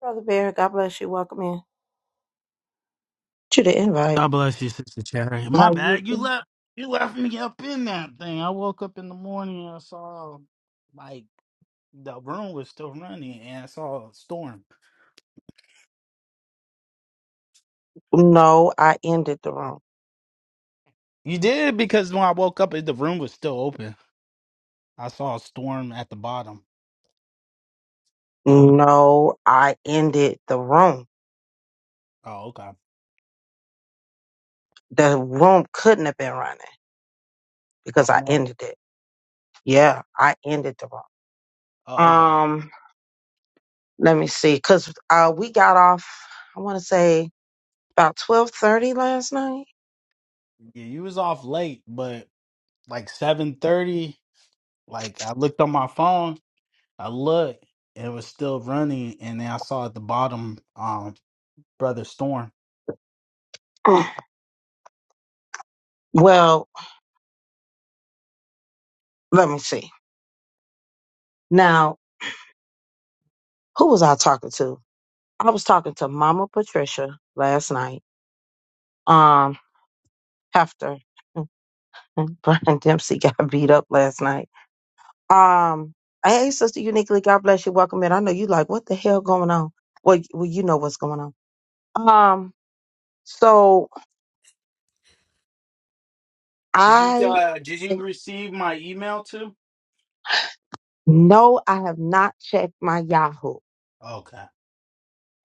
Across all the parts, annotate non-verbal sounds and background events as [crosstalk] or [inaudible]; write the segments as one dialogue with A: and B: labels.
A: Brother Bear, God bless you. Welcome in. You the invite.
B: God bless you, Sister Cherry. My
A: How you
B: bad. You
A: doing?
B: left you left me up in that thing. I woke up in the morning and I saw like the room was still running and I saw a storm.
A: No, I ended the room.
B: You did because when I woke up the room was still open. I saw a storm at the bottom.
A: No, I ended the room.
B: Oh, okay.
A: The room couldn't have been running
B: I
A: because
B: don't
A: I
B: know.
A: ended it. Yeah, I ended the room.
B: Oh, okay.
A: Um, let me see, cause uh, we got off. I want to say about twelve thirty last night.
B: Yeah, you was off late, but like seven thirty, like I looked on my phone, I looked, and it was still running, and then I saw at the bottom um Brother Storm.
A: Mm. well, let me see. Now, who was I talking to? I was talking to Mama Patricia last night. Um, Hefter. [laughs] Brian Dempsey got [laughs] beat up last night. Um, hey, Sister Uniquely, God bless you. Welcome in. I know you like, what the hell going on? Well, y- well, you know what's going on. Um, so
B: Did you
A: I
B: uh, did you receive my email too?
A: no, I have not checked my Yahoo.
B: Okay.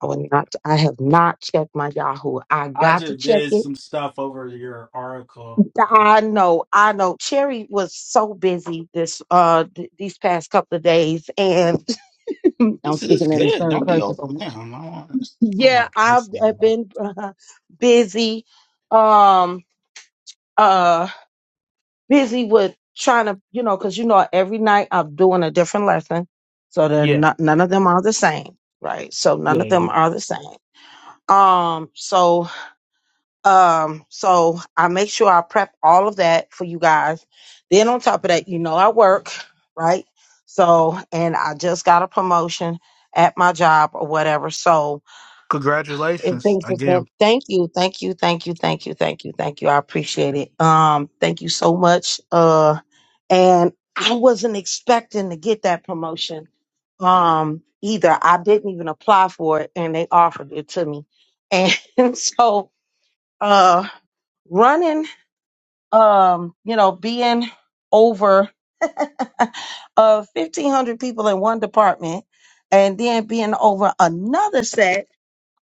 A: I will not. I have not checked my Yahoo. I
B: I
A: got to
B: just
A: check
B: did
A: it.
B: some stuff over your article.
A: I know. I know. Cherry was so busy this uh th- these past couple of days, and [laughs] I'm
B: This is
A: speaking in the
B: good.
A: third
B: Don't be
A: person
B: overwhelmed. I want I
A: Yeah,
B: want to
A: I've,
B: press you.
A: I've been uh, busy, um, uh, busy with trying to, you know, because you know, every night I'm doing a different lesson, so they're
B: Yeah,
A: not none of them are the same, right? So none
B: yeah,
A: of
B: yeah.
A: them are the same. Um, so, um, so I make sure I prep all of that for you guys. Then on top of that, you know, I work, right? So, and I just got a promotion at my job or whatever, so If
B: Congratulations
A: things just
B: again.
A: been- thank you, thank you, thank you, thank you, thank you, thank you. I appreciate it. Um, thank you so much. Uh, and I wasn't expecting to get that promotion. Um, either I didn't even apply for it, and they offered it to me. And [laughs] so, uh, running, um, you know, being over [laughs] uh fifteen hundred people in one department, and then being over another set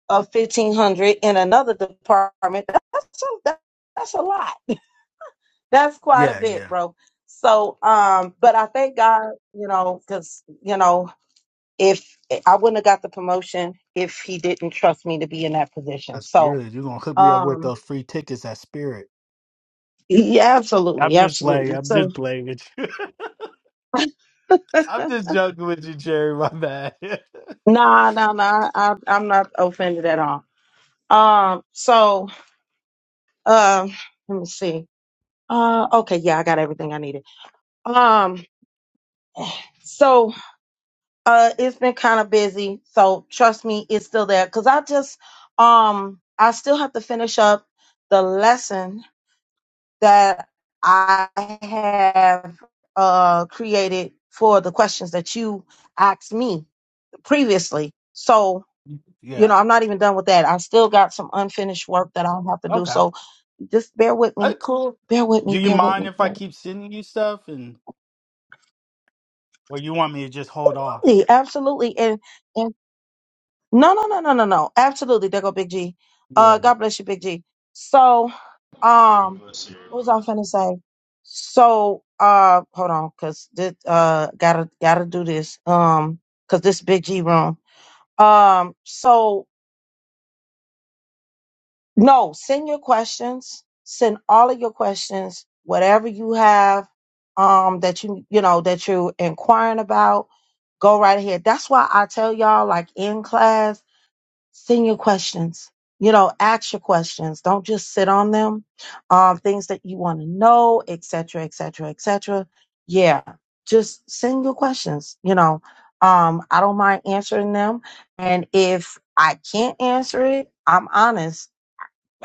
A: of fifteen hundred in another department. That's a, that- that's a lot. That's quite a
B: Yeah,
A: bit,
B: yeah.
A: bro. So, um, but I thank God, you know, because you know, if I wouldn't have got the promotion if he didn't trust me to be in that position.
B: That's
A: So,
B: good. You're gonna hook me up with
A: um,
B: those free tickets at Spirit.
A: yeah,
B: I'm
A: absolutely,
B: just playing.
A: absolutely.
B: I'm
A: So,
B: just playing with you. [laughs] I'm just joking with you, Jerry. My bad. [laughs]
A: nah, nah, nah, I, I'm not offended at all. Um, so, um, let me see. Uh, okay, yeah, I got everything I needed. Um, so Uh, it's been kind of busy, so trust me, it's still there. Cause I just, um, I still have to finish up the lesson that I have uh created for the questions that you asked me previously. So you know,
B: yeah.
A: I'm not even done with that. I still got some unfinished work that I'll have to do.
B: Okay.
A: So just bear with
B: All
A: me,
B: right, cool.
A: bear with me,
B: Do you
A: bear with
B: mind
A: me.
B: if
A: Bear
B: I
A: with
B: keep sending you stuff, and or you want me to just hold off?
A: me. Absolutely, absolutely, and and No, no, no, no, no, no. Absolutely. There go Big G. Uh, God bless you, Big G. So, um, what was I finna say? So, uh, hold on, cause this, uh, gotta, gotta do this. Um, cause this Big G room. Um, so no, send your questions. Send all of your questions, whatever you have, um, that you, you know, that you're inquiring about. Go right ahead. That's why I tell y'all, like in class. send your questions. You know, ask your questions. Don't just sit on them. Um, things that you want to know, et cetera, et cetera, et cetera. Yeah, just send your questions. You know, um, I don't mind answering them. And if I can't answer it, I'm honest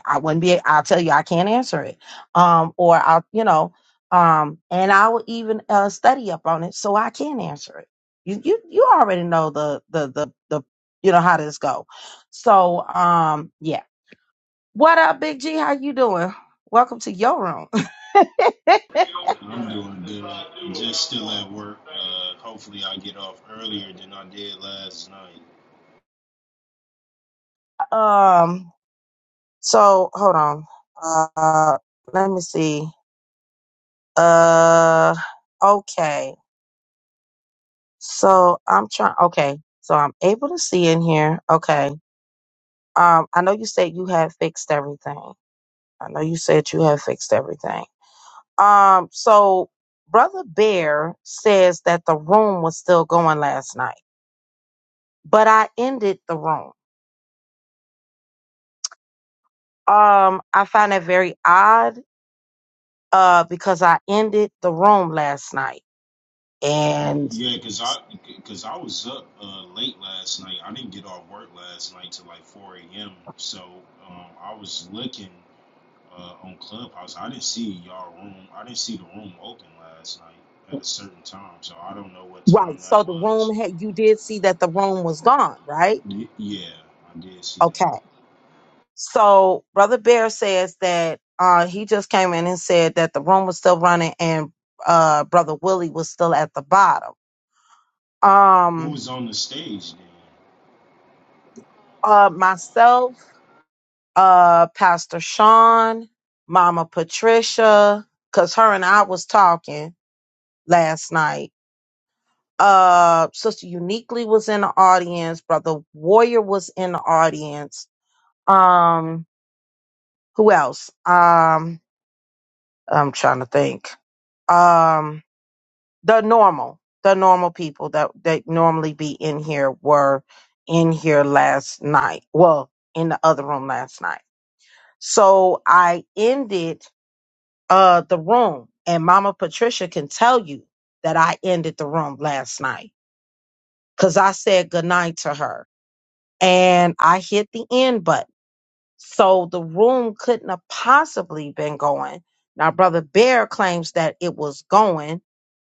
A: I wouldn't be. I'll tell you, I can't answer it. Um, or I'll, you know, um, and I will even uh, study up on it so I can answer it. You, you, you already know the, the, the, the, you know how this go. So, um, yeah. What up, Big G? How you doing? Welcome to your room. [laughs] um, so hold on. Uh, let me see. Uh, okay. So I'm trying. Okay. So I'm able to see in here. Okay. Um, I know you said you had fixed everything. I know you said you had fixed everything. Um, so Brother Bear says that the room was still going last night, but I ended the room. Um, I find that very odd, uh, because I ended the room last night. And right, so the room had you did see that the room was gone, right? Okay. So Brother Bear says that uh, he just came in and said that the room was still running and uh, Brother Willie was still at the bottom. Um, uh, myself, uh, Pastor Sean, Mama Patricia, cause her and I was talking last night. Uh, Sister Uniquely was in the audience. Brother Warrior was in the audience. Um, who else? Um, I'm trying to think. Um. the normal the normal people that that normally be in here were in here last night well in the other room last night so i ended uh the room and mama patricia can tell you that i ended the room last night because i said goodnight to her and i hit the end button so the room couldn't have possibly been going now brother bear claims that it was going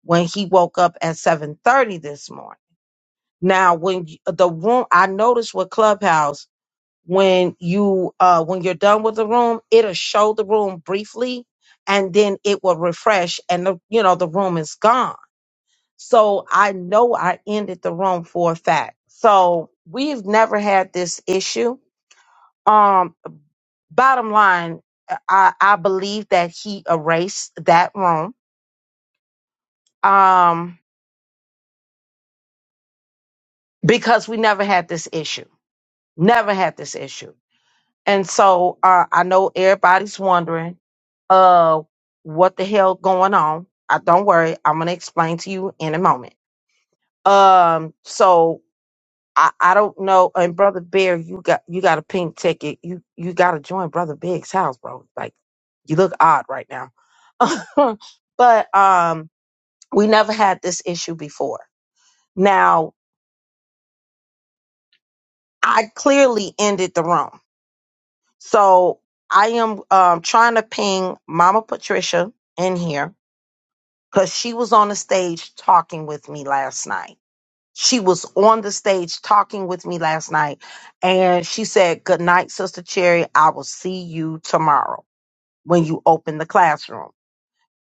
A: when he woke up at 7.30 this morning Now, when y- the room, I noticed with Clubhouse, when you uh when you're done with the room, it'll show the room briefly, and then it will refresh, and the you know the room is gone. So I know I ended the room for a fact. So we've never had this issue. Um, bottom line, uh, I I believe that he erased that room. Um, because we never had this issue. Never had this issue. And so uh, I know everybody's wondering uh, what the hell going on. I don't worry, I'm gonna explain to you in a moment. Um, so I, I don't know. And brother Bear, you got you got a pink ticket. You you got to join brother Big's house, bro. Like you look odd right now. [laughs] but um, we never had this issue before. Now I clearly ended the room. So I am um, trying to ping Mama Patricia in here because she was on the stage talking with me last night. She was on the stage talking with me last night, and she said, "Good night, Sister Cherry. I will see you tomorrow when you open the classroom."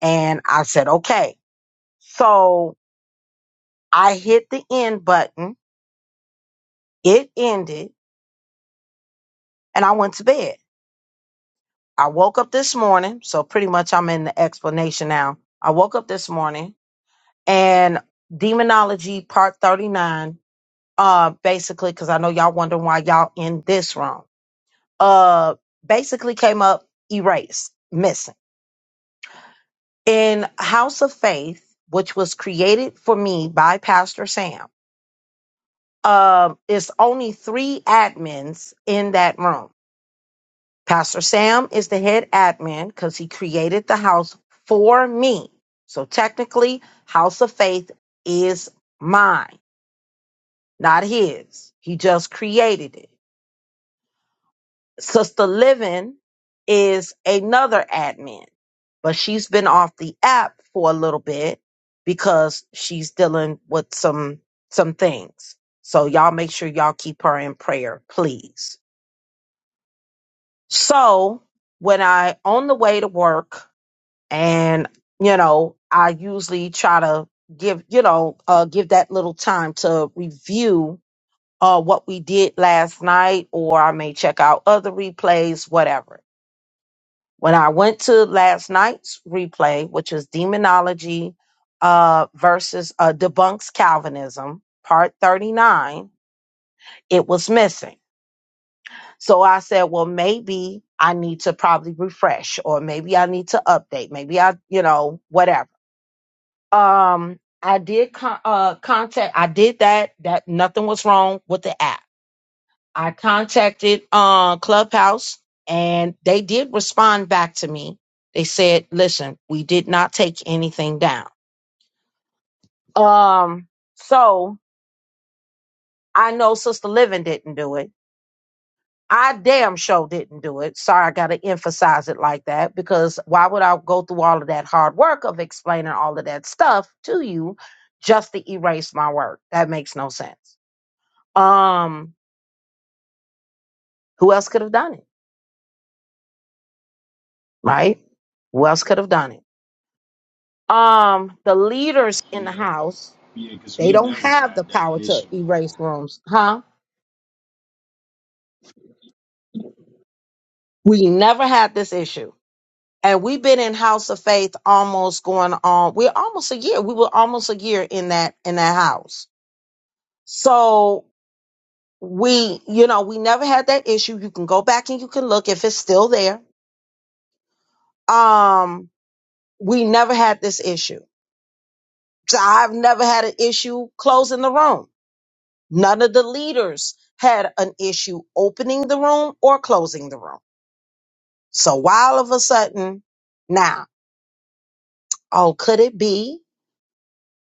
A: And I said, "Okay." So I hit the end button. It ended, and I went to bed. I woke up this morning, so pretty much I'm in the explanation now. I woke up this morning and demonology part 39 uh basically because i know y'all wondering why y'all in this room uh basically came up erased missing in house of faith which was created for me by pastor sam um it's only three admins in that room pastor sam is the head admin because he created the house for me so technically house of faith is mine not his. He just created it. Sister Living is another admin, but she's been off the app for a little bit because she's dealing with some some things. So y'all make sure y'all keep her in prayer, please. So when I on the way to work and you know, I usually try to give, you know, uh give that little time to review uh, what we did last night, or I may check out other replays, whatever. When I went to last night's replay, which is Demonology uh, versus uh, Debunks Calvinism, part 39, it was missing. So I said, well, maybe I need to probably refresh, or maybe I need to update, maybe I, you know, whatever. Um, I did con- uh, contact, I did that, that nothing was wrong with the app I contacted uh, Clubhouse and they did respond back to me. They said, listen, we did not take anything down. Um, so I know Sister Living didn't do it. I damn sure didn't do it. Sorry, I got to emphasize it like that because why would I go through all of that hard work of explaining all of that stuff to you just to erase my work? That makes no sense. Um, who else could have done it? Right? Who else could have done it? Um, the leaders in the house, they don't have the power to erase rooms, huh? We never had this issue. And we've been in House of Faith almost going on, we're almost a year. We were almost a year in that in that house. So we, you know, we never had that issue. You can go back and you can look if it's still there. Um, we never had this issue. So I've never had an issue closing the room. None of the leaders had an issue opening the room or closing the room. So why all of a sudden now? Oh, could it be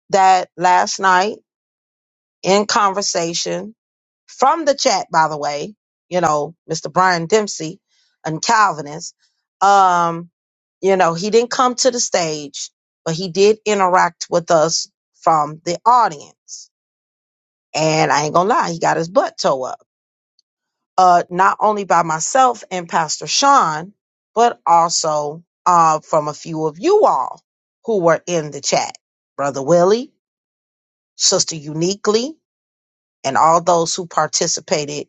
A: that last night in conversation from the chat, by the way, you know, Mr. Brian Dempsey and Calvinist, um, you know, he didn't come to the stage, but he did interact with us from the audience. And I ain't gonna lie, he got his butt towed up uh, not only by myself and Pastor Sean, but also uh, from a few of you all who were in the chat Brother Willie, Sister Uniquely, and all those who participated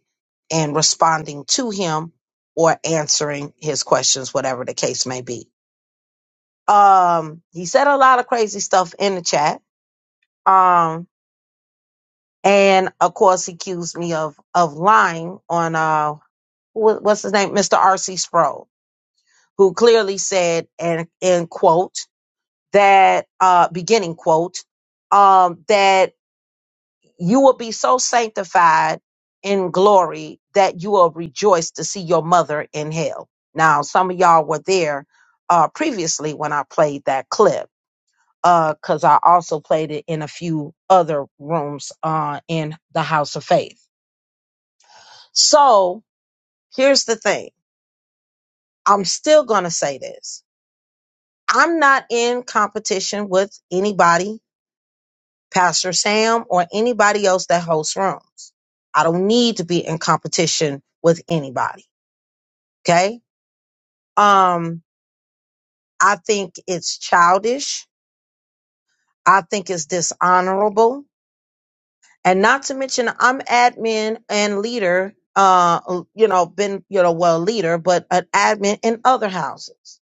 A: in responding to him or answering his questions, whatever the case may be. Um, he said a lot of crazy stuff in the chat. Um, and of course, he accused me of of lying on uh, wh- what's his name, Mr. R.C. Sproul who clearly said, and end quote, that uh, beginning quote, um, that you will be so sanctified in glory that you will rejoice to see your mother in hell. Now, some of y'all were there uh, previously when I played that clip because I also played it in a few other rooms uh, in the House of Faith. So here's the thing I'm still going to say this. I'm not in competition with anybody Pastor Sam, or anybody else that hosts rooms. I don't need to be in competition with anybody. Okay. Um, I think it's childish. I think it's dishonorable. And not to mention, I'm admin and leader, uh, you know, been, you know, well, leader, but an admin in other houses.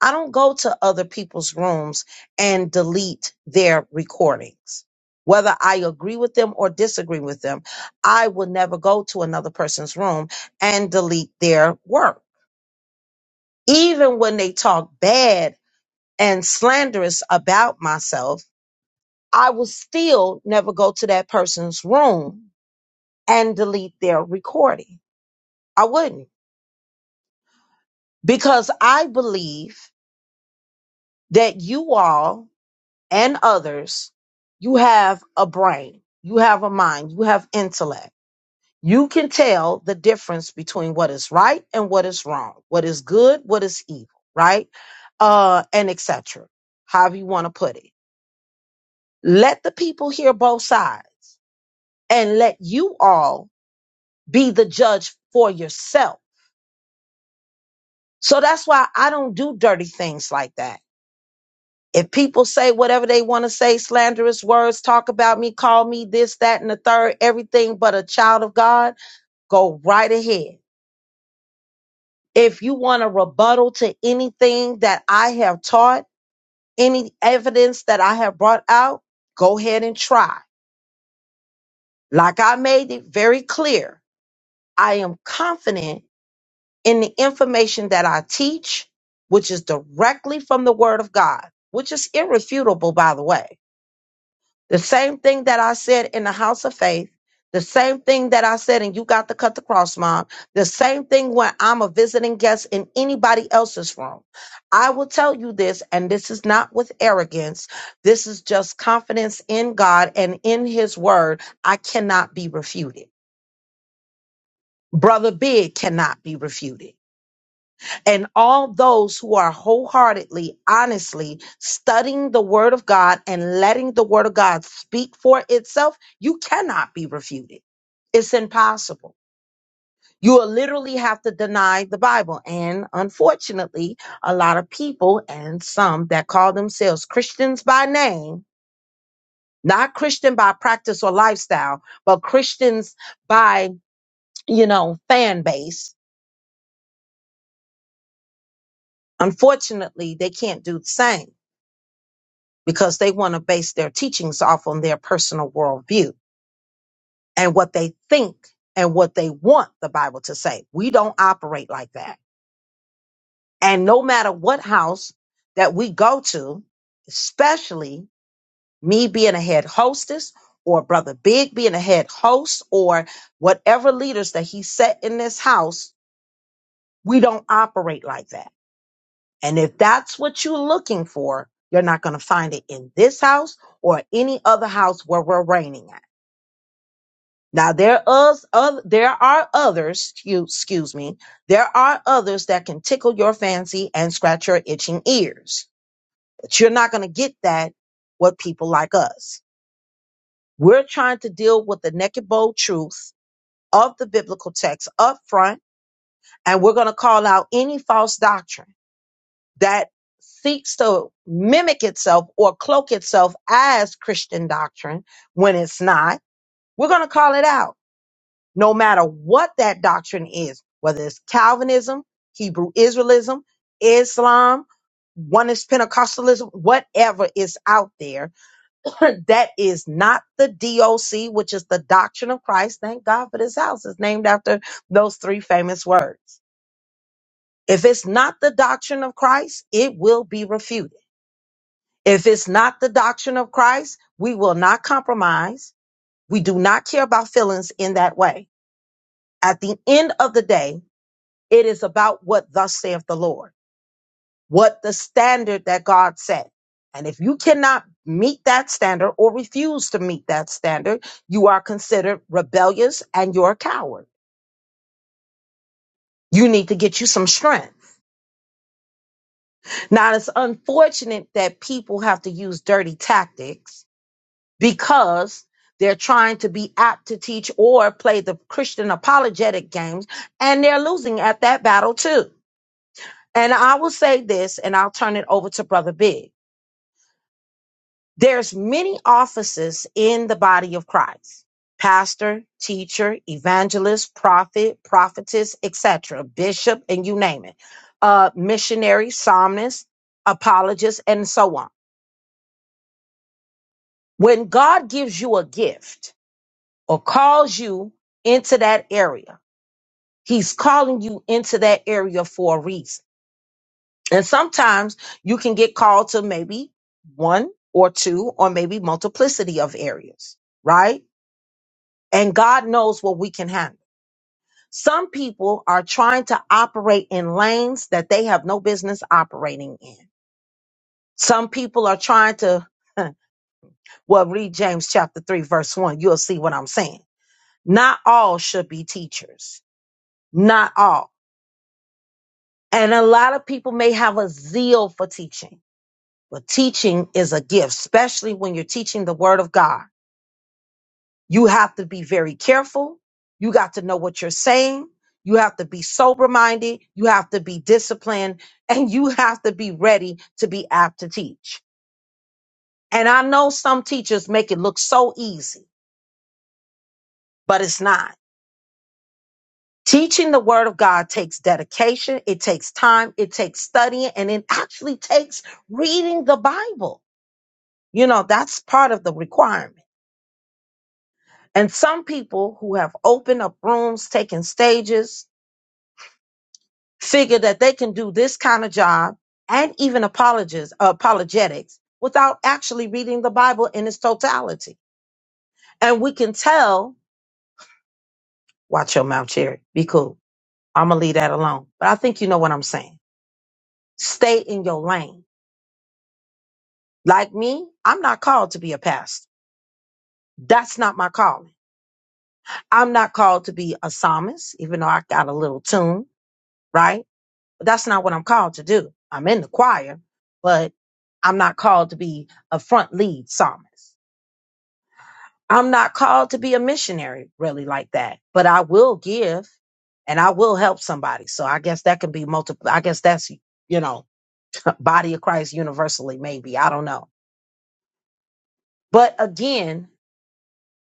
A: I don't go to other people's rooms and delete their recordings. Whether I agree with them or disagree with them, I will never go to another person's room and delete their work. Even when they talk bad and slanderous about myself, I will still never go to that person's room and delete their recording. I wouldn't because I believe that you all and others, you have a brain, you have a mind, you have intellect. You can tell the difference between what is right and what is wrong, what is good, what is evil, right? Uh, and etc. However you want to put it. Let the people hear both sides and let you all be the judge for yourself. So that's why I don't do dirty things like that. If people say whatever they want to say, slanderous words, talk about me, call me this, that, and the third, everything but a child of God, go right ahead. If you want a rebuttal to anything that I have taught, any evidence that I have brought out, go ahead and try. Like I made it very clear, I am confident in the information that I teach, which is directly from the Word of God, which is irrefutable, by the way. The same thing that I said in the house of faith, the same thing that I said, and you got to cut the cross, mom. The same thing when I'm a visiting guest in anybody else's room. I will tell you this, and this is not with arrogance. This is just confidence in God and in his word. I cannot be refuted. Brother Big cannot be refuted and all those who are wholeheartedly, honestly studying the Word of God and letting the Word of God speak for itself, you cannot be refuted. It's impossible. You will literally have to deny the Bible. And unfortunately, a lot of people and some that call themselves Christians by name, not Christian by practice or lifestyle, but Christians by, you know, fan base, unfortunately, they can't do the same because they want to base their teachings off on their personal worldview and what they think and what they want the Bible to say. We don't operate like that. And no matter what house that we go to, especially me being a head hostess or Brother Big being a head host or whatever leaders that he set in this house, we don't operate like that. And if that's what you're looking for, you're not going to find it in this house or any other house where we're reigning at. Now there is oth- there are others, excuse excuse me, there are others that can tickle your fancy and scratch your itching ears. But you're not going to get that with people like us. We're trying to deal with the naked bold truth of the biblical text up front, and we're going to call out any false doctrine that seeks to mimic itself or cloak itself as Christian doctrine when it's not. We're going to call it out no matter what that doctrine is, whether it's Calvinism, Hebrew Israelism, Islam, one is Pentecostalism, whatever is out there, [clears throat] that is not the DOC, which is the doctrine of Christ. Thank God for this house. It's named after those three famous words. If it's not the doctrine of Christ, it will be refuted. If it's not the doctrine of Christ, we will not compromise. We do not care about feelings in that way. At the end of the day, It is about what thus saith the Lord, what the standard that God set. And if you cannot meet that standard or refuse to meet that standard, you are considered rebellious and you're a coward. You need to get you some strength. Now, it's unfortunate that people have to use dirty tactics because they're trying to be apt to teach or play the Christian apologetic games, and they're losing at that battle too. And I will say this, and I'll turn it over to Brother Big There's many offices in the body of Christ. Pastor, teacher, evangelist, prophet, prophetess, etc., bishop, and you name it. Uh, missionary, psalmist, apologist, and so on. When God gives you a gift or calls you into that area, He's calling you into that area for a reason. And sometimes you can get called to maybe one or two or maybe multiplicity of areas, right? and God knows what we can handle. Some people are trying to operate in lanes that they have no business operating in. Some people are trying to, [laughs] well, read James chapter 3, verse 1. You'll see what I'm saying. Not all should be teachers. Not all. And a lot of people may have a zeal for teaching, but teaching is a gift, especially when you're teaching the word of God. You have to be very careful. You got to know what you're saying. You have to be sober minded. You have to be disciplined [laughs] and you have to be ready to be apt to teach. And I know some teachers make it look so easy, but it's not. Teaching the word of God takes dedication. It takes time. It takes studying and it actually takes reading the Bible. You know, that's part of the requirement. And some people who have opened up rooms, taken stages, figure that they can do this kind of job and even apologies, apologetics without actually reading the Bible in its totality. And we can tell, watch your mouth, Cherry. Be cool. I'm going to leave that alone. But I think you know what I'm saying. Stay in your lane. Like me, I'm not called to be a pastor. That's not my calling. I'm not called to be a psalmist, even though I got a little tune, right? But that's not what I'm called to do. I'm in the choir, but I'm not called to be a front lead psalmist. I'm not called to be a missionary really like that, but I will give and I will help somebody. So I guess that could be multiple. I guess that's, you know, [laughs] body of Christ universally, maybe. I don't know. But again,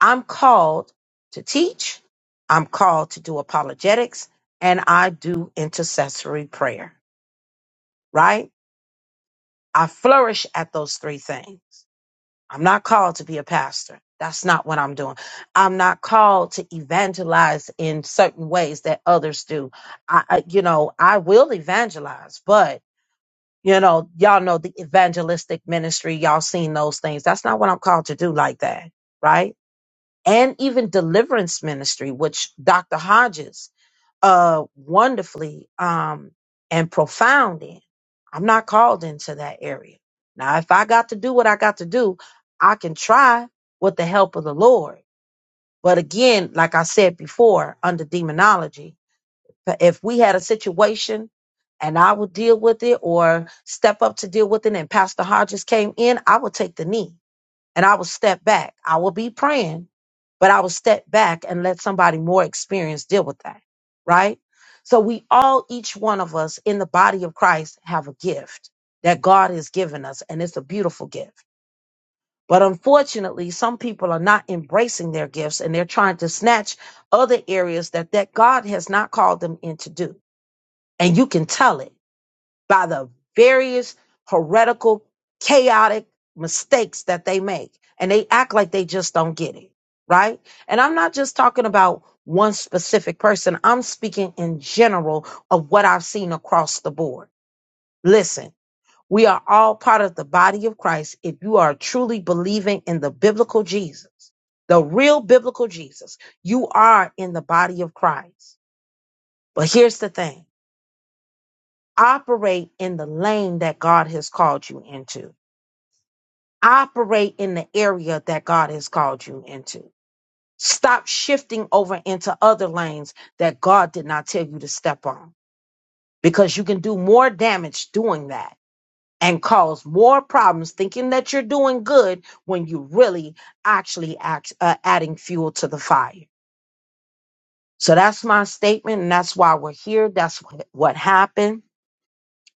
A: I'm called to teach, I'm called to do apologetics, and I do intercessory prayer, right? I flourish at those three things. I'm not called to be a pastor. That's not what I'm doing. I'm not called to evangelize in certain ways that others do. I, I you know, I will evangelize, but you know, y'all know the evangelistic ministry, y'all seen those things. That's not what I'm called to do like that, right? And even deliverance ministry, which Dr. Hodges uh wonderfully um and profound in. I'm not called into that area. Now if I got to do what I got to do, I can try with the help of the Lord. But again, like I said before, under demonology, if we had a situation and I would deal with it or step up to deal with it and Pastor Hodges came in, I would take the knee and I will step back. I will be praying, but I will step back and let somebody more experienced deal with that, right? So we all, each one of us in the body of Christ have a gift that God has given us, and it's a beautiful gift. But unfortunately, some people are not embracing their gifts and they're trying to snatch other areas that, that God has not called them in to do. And you can tell it by the various heretical, chaotic mistakes that they make. And they act like they just don't get it, right? And I'm not just talking about one specific person, I'm speaking in general of what I've seen across the board. Listen, we are all part of the body of Christ if you are truly believing in the biblical Jesus. The real biblical Jesus. You are in the body of Christ. But here's the thing operate in the lane that God has called you into. Operate in the area that God has called you into. Stop shifting over into other lanes that God did not tell you to step on because you can do more damage doing that and cause more problems thinking that you're doing good when you really actually act, uh, adding fuel to the fire. So that's my statement and that's why we're here. That's what, what happened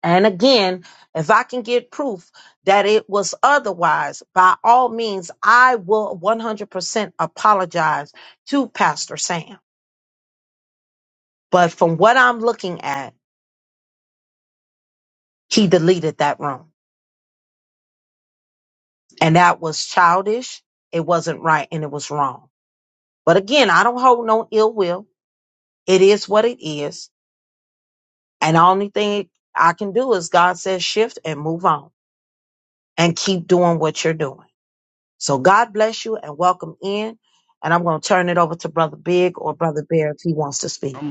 A: And again, if I can get proof that it was otherwise, by all means, I will 100% apologize to Pastor Sam. But from what I'm looking at, he deleted that room. And that was childish. It wasn't right and it was wrong. But again, I don't hold no ill will. It is what it is. And the only thing I can do is God says shift and move on and keep doing what you're doing. So God bless you and welcome in. And I'm going to turn it over to Brother Big or Brother Bear if he wants to speak.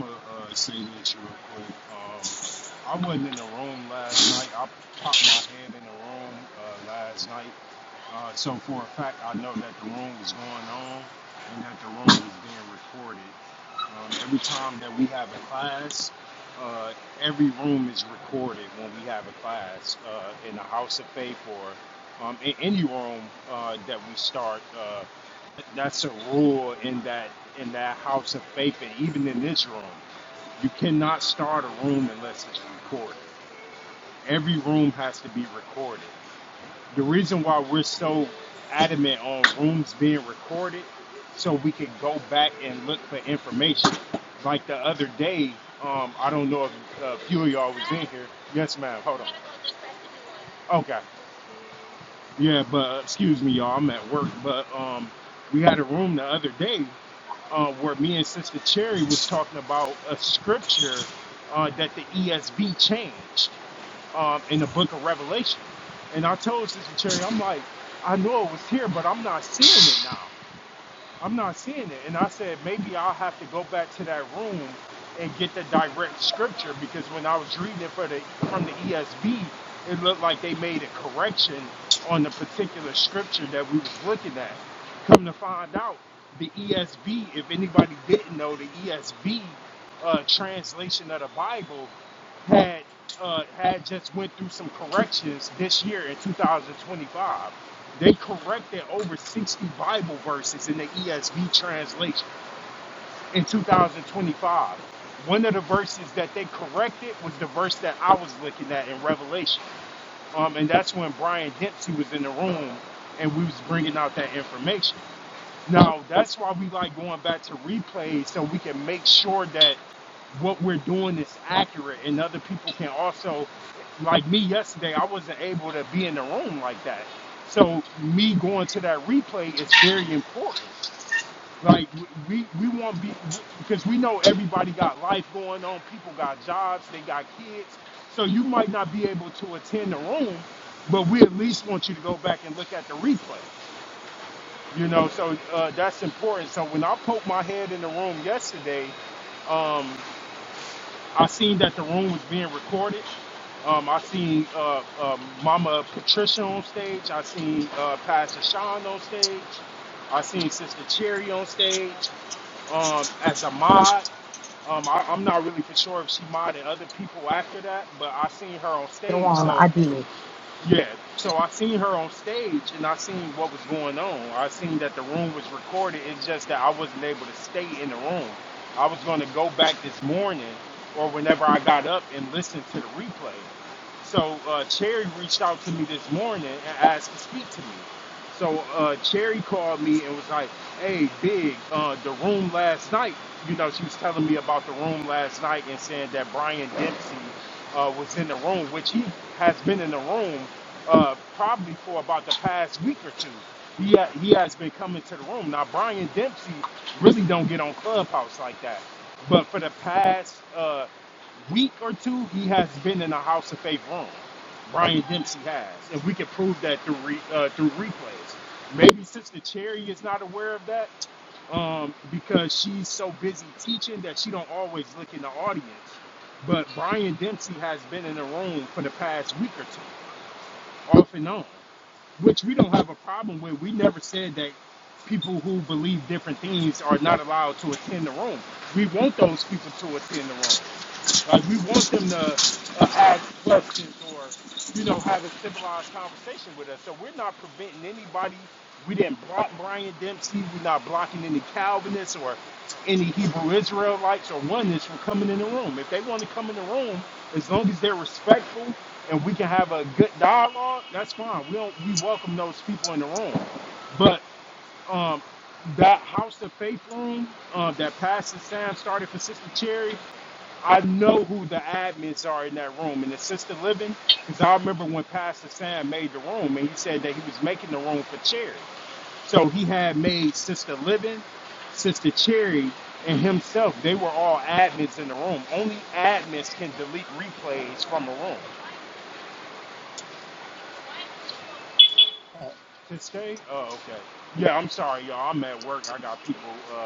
A: Later on, I did.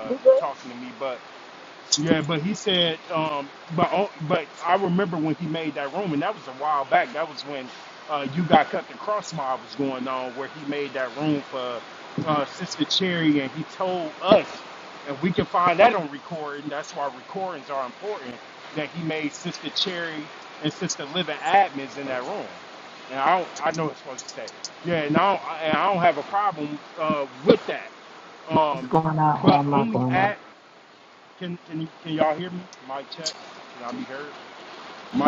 A: You good? It's going out or I'm not going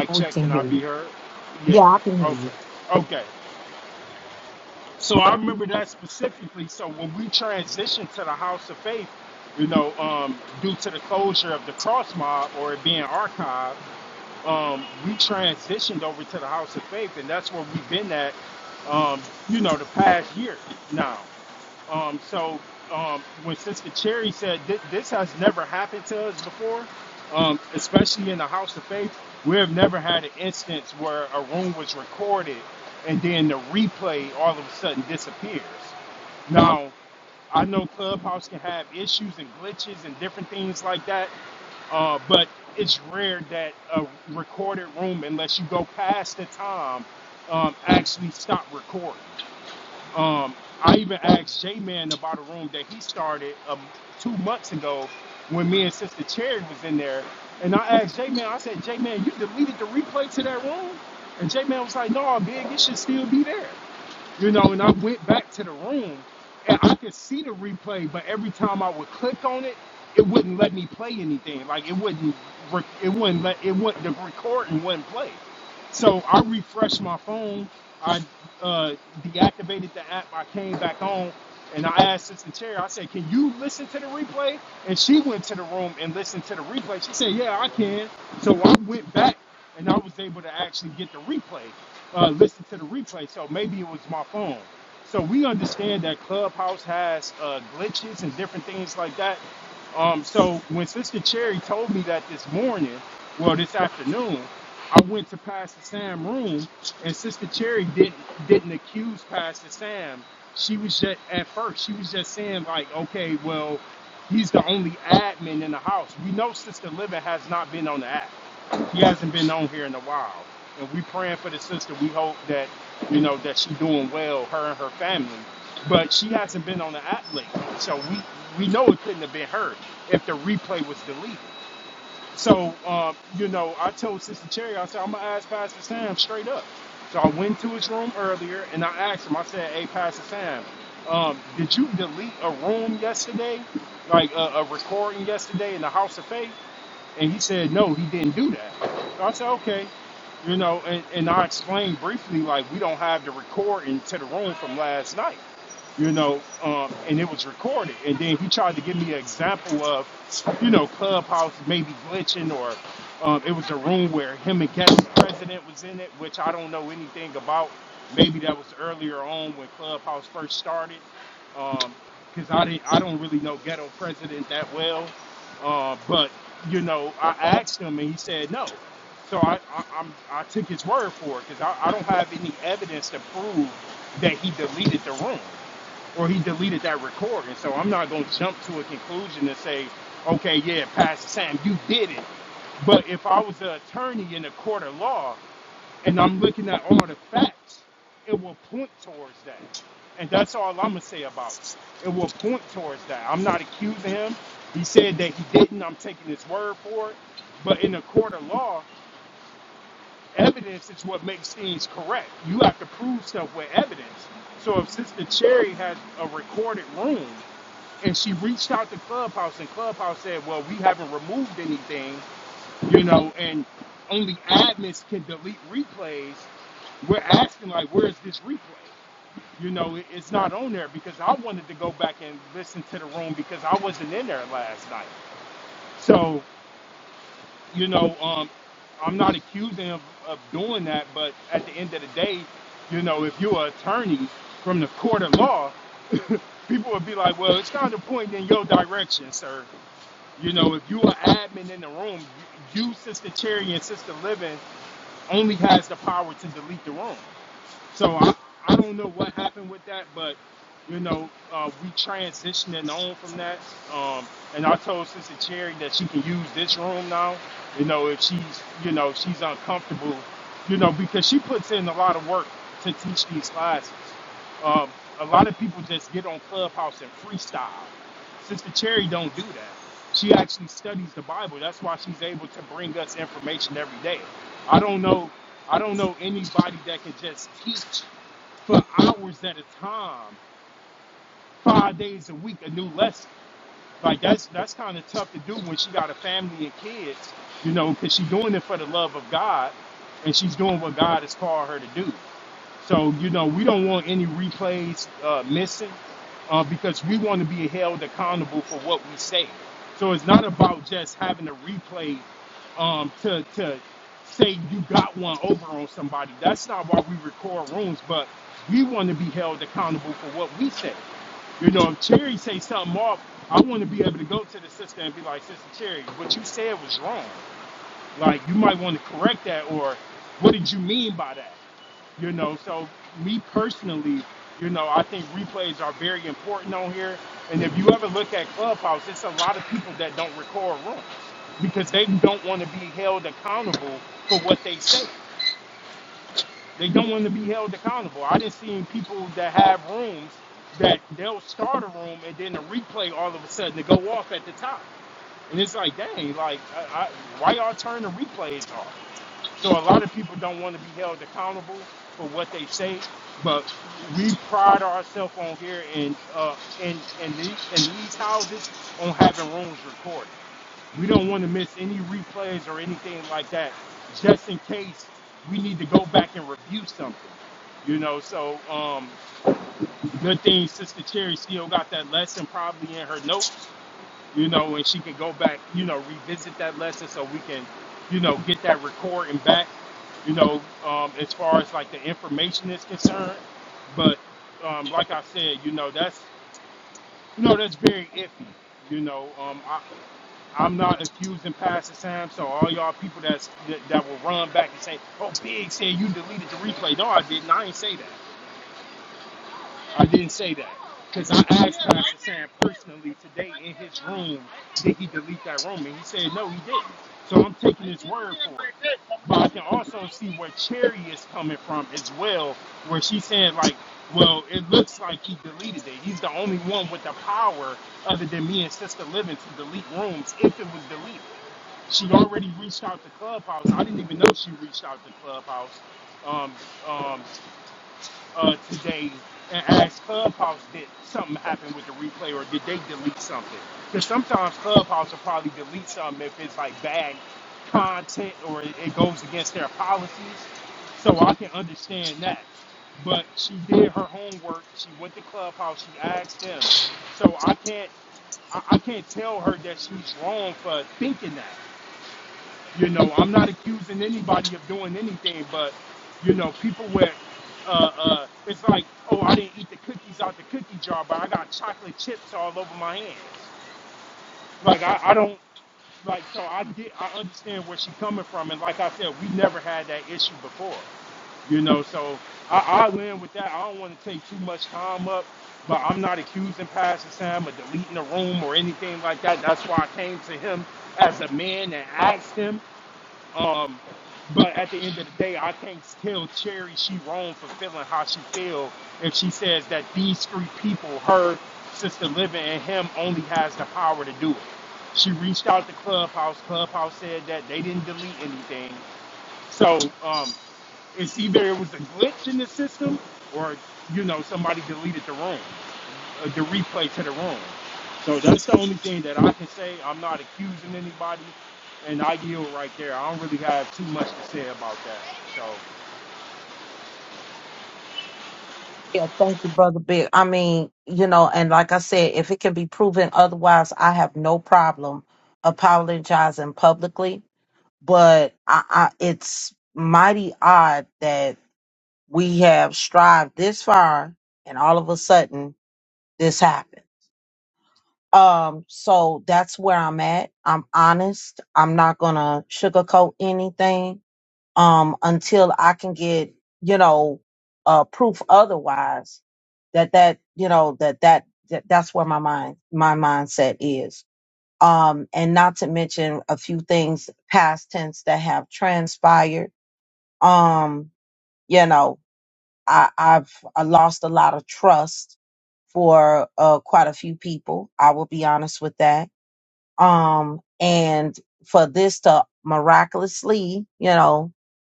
A: out. We can hear you. Yeah, I can hear you. Yeah, thank you, Brother Big. I mean, you know, and like I said, if it can be proven otherwise, I have no problem apologizing publicly. But I, I it's mighty odd that. we have strived this far and all of a sudden this happened um so that's where i'm at i'm honest i'm not gonna sugarcoat anything um until i can get you know uh proof otherwise that that you know that that, that that's where my mind my mindset is um and not to mention a few things past tense that have transpired um you know I, I've I lost a lot of trust for uh, quite a few people. I will be honest with that. Um, and for this to miraculously, you know,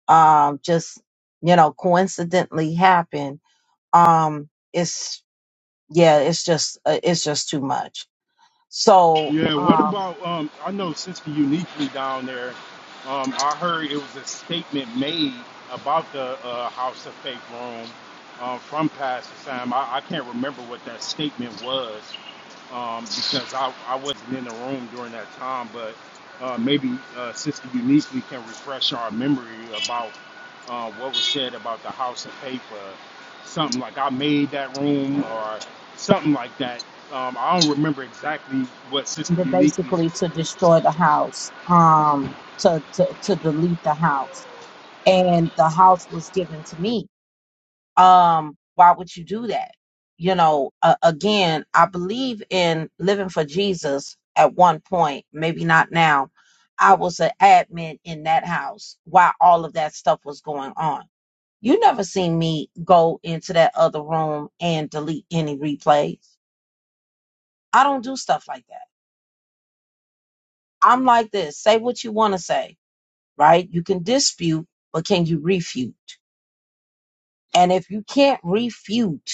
A: um, just you know, coincidentally happen, um, it's yeah, it's just uh, it's just too much. So um, they're basically to destroy the house, um, to to to delete the house, and the house was given to me um why would you do that you know uh, again i believe in living for jesus at one point maybe not now i was an admin in that house while all of that stuff was going on you never seen me go into that other room and delete any replays i don't do stuff like that i'm like this say what you want to say right you can dispute but can you refute and if you can't refute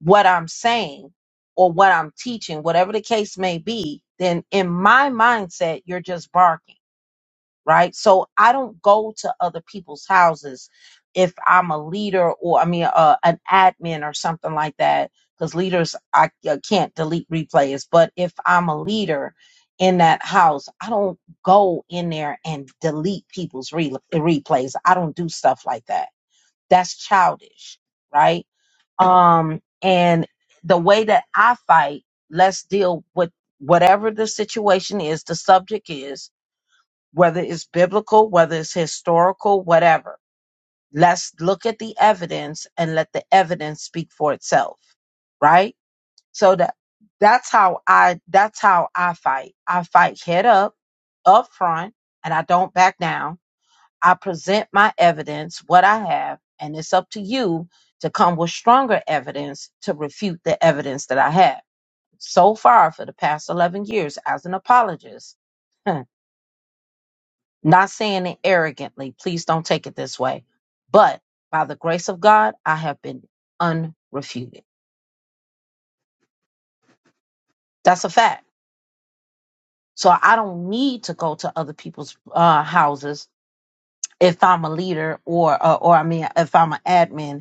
A: what I'm saying or what I'm teaching, whatever the case may be, then in my mindset, you're just barking, right? So I don't go to other people's houses if I'm a leader or, I mean, uh, an admin or something like that, because leaders, I, I can't delete replays. But if I'm a leader in that house, I don't go in there and delete people's re- replays. I don't do stuff like that. That's childish, right? Um, and the way that I fight, let's deal with whatever the situation is, the subject is, whether it's biblical, whether it's historical, whatever. Let's look at the evidence and let the evidence speak for itself. Right? So that that's how I that's how I fight. I fight head up, up front, and I don't back down I present my evidence, what I have, and it's up to you to come with stronger evidence to refute the evidence that I have. So far, for the past 11 years, as an apologist, hmm, not saying it arrogantly, please don't take it this way, but by the grace of God, I have been unrefuted. That's a fact. So I don't need to go to other people's uh, houses if I'm a leader or, or, or I mean, if I'm an admin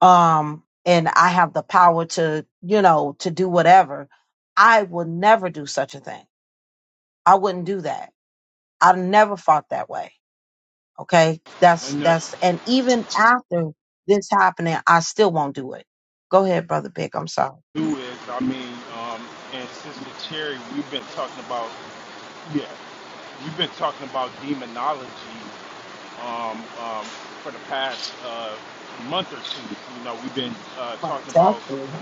A: um and i have the power to you know to do whatever i would never do such a thing i wouldn't do that i never fought that way okay that's that's and even after this happening i still won't do it go ahead brother big i'm sorry months actually.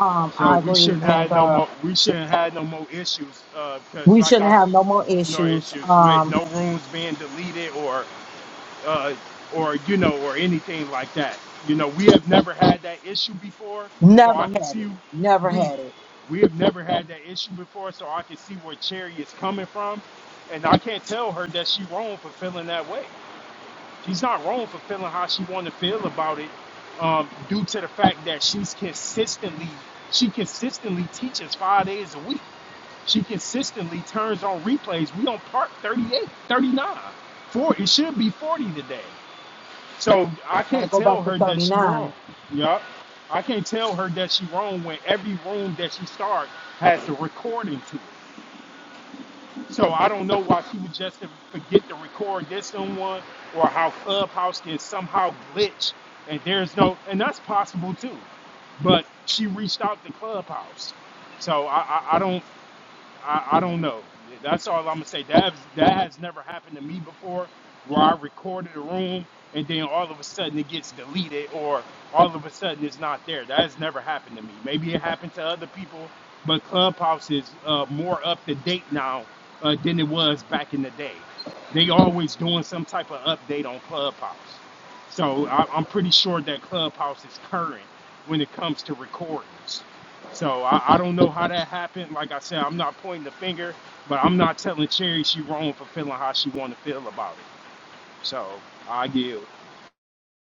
A: Um, I agree, and uh, we shouldn't have no more issues. Um, never had it, never had it. Got to go back to 39.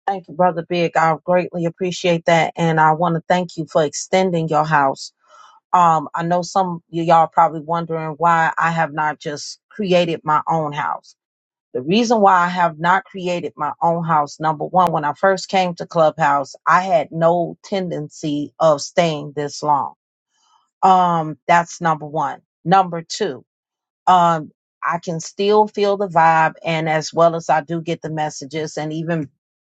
A: Thank you, Brother Big. I greatly appreciate that. And I want to thank you for extending your house. Um, I know some of y'all are probably wondering why I have not just created my own house. The reason why I have not created my own house, number one, when I first came to Clubhouse, I had no tendency of staying this long. Um, that's number one. Number two, um, I can still feel the vibe, and as well as I do get the messages, and even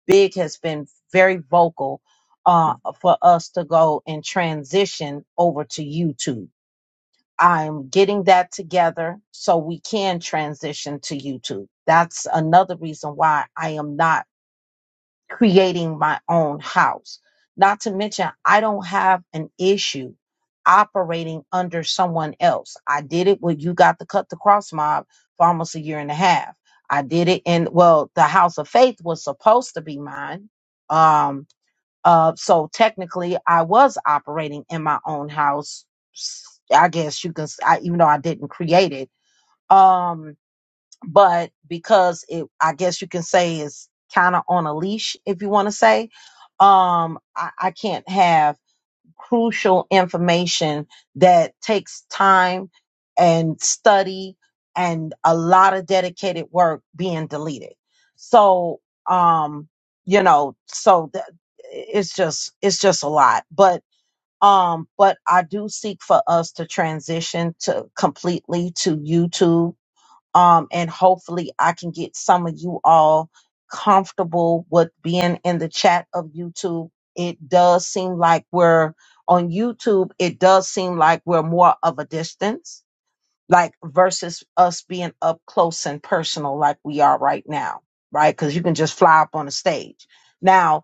A: Big has been very vocal uh, for us to go and transition over to YouTube. I'm getting that together so we can transition to YouTube. That's another reason why I am not creating my own house. Not to mention, I don't have an issue operating under someone else. I did it when you got the cut the cross mob for almost a year and a half. I did it in well, the house of faith was supposed to be mine. Um uh so technically I was operating in my own house. I guess you can s- I, even though I didn't create it. Um but because it i guess you can say is kind of on a leash if you want to say um I, I can't have crucial information that takes time and study and a lot of dedicated work being deleted so um you know so th- it's just it's just a lot but um but i do seek for us to transition to completely to youtube um, and hopefully I can get some of you all comfortable with being in the chat of YouTube. It does seem like we're on YouTube. It does seem like we're more of a distance, like versus us being up close and personal, like we are right now, right? Because you can just fly up on a stage. Now,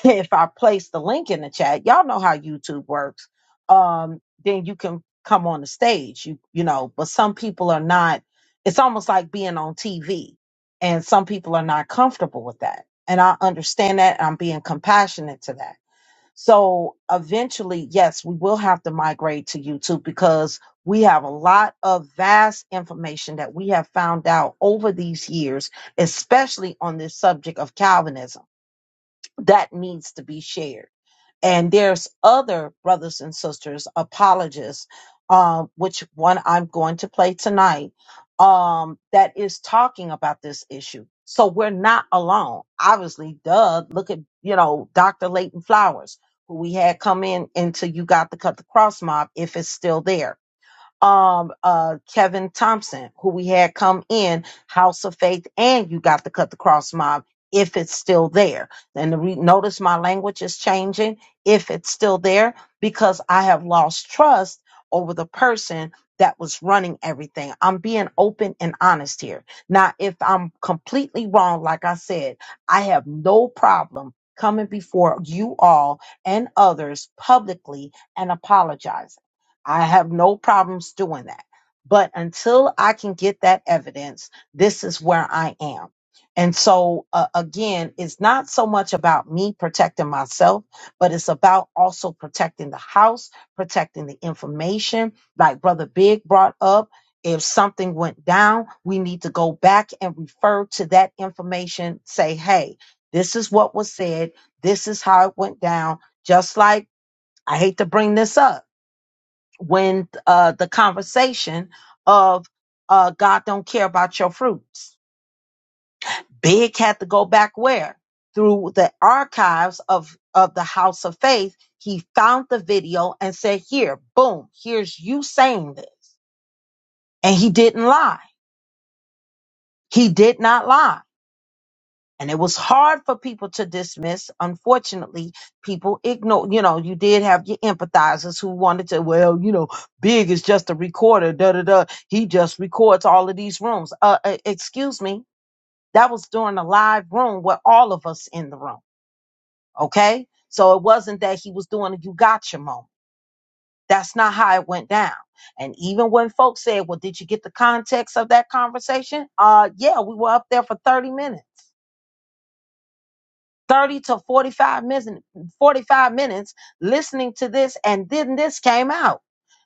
A: [laughs] if I place the link in the chat, y'all know how YouTube works. Um, then you can come on the stage. You you know, but some people are not. It's almost like being on TV, and some people are not comfortable with that. And I understand that. and I'm being compassionate to that. So eventually, yes, we will have to migrate to YouTube because we have a lot of vast information that we have found out over these years, especially on this subject of Calvinism, that needs to be shared and there's other brothers and sisters apologists um, which one i'm going to play tonight um, that is talking about this issue so we're not alone obviously duh look at you know dr leighton flowers who we had come in into you got to cut the cross mob if it's still there um uh Kevin Thompson, who we had come in House of Faith, and you got to cut the cross mob if it's still there. And the re- notice my language is changing if it's still there because I have lost trust over the person that was running everything. I'm being open and honest here. Now, if I'm completely wrong, like I said, I have no problem coming before you all and others publicly and apologizing. I have no problems doing that. But until I can get that evidence, this is where I am. And so, uh, again, it's not so much about me protecting myself, but it's about also protecting the house, protecting the information. Like Brother Big brought up, if something went down, we need to go back and refer to that information, say, hey, this is what was said, this is how it went down. Just like I hate to bring this up when uh, the conversation of uh, God don't care about your fruits. Big had to go back where? Through the archives of, of the House of Faith, he found the video and said, Here, boom, here's you saying this. And he didn't lie. He did not lie. and it was hard for people to dismiss. Unfortunately, people ignore. You know, you did have your empathizers who wanted to. Well, you know, Big is just a recorder. Da da da. He just records all of these rooms. Uh, uh, excuse me. That was during a live room with all of us in the room. Okay, so it wasn't that he was doing a you gotcha moment. That's not how it went down. And even when folks said, "Well, did you get the context of that conversation?" Uh, yeah, we were up there for thirty minutes. 30 to 45 minutes 45 minutes listening to this and then this came out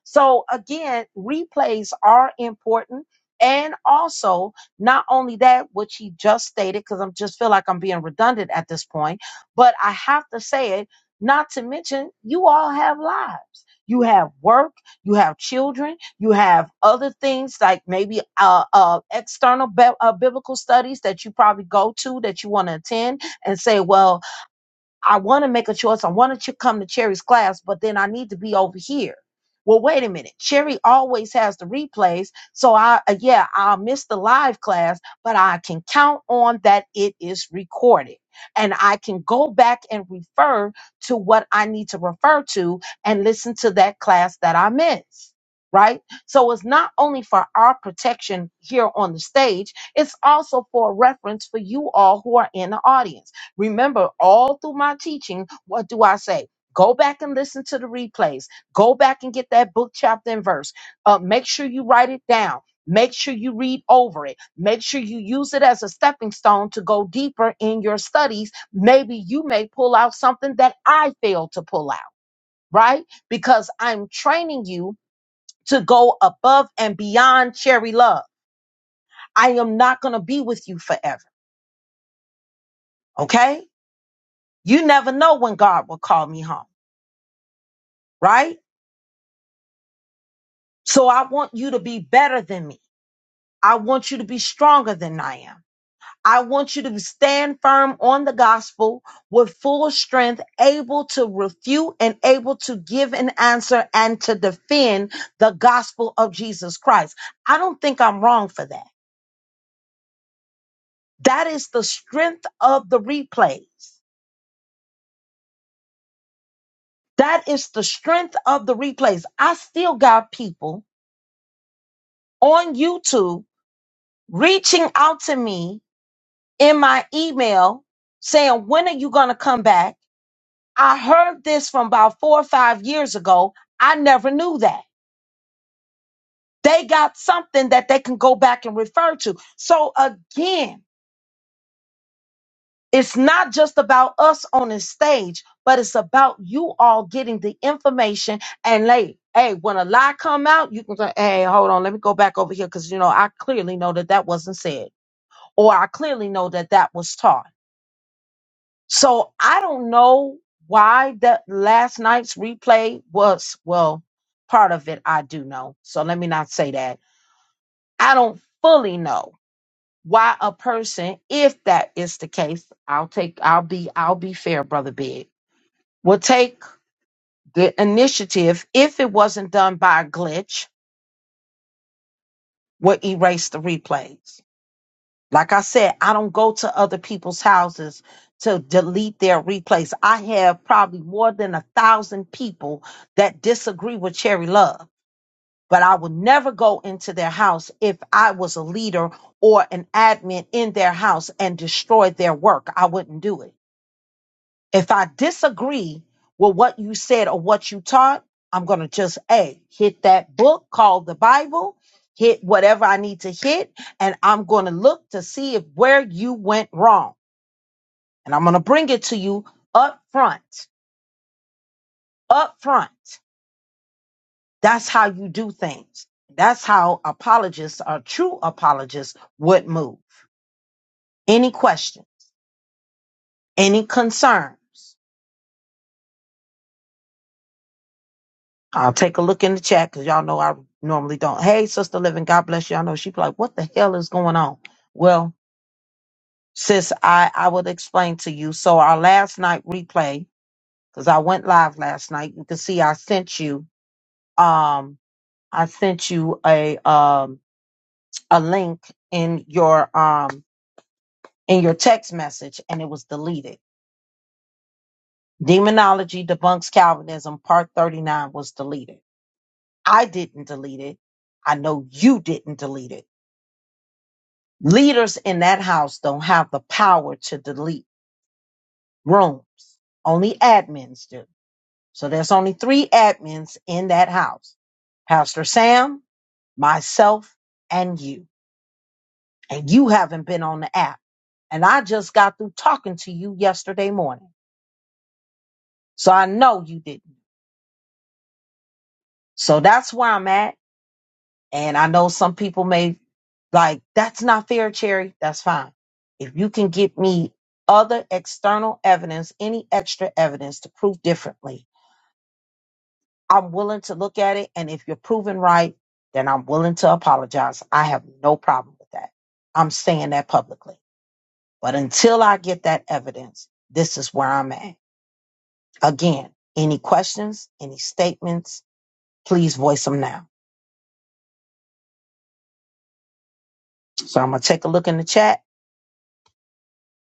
A: so again replays are important and also not only that which he just stated because i just feel like i'm being redundant at this point but i have to say it not to mention you all have lives you have work you have children you have other things like maybe uh, uh, external bi- uh, biblical studies that you probably go to that you want to attend and say, well, I want to make a choice. I want to ch- come to Cherry's class, but then I need to be over here. Well, wait a minute. Cherry always has the replays. So I, uh, yeah, I'll miss the live class, but I can count on that it is recorded and I can go back and refer to what I need to refer to and listen to that class that I missed. Right. So it's not only for our protection here on the stage, it's also for reference for you all who are in the audience Remember, all through my teaching, what do I say? Go back and listen to the replays. Go back and get that book, chapter, and verse. Uh, make sure you write it down. Make sure you read over it. Make sure you use it as a stepping stone to go deeper in your studies. Maybe you may pull out something that I failed to pull out, right? Because I'm training you to go above and beyond cherry love. I am not going to be with you forever, okay? You never know when God will call me home, right? So I want you to be better than me. I want you to be stronger than I am. I want you to stand firm on the gospel with full strength, able to refute and able to give an answer and to defend the gospel of Jesus Christ. I don't think I'm wrong for that. That is the strength of the replays. That is the strength of the replays. I still got people on YouTube reaching out to me in my email saying, When are you going to come back? I heard this from about four or five years ago. I never knew that. They got something that they can go back and refer to. So again, it's not just about us on the stage, but it's about you all getting the information and like, hey, when a lie come out, you can say, hey, hold on, let me go back over here because you know I clearly know that that wasn't said, or I clearly know that that was taught. So I don't know why that last night's replay was, well, part of it I do know. So let me not say that. I don't fully know why a person, if that is the case, I'll take, I'll be, I'll be fair, brother Big, will take the initiative if it wasn't done by a glitch, will erase the replays. Like I said, I don't go to other people's houses to delete their replays. I have probably more than a thousand people that disagree with Cherry Love, but I would never go into their house if I was a leader or an admin in their house and destroy their work. I wouldn't do it. If I disagree with what you said or what you taught, I'm going to just, A, hit that book called the Bible, hit whatever I need to hit, and I'm going to look to see if where you went wrong. And I'm going to bring it to you up front, up front. That's how you do things. That's how apologists or true apologists would move. Any questions? Any concerns? I'll take a look in the chat because y'all know I normally don't. Hey, Sister Living, God bless you. I know she be like, what the hell is going on? Well, sis, I, I would explain to you. So our last night replay, because I went live last night, you can see I sent you um I sent you a um a link in your um in your text message and it was deleted. Demonology debunks Calvinism part 39 was deleted. I didn't delete it. I know you didn't delete it Leaders in that house don't have the power to delete rooms. Only admins do. So there's only three admins in that house. Pastor Sam, myself, and you. And you haven't been on the app. And I just got through talking to you yesterday morning. So I know you didn't. So that's where I'm at. And I know some people may like, that's not fair, Cherry. That's fine. If you can get me other external evidence, any extra evidence to prove differently, I'm willing to look at it. And if you're proven right, then I'm willing to apologize. I have no problem with that. I'm saying that publicly. But until I get that evidence, this is where I'm at. Again, any questions, any statements, please voice them now. So I'm going to take a look in the chat.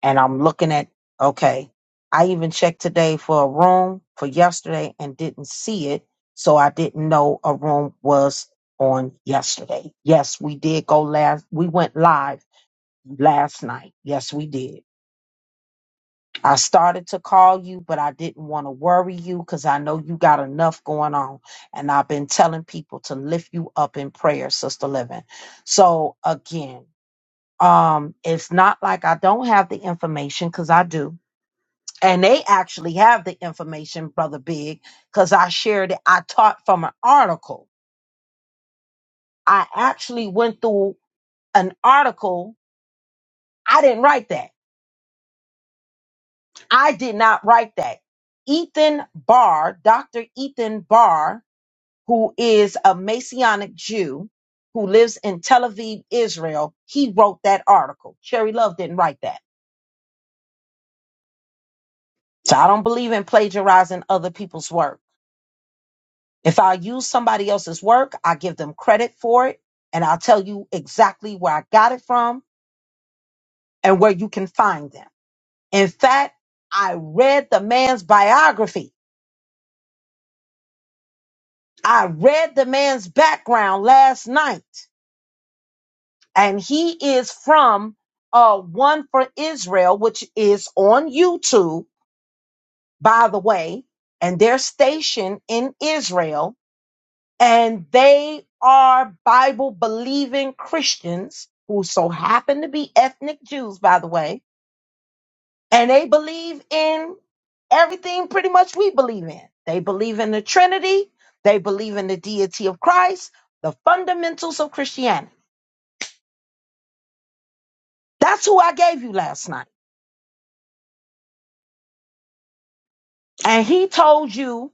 A: and I'm looking at okay. I even checked today for a room for yesterday and didn't see it, so I didn't know a room was on yesterday. Yes, we did go last. We went live last night. Yes, we did. I started to call you, but I didn't want to worry you because I know you got enough going on. And I've been telling people to lift you up in prayer, Sister Living. So again, um, it's not like I don't have the information because I do and they actually have the information, Brother Big, because I shared it. I taught from an article. I actually went through an article. I didn't write that. I did not write that. Ethan Barr, Dr. Ethan Barr, who is a Messianic Jew who lives in Tel Aviv, Israel, he wrote that article. Cherry Love didn't write that. So I don't believe in plagiarizing other people's work. If I use somebody else's work, I give them credit for it and I'll tell you exactly where I got it from and where you can find them. In fact, I read the man's biography. I read the man's background last night and he is from uh, One for Israel, which is on YouTube, by the way, and they're stationed in Israel and they are Bible believing Christians who so happen to be ethnic Jews, by the way, and they believe in everything pretty much we believe in. They believe in the Trinity, they believe in the deity of Christ, the fundamentals of Christianity. That's who I gave you last night. And he told you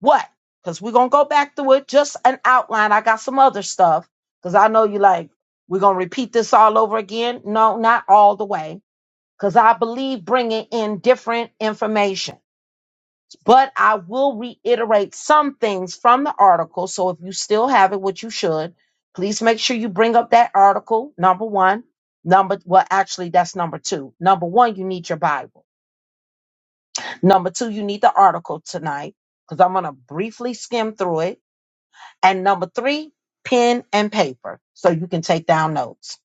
A: what? Because we're going to go back to it, just an outline. I got some other stuff because I know you like, we're going to repeat this all over again. No, not all the way because I believe bringing in different information. But I will reiterate some things from the article. So if you still have it, which you should, please make sure you bring up that article. Number one, number, well, actually, that's number two. Number one, you need your Bible. Number two, you need the article tonight because I'm going to briefly skim through it. And number three, pen and paper so you can take down notes,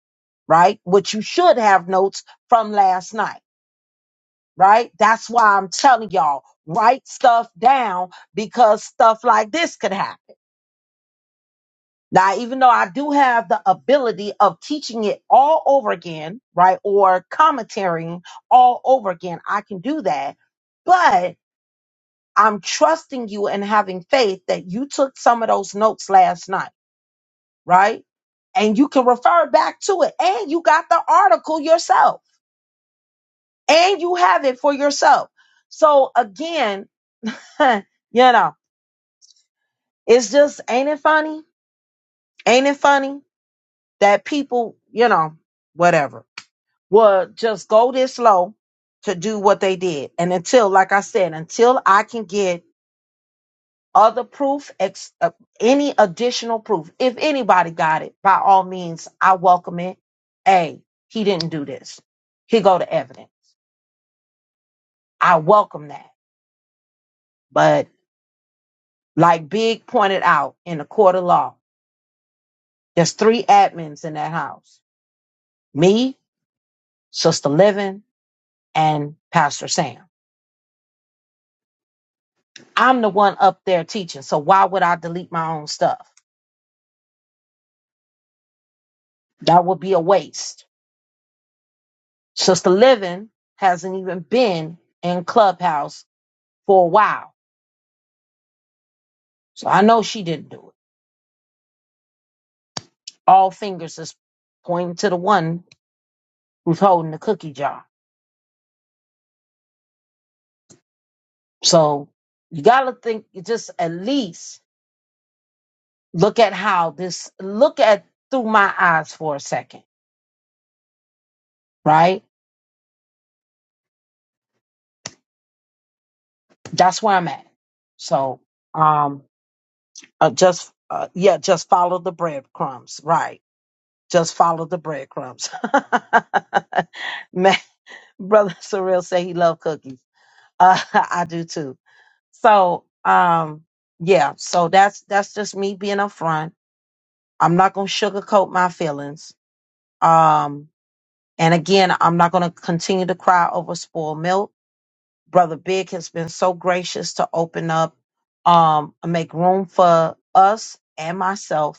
A: right? Which you should have notes from last night right? That's why I'm telling y'all, write stuff down because stuff like this could happen. Now, even though I do have the ability of teaching it all over again, right? Or commentarying all over again, I can do that. But I'm trusting you and having faith that you took some of those notes last night, right? And you can refer back to it. And you got the article yourself and you have it for yourself. So again, [laughs] you know. It's just, ain't it funny? Ain't it funny that people, you know, whatever, will just go this low to do what they did. And until, like I said, until I can get other proof, ex- uh, any additional proof, if anybody got it, by all means, I welcome it. Hey, he didn't do this. Here go the evidence. I welcome that. But like Big pointed out in the court of law, there's three admins in that house. Me, Sister Living, and Pastor Sam. I'm the one up there teaching, so why would I delete my own stuff? That would be a waste. Sister Living hasn't even been in Clubhouse for a while, so I know she didn't do it. All fingers is pointing to the one who's holding the cookie jar. So you gotta think, you just at least look at how this, look at through my eyes for a second, right? That's where I'm at. So, um, Uh, just uh, yeah, just follow the breadcrumbs, right? Just follow the breadcrumbs. [laughs] Man, brother Surreal say he love cookies. Uh, [laughs] I do too. So um, yeah, so that's that's just me being upfront. I'm not gonna sugarcoat my feelings. Um, and again, I'm not gonna continue to cry over spoiled milk. Brother Big has been so gracious to open up, um, and make room for us and myself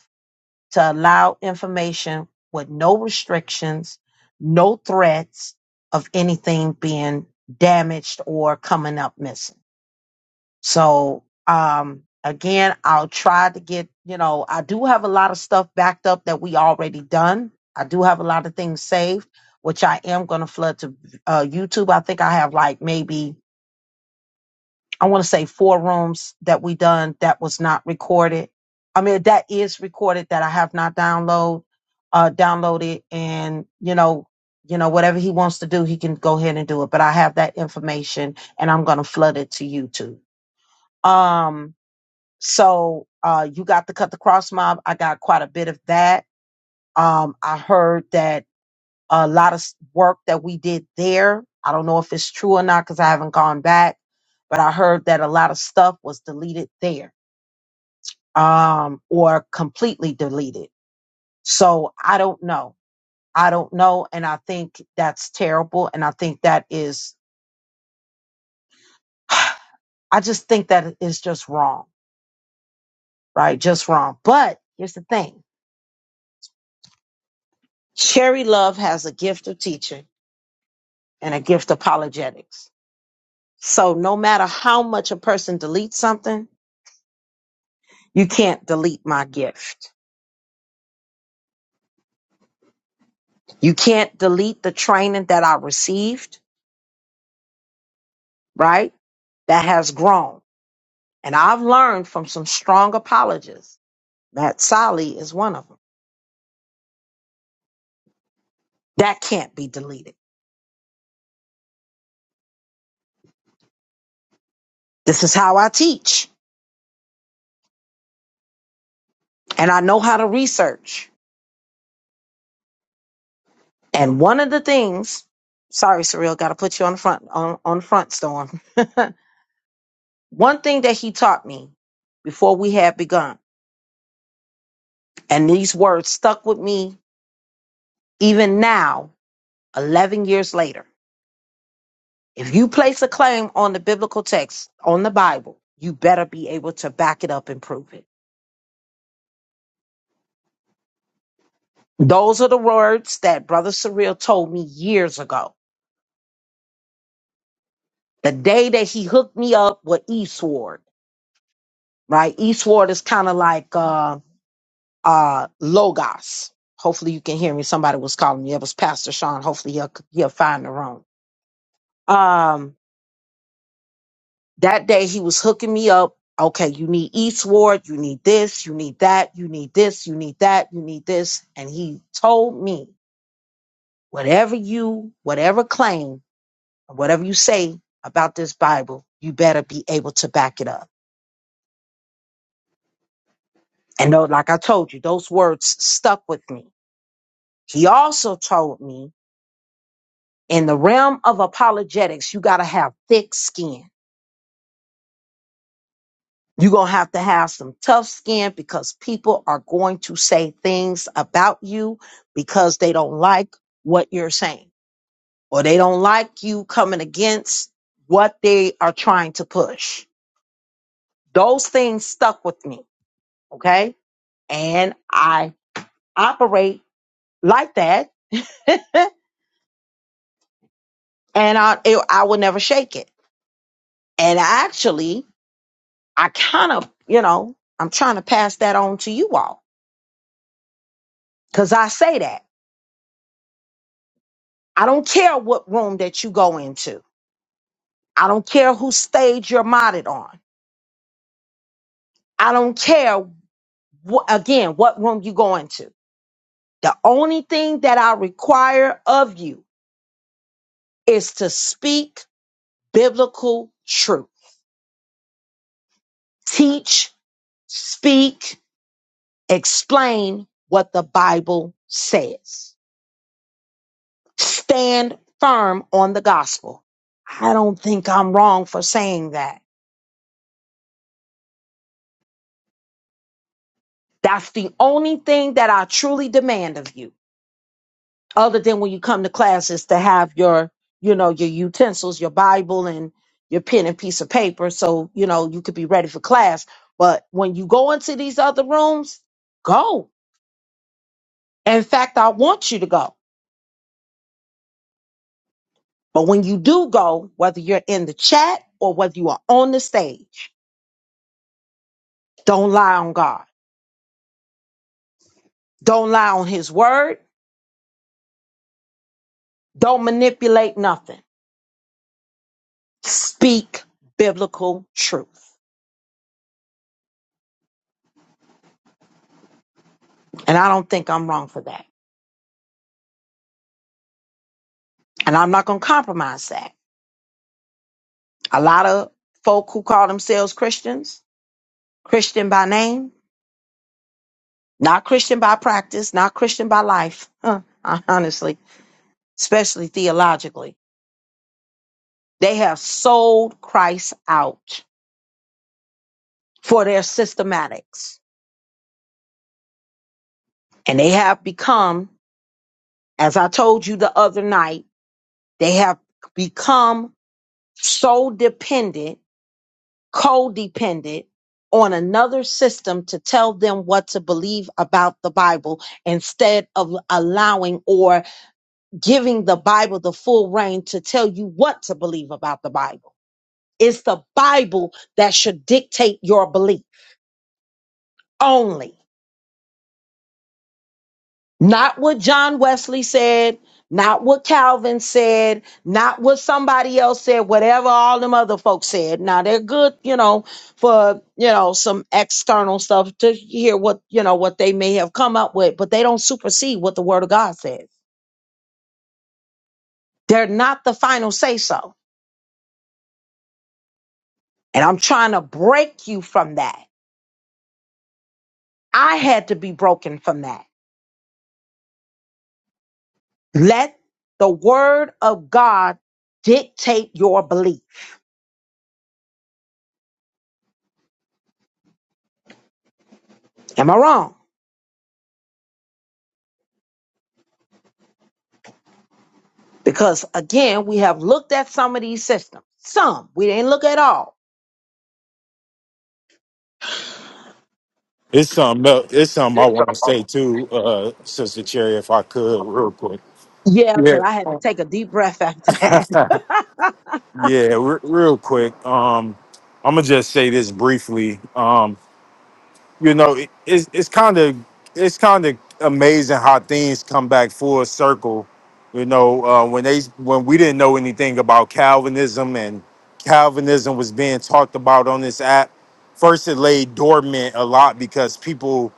A: to allow information with no restrictions, no threats of anything being damaged or coming up missing. So, um, again, I'll try to get, you know, I do have a lot of stuff backed up that we already done. I do have a lot of things saved, which I am going to flood to uh, YouTube. I think I have like maybe I want to say four rooms that we done that was not recorded. I mean, that is recorded that I have not download, uh, downloaded and, you know, you know, whatever he wants to do, he can go ahead and do it. But I have that information and I'm going to flood it to YouTube. Um, so, uh, you got the cut the cross mob. I got quite a bit of that. Um, I heard that a lot of s- work that we did there. I don't know if it's true or not because I haven't gone back but I heard that a lot of stuff was deleted there um, or completely deleted. So I don't know. I don't know. And I think that's terrible. And I think that is, [sighs] I just think that is just wrong, right? Just wrong. But here's the thing Cherry Love has a gift of teaching and a gift of apologetics. So no matter how much a person deletes something, you can't delete my gift. You can't delete the training that I received right? That has grown. And I've learned from some strong apologists that Sally is one of them. That can't be deleted. This is how I teach, and I know how to research. And one of the things, sorry, Surreal, got to put you on the front on, on the front storm. [laughs] one thing that he taught me before we had begun, and these words stuck with me even now, eleven years later If you place a claim on the biblical text, on the Bible, you better be able to back it up and prove it. Those are the words that Brother Surreal told me years ago. The day that he hooked me up with Eastward, right? Eastward is kind of like uh, uh, Logos. Hopefully you can hear me. Somebody was calling me. It was Pastor Sean. Hopefully he'll, he'll find the room. Um, That day he was hooking me up. Okay, you need Eastward, you need this, you need that, you need this, you need that, you need this. And he told me, whatever you, whatever claim, whatever you say about this Bible, you better be able to back it up. And no, like I told you, those words stuck with me. He also told me in the realm of apologetics, you got to have thick skin You're going to have to have some tough skin because people are going to say things about you because they don't like what you're saying or they don't like you coming against what they are trying to push. Those things stuck with me. Okay. And I operate like that [laughs] and I, it, I will never shake it. And actually, I kind of, you know, I'm trying to pass that on to you all because I say that. I don't care what room that you go into. I don't care who stage you're modded on. I don't care wh- again what room you go into. The only thing that I require of you is to speak biblical truth. Teach, speak, explain what the Bible says. Stand firm on the gospel. I don't think I'm wrong for saying that. That's the only thing that I truly demand of you. other than when you come to class is to have your you know your utensils your bible and your pen and piece of paper so you know you could be ready for class but when you go into these other rooms go in fact i want you to go but when you do go whether you're in the chat or whether you are on the stage don't lie on god don't lie on his word don't manipulate nothing speak biblical truth and i don't think i'm wrong for that and i'm not going to compromise that A lot of folk who call themselves Christians, Christian by name, not Christian by practice, not Christian by life, [laughs] huh, honestly, especially theologically, they have sold Christ out for their systematics. And they have become, as I told you the other night, they have become so dependent, codependent on another system to tell them what to believe about the Bible instead of allowing or giving the Bible the full reign to tell you what to believe about the Bible. It's the Bible that should dictate your belief only, not what John Wesley said, not what Calvin said, not what somebody else said, whatever all them other folks said. Now they're good, you know, for, you know, some external stuff to hear what, you know, what they may have come up with, but they don't supersede what the word of God says. They're not the final say so. And I'm trying to break you from that. I had to be broken from that. Let the word of God dictate your belief. Am I wrong? Because again, we have looked at some of these systems. Some we didn't look at all.
C: It's something else. It's something I want to say too, uh, Sister Cherry, if I could, real quick.
A: Yeah,
C: Yeah,
A: because I had to take a deep breath after that.
C: yeah, re- real quick. Um, I'm gonna just say this briefly. Um, you know, it, it's it's kind of it's kind of amazing how things come back full circle. You know, uh, when they when we didn't know anything about Calvinism and Calvinism was being talked about on this app, first it lay dormant a lot because people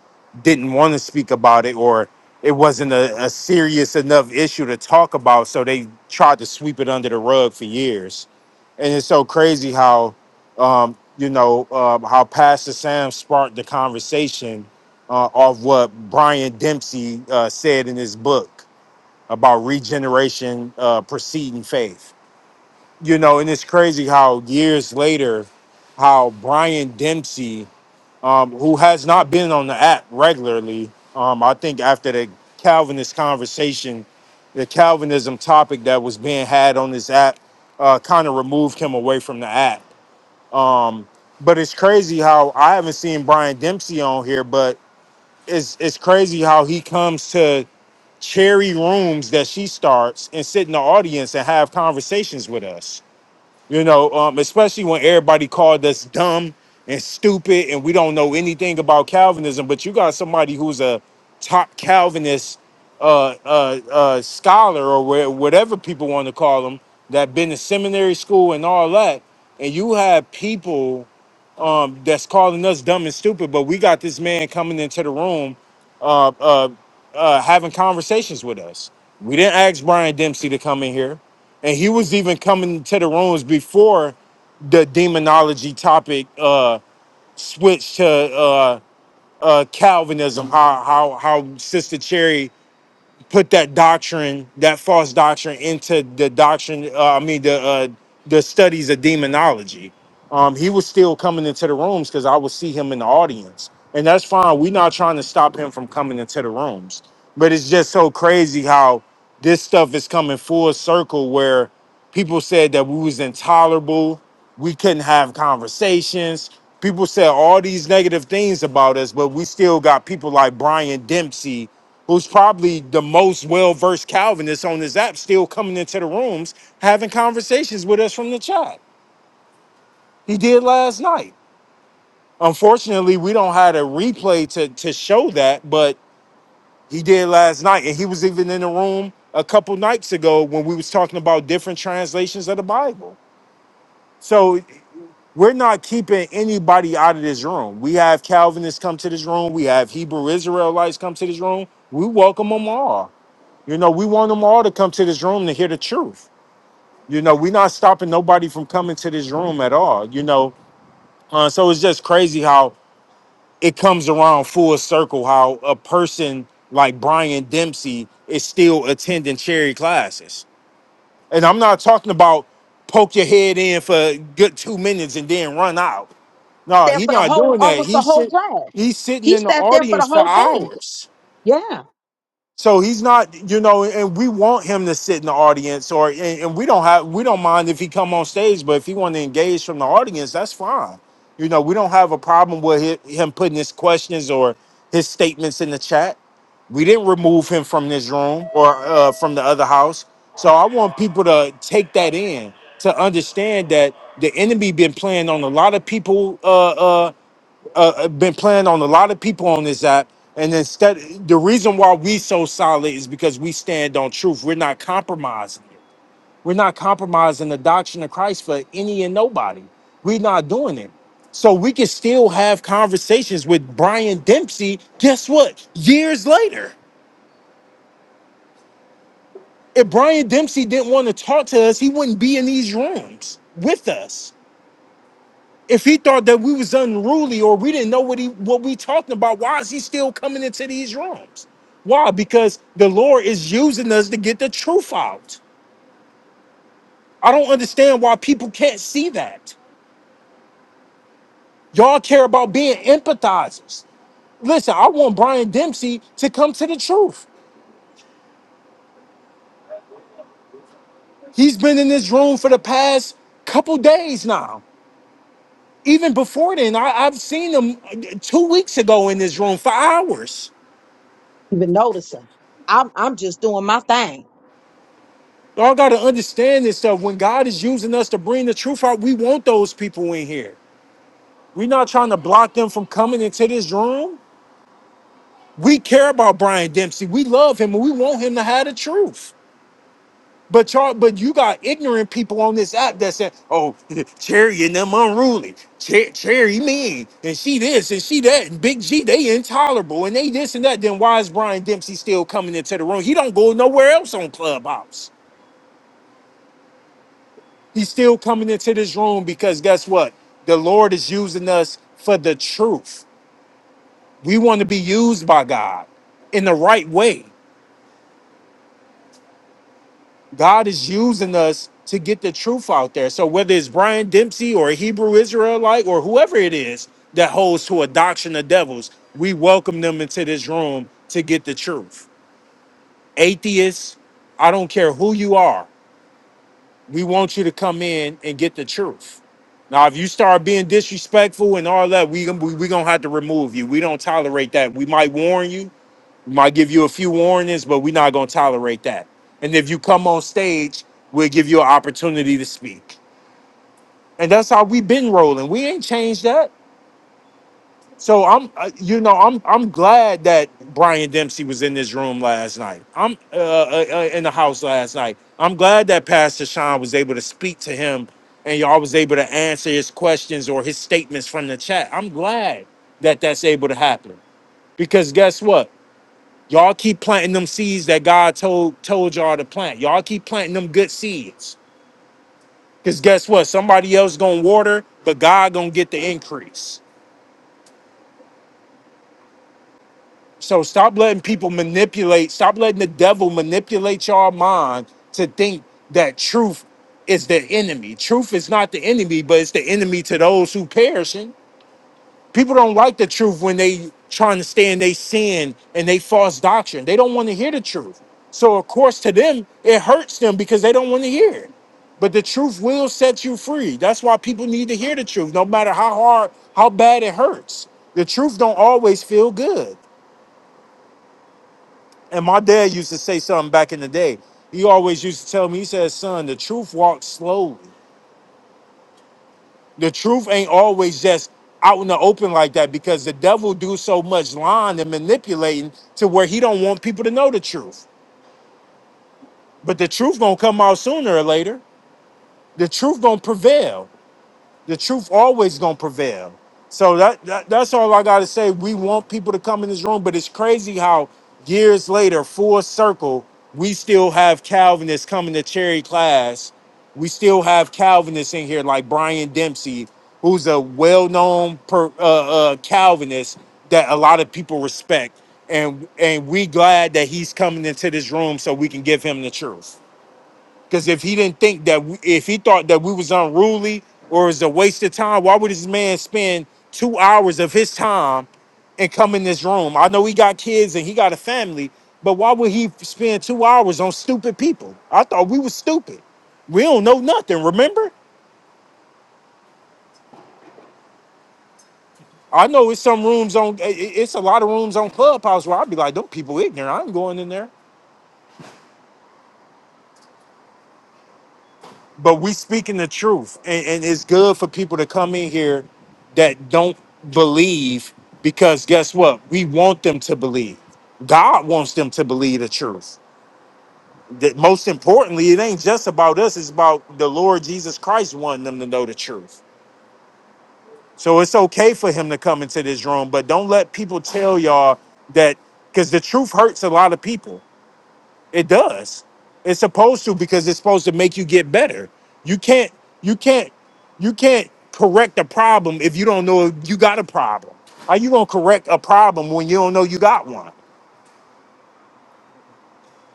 C: didn't want to speak about it or it wasn't a, a serious enough issue to talk about, so they tried to sweep it under the rug for years. And it's so crazy how um, you know, um, how Pastor Sam sparked the conversation uh, of what Brian Dempsey uh, said in his book about regeneration uh, preceding faith. You know, and it's crazy how years later, how Brian Dempsey, um, who has not been on the app regularly, um, I think after the Calvinist conversation, the Calvinism topic that was being had on this app uh, kind of removed him away from the app um, but it's crazy how I haven't seen Brian Dempsey on here, but it's it's crazy how he comes to cherry rooms that she starts and sit in the audience and have conversations with us. You know, um, especially when everybody called us dumb and stupid and we don't know anything about Calvinism, but you got somebody who's a top Calvinist uh, uh, uh, scholar or where, whatever people want to call them that been to seminary school and all that, and you have people um, that's calling us dumb and stupid, but we got this man coming into the room, uh, uh, uh, having conversations with us. We didn't ask Brian Dempsey to come in here, and he was even coming to the rooms before the demonology topic uh, switched to uh, uh, Calvinism. How how how Sister Cherry put that doctrine, that false doctrine, into the doctrine. Uh, I mean, the uh, the studies of demonology. Um, he was still coming into the rooms because I would see him in the audience, and that's fine. We're not trying to stop him from coming into the rooms, but it's just so crazy how this stuff is coming full circle where people said that we was intolerable, we couldn't have conversations. People said all these negative things about us, but we still got people like Brian Dempsey who's probably the most well-versed Calvinist on this app, still coming into the rooms having conversations with us from the chat. He did last night. Unfortunately, we don't have a replay to, to show that, but he did last night. And he was even in the room a couple nights ago when we was talking about different translations of the Bible. So we're not keeping anybody out of this room. We have Calvinists come to this room. We have Hebrew Israelites come to this room. We welcome them all. You know, we want them all to come to this room to hear the truth. You know, we're not stopping nobody from coming to this room at all. You know, uh, so it's just crazy how it comes around full circle. How a person like Brian Dempsey is still attending cherry classes, and I'm not talking about poke your head in for a good two minutes and then run out.
A: [laughs]
C: No,
A: there
C: he's
A: for the
C: not
A: whole,
C: doing that.
A: almost the
C: He's
A: whole
C: sit,
A: class.
C: he's sitting
A: He
C: in the
A: sat there for the
C: audience for
A: whole thing.
C: hours.
A: Yeah,
C: So he's not, you know, and we want him to sit in the audience, or and, and we don't have, we don't mind if he come on stage, but if he want to engage from the audience, that's fine. You know, we don't have a problem with hi- him putting his questions or his statements in the chat. We didn't remove him from this room or uh, from the other house. So I want people to take that in to understand that the enemy been playing on a lot of people. Uh, uh, uh, uh, been playing on a lot of people on this app. And instead, the reason why we so solid is because we stand on truth. We're not compromising. it. We're not compromising the doctrine of Christ for any and nobody. We're not doing it. So we can still have conversations with Brian Dempsey. Guess what? Years later, if Brian Dempsey didn't want to talk to us, he wouldn't be in these rooms with us If he thought that we was unruly or we didn't know what he what we talking about, why is he still coming into these rooms? Why? Because the Lord is using us to get the truth out. I don't understand why people can't see that. Y'all care about being empathizers. Listen, I want Brian Dempsey to come to the truth. He's been in this room for the past couple days now. Even before then, I, I've seen him uh, two weeks ago in this room for hours
A: even notice him. I'm, I'm just doing my thing.
C: Y'all got to understand this stuff. When God is using us to bring the truth out, we want those people in here. We're not trying to block them from coming into this room. We care about Brian Dempsey. We love him and we want him to have the truth. But y'all, but you got ignorant people on this app that said, "Oh, [laughs] Cherry and them unruly. Cher- Cherry mean and she this and she that and Big G they intolerable and they this and that." Then why is Brian Dempsey still coming into the room? He don't go nowhere else on Clubhouse. He's still coming into this room because guess what? The Lord is using us for the truth. We want to be used by God in the right way. God is using us to get the truth out there. So whether it's Brian Dempsey or a Hebrew Israelite or whoever it is that holds to a doctrine of devils, we welcome them into this room to get the truth. Atheists, I don't care who you are. we want you to come in and get the truth. Now, if you start being disrespectful and all that, we gon- we we gonna have to remove you. We don't tolerate that. We might warn you, we might give you a few warnings, but we're not gonna tolerate that. And if you come on stage, we'll give you an opportunity to speak. And that's how we've been rolling. We ain't changed that. So I'm, uh, you know, I'm I'm glad that Brian Dempsey was in this room last night. I'm uh, uh, uh, in the house last night. I'm glad that Pastor Sean was able to speak to him, and y'all was able to answer his questions or his statements from the chat. I'm glad that that's able to happen because guess what? Y'all keep planting them seeds that God told told y'all to plant. Y'all keep planting them good seeds because guess what? Somebody else gonna water, but God gonna get the increase. So stop letting people manipulate, stop letting the devil manipulate your mind to think that truth is the enemy. Truth is not the enemy, but it's the enemy to those who perishing. People don't like the truth when they trying to stand they sin and they false doctrine. They don't want to hear the truth. So of course to them it hurts them because they don't want to hear it. But the truth will set you free. That's why people need to hear the truth, no matter how hard, how bad it hurts. The truth don't always feel good. And my dad used to say something back in the day. He always used to tell me, he said, son, the truth walks slow. The truth ain't always just out in the open like that because the devil do so much lying and manipulating to where he don't want people to know the truth. But the truth gonna come out sooner or later. The truth gonna prevail the truth always gonna prevail. So that, that that's all I gotta say. We want people to come in this room, but it's crazy how years later, full circle, we still have Calvinists coming to Cherry class. We still have Calvinists in here, like Brian Dempsey, who's a well-known per, uh, uh, Calvinist that a lot of people respect, and and we glad that he's coming into this room so we can give him the truth. Because if he didn't think that, we, if he thought that we was unruly or it was a waste of time, why would this man spend two hours of his time and come in this room? I know he got kids and he got a family, but why would he spend two hours on stupid people? I thought we was stupid. We don't know nothing. Remember? I know it's some rooms on. i- i- It's a lot of rooms on Clubhouse where I'd be like, "Them people ignorant. I'm going in there." but we speaking the truth and, and it's good for people to come in here that don't believe because guess what we want them to believe god wants them to believe the truth that most importantly it ain't just about us it's about the lord jesus christ wanting them to know the truth so it's okay for him to come into this room but don't let people tell y'all that because the truth hurts a lot of people it does. It's supposed to because it's supposed to make you get better. You can't you can't you can't correct a problem if you don't know you got a problem. How you gonna correct a problem when you don't know you got one?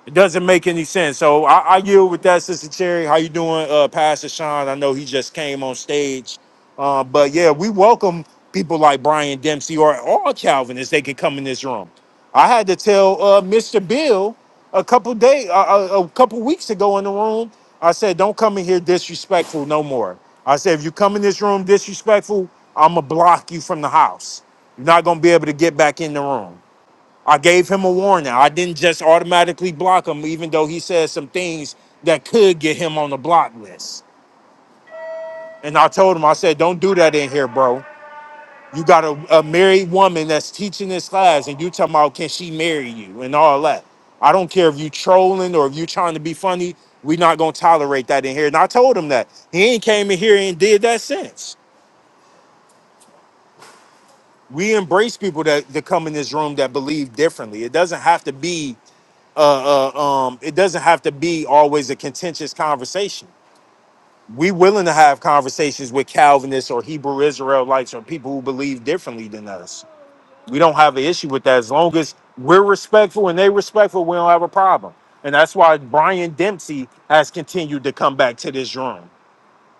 C: It doesn't make any sense. So I, I yield with that, Sister Cherry. How you doing, uh, Pastor Sean? I know he just came on stage, uh, but yeah, we welcome people like Brian Dempsey or all Calvinists. They can come in this room. I had to tell uh, Mr. Bill a couple day, uh, a a couple weeks ago in the room. I said, "Don't come in here disrespectful no more." I said, "If you come in this room disrespectful, I'ma block you from the house. You're not gonna be able to get back in the room." I gave him a warning. I didn't just automatically block him, even though he said some things that could get him on the block list. And I told him, I said, don't do that in here, bro. You got a, a married woman that's teaching this class, and you talking about can she marry you and all that. I don't care if you trolling or if you trying to be funny. we not gonna tolerate that in here. And I told him that. He ain't came in here and did that since. We embrace people that, that come in this room that believe differently. It doesn't have to be uh, uh, um, it doesn't have to be always a contentious conversation. We willing to have conversations with Calvinists or Hebrew Israelites or people who believe differently than us. We don't have an issue with that as long as we're respectful and they respectful. We don't have a problem, and that's why Brian Dempsey has continued to come back to this room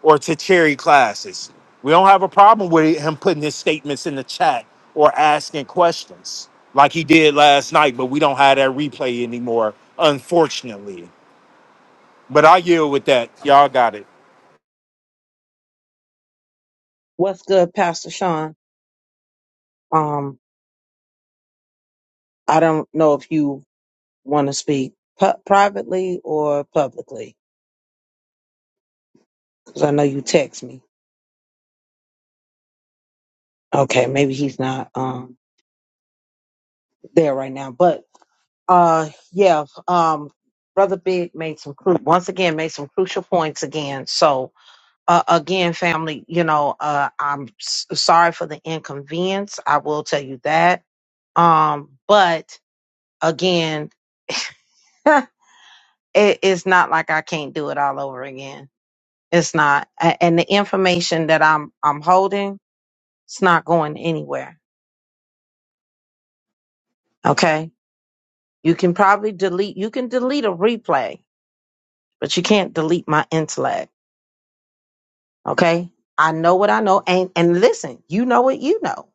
C: or to cherry classes. We don't have a problem with him putting his statements in the chat or asking questions like he did last night, but we don't have that replay anymore, unfortunately. But I yield with that. Y'all got it.
A: What's good, Pastor Sean? Um, I don't know if you want to speak pu- privately or publicly. 'Cause I know you text me. Okay, maybe he's not um there right now, but uh yeah, um brother Big made some cru- once again made some crucial points again. So uh, again, family, you know, uh I'm s- sorry for the inconvenience. I will tell you that. Um, but again, [laughs] it is not like I can't do it all over again. It's not, A- and the information that I'm I'm holding, it's not going anywhere. Okay You can probably delete, you can delete a replay, but you can't delete my intellect. Okay. I know what I know. And, and listen, you know what you know.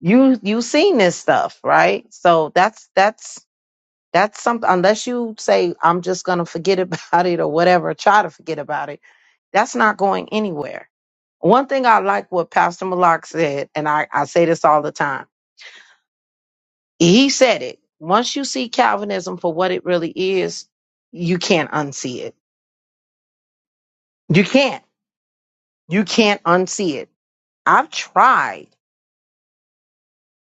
A: You, you seen this stuff, right? So that's, that's, that's something, unless you say, I'm just going to forget [laughs] about it or whatever, try to forget about it. That's not going anywhere. One thing I like what Pastor Malak said, and I, I say this all the time. He said it. Once you see Calvinism for what it really is, you can't unsee it You can't. You can't unsee it. I've tried.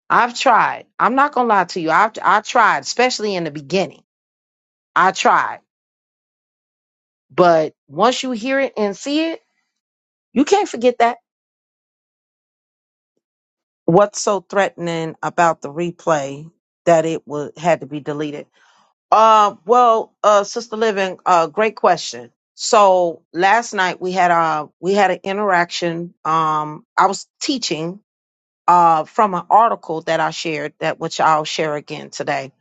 A: I've tried. I'm not gonna lie to you. I've I tried, especially in the beginning. I tried. But once you hear it and see it, you can't forget that. What's so threatening about the replay that it was had to be deleted? Uh well, uh Sister Living, uh great question. So last night we had uh we had an interaction. Um I was teaching uh, from an article that I shared that which I'll share again today.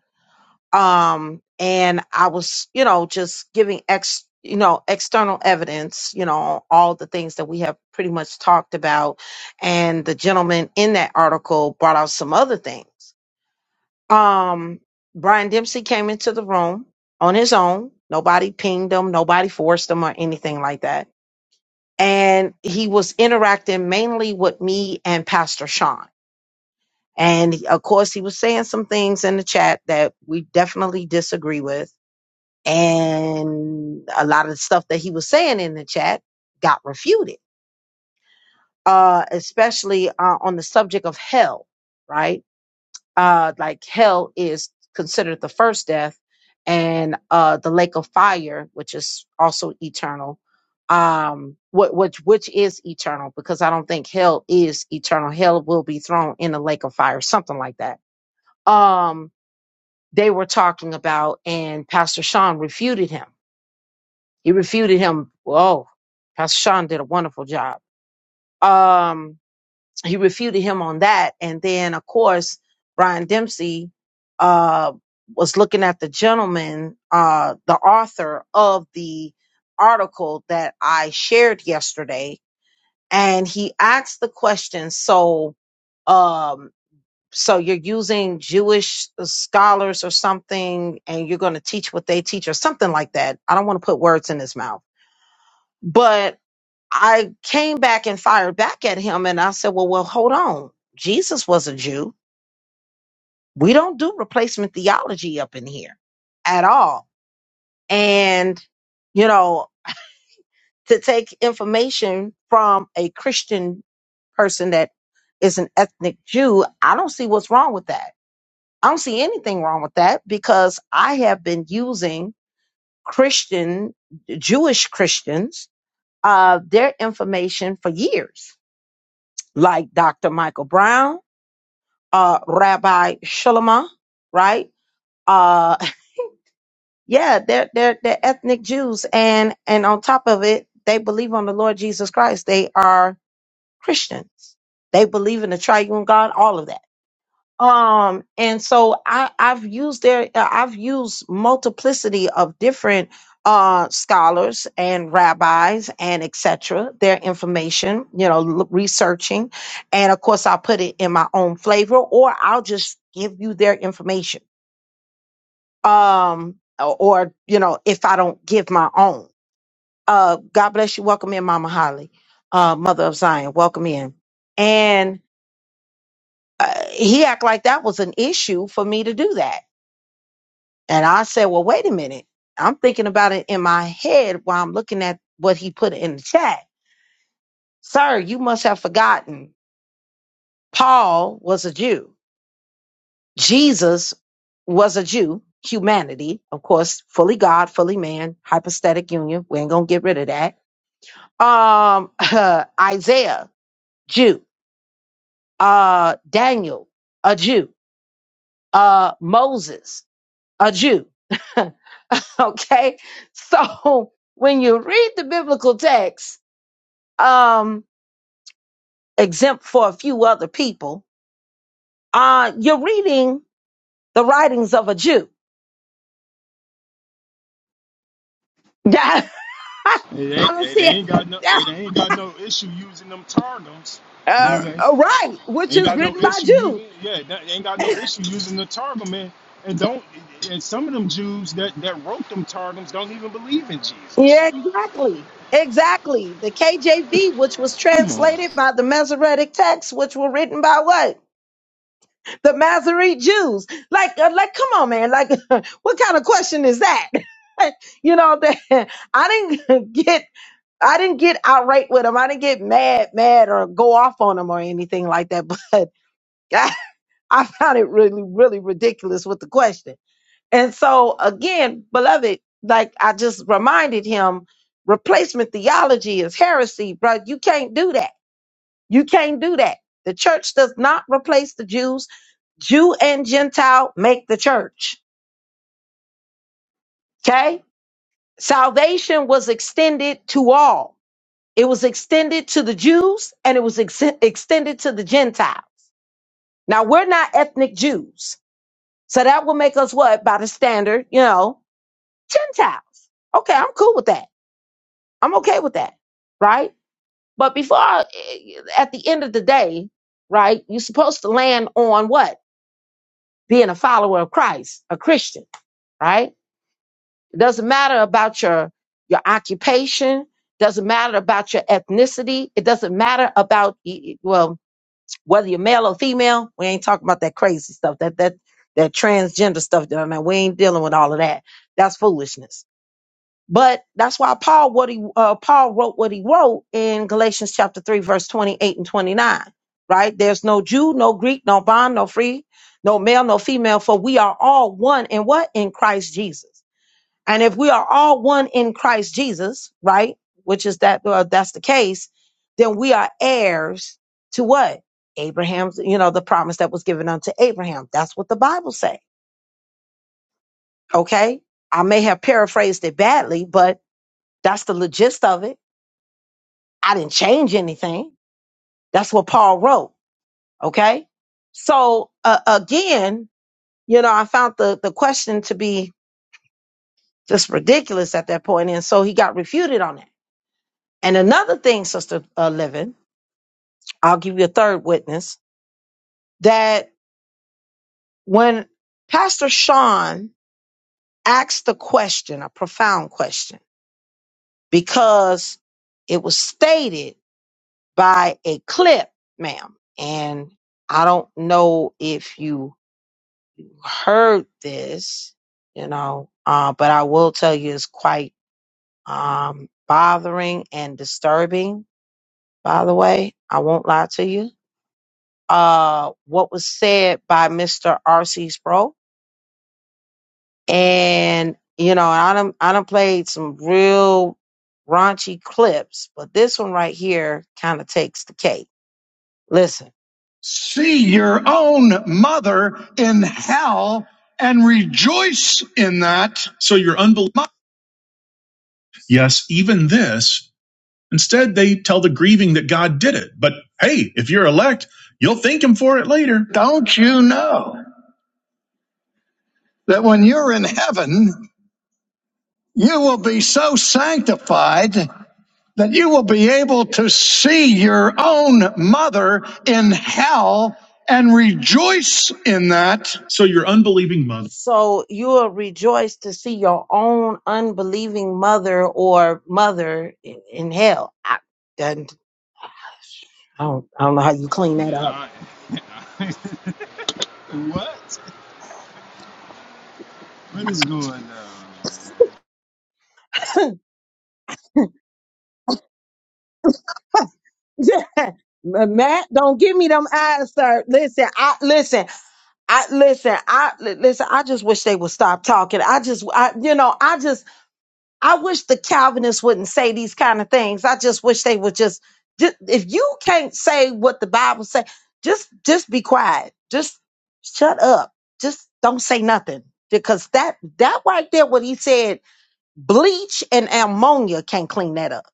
A: Um, and I was, you know, just giving ex, you know, external evidence, you know, all the things that we have pretty much talked about. And the gentleman in that article brought out some other things. Um, Brian Dempsey came into the room on his own. Nobody pinged him. Nobody forced him or anything like that. And he was interacting mainly with me and Pastor Sean and of course, he was saying some things in the chat that we definitely disagree with. And a lot of the stuff that he was saying in the chat got refuted, uh, especially uh, on the subject of hell, right? Uh, like hell is considered the first death and uh, the lake of fire, which is also eternal. Um, what which which is eternal because I don't think hell is eternal. Hell will be thrown in the lake of fire, something like that. Um, they were talking about, and Pastor Sean refuted him. He refuted him. Oh, Pastor Sean did a wonderful job. Um, he refuted him on that, and then of course Brian Dempsey uh, was looking at the gentleman, uh, the author of the article that I shared yesterday, and he asked the question. So, um, so you're using Jewish uh, scholars or something, and you're going to teach what they teach or something like that. I don't want to put words in his mouth, but I came back and fired back at him, and I said, "Well, well, hold on. Jesus was a Jew. We don't do replacement theology up in here at all." And you know, to take information from a Christian person that is an ethnic Jew, I don't see what's wrong with that I don't see anything wrong with that because I have been using Christian, Jewish Christians, uh, their information for years, like Dr. Michael Brown, uh, Rabbi Shulama, right? Uh, [laughs] yeah, they're, they're, they're ethnic Jews. And, and on top of it, they believe on the Lord Jesus Christ. They are Christians. They believe in the triune God, all of that. um and so i i've used their uh, i've used multiplicity of different uh scholars and rabbis and etc their information you know l- researching and of course i'll put it in my own flavor or i'll just give you their information um o- or you know if i don't give my own uh god bless you welcome in mama holly uh mother of zion welcome in and uh, he act like that was an issue for me to do that And I said, well, wait a minute. I'm thinking about it in my head while I'm looking at what he put in the chat. Sir, you must have forgotten Paul was a Jew. Jesus was a Jew, humanity, of course, fully God, fully man, hypostatic union. We ain't gonna get rid of that. Um, [laughs] Isaiah, Jew, uh, Daniel, a Jew, uh, Moses, a Jew. [laughs] okay. So when you read the biblical text, um, exempt for a few other people. Uh, you're reading the writings of a Jew. [laughs] I don't see it. [laughs] Yeah, uh, uh, right, which is written by Jews. Yeah, exactly. Exactly. The KJV, which was translated by the Masoretic texts, which were written by what? The Masoretic Jews. Like, uh, like, come on, man. Like, [laughs] what kind of question is that? [laughs] you know, [laughs] that I didn't [laughs] get I didn't get outright with him. I didn't get mad, mad or go off on him or anything like that. [laughs] But I, I found it really, really ridiculous with the question. And so again, beloved, like I just reminded him, replacement theology is heresy, bro. You can't do that. You can't do that. The church does not replace the Jews. Jew and Gentile make the church. Okay. Salvation was extended to all. It was extended to the Jews and it was ex- extended to the Gentiles. Now we're not ethnic Jews. So that will make us what by the standard, you know, Gentiles. Okay, I'm cool with that. I'm okay with that. Right? But before I- at the end of the day, right? You're supposed to land on what? Being a follower of Christ, a Christian, right? It doesn't matter about your your occupation, doesn't matter about your ethnicity, it doesn't matter about e, e, well, whether you're male or female, we ain't talking about that crazy stuff, that that that transgender stuff that I mean, We ain't dealing with all of that. That's foolishness. But that's why Paul what he uh, Paul wrote what he wrote in Galatians chapter three, verse twenty-eight and twenty-nine. Right? There's no Jew, no Greek, no bond, no free, no male, no female, for we are all one in what? In Christ Jesus. And if we are all one in Christ Jesus, right, which is that uh, that's the case, then we are heirs to what? Abraham's, you know, the promise that was given unto Abraham. That's what the Bible say. Okay? I may have paraphrased it badly, but that's the gist of it. I didn't change anything. That's what Paul wrote. Okay? So uh, again, you know, I found the the question to be just ridiculous at that point, and so he got refuted on that. And another thing, Sister uh, Living, I'll give you a third witness that when Pastor Sean asked the question, a profound question, because it was stated by a clip, ma'am, and I don't know if you heard this, you know, uh, but I will tell you it's quite um, bothering and disturbing. By the way, I won't lie to you. Uh, what was said by Mr. R.C. Sproul and you know I done I done played some real raunchy clips, but this one right here kind of takes the cake. Listen, See your own mother in hell and rejoice in that. So you're unbelievable. Yes, even this. Instead, they tell the grieving that God did it. But hey, if you're elect, you'll thank him for it later. Don't you know that when you're in heaven, you will be so sanctified? that you will be able to see your own mother in hell and rejoice in that. So your unbelieving mother. So you will rejoice to see your own unbelieving mother or mother in, in hell. I, that- I don't, I don't know how you clean that up. [laughs] yeah. Matt, don't give me them eyes, sir. Listen, I listen, I listen, I li- listen. I just wish they would stop talking. I just, I, you know, I just. I wish the Calvinists wouldn't say these kind of things. I just wish they would just, just if you can't say what the Bible says, just just be quiet. Just shut up. Just don't say nothing. Because that that right there, what he said, bleach and ammonia can't clean that up.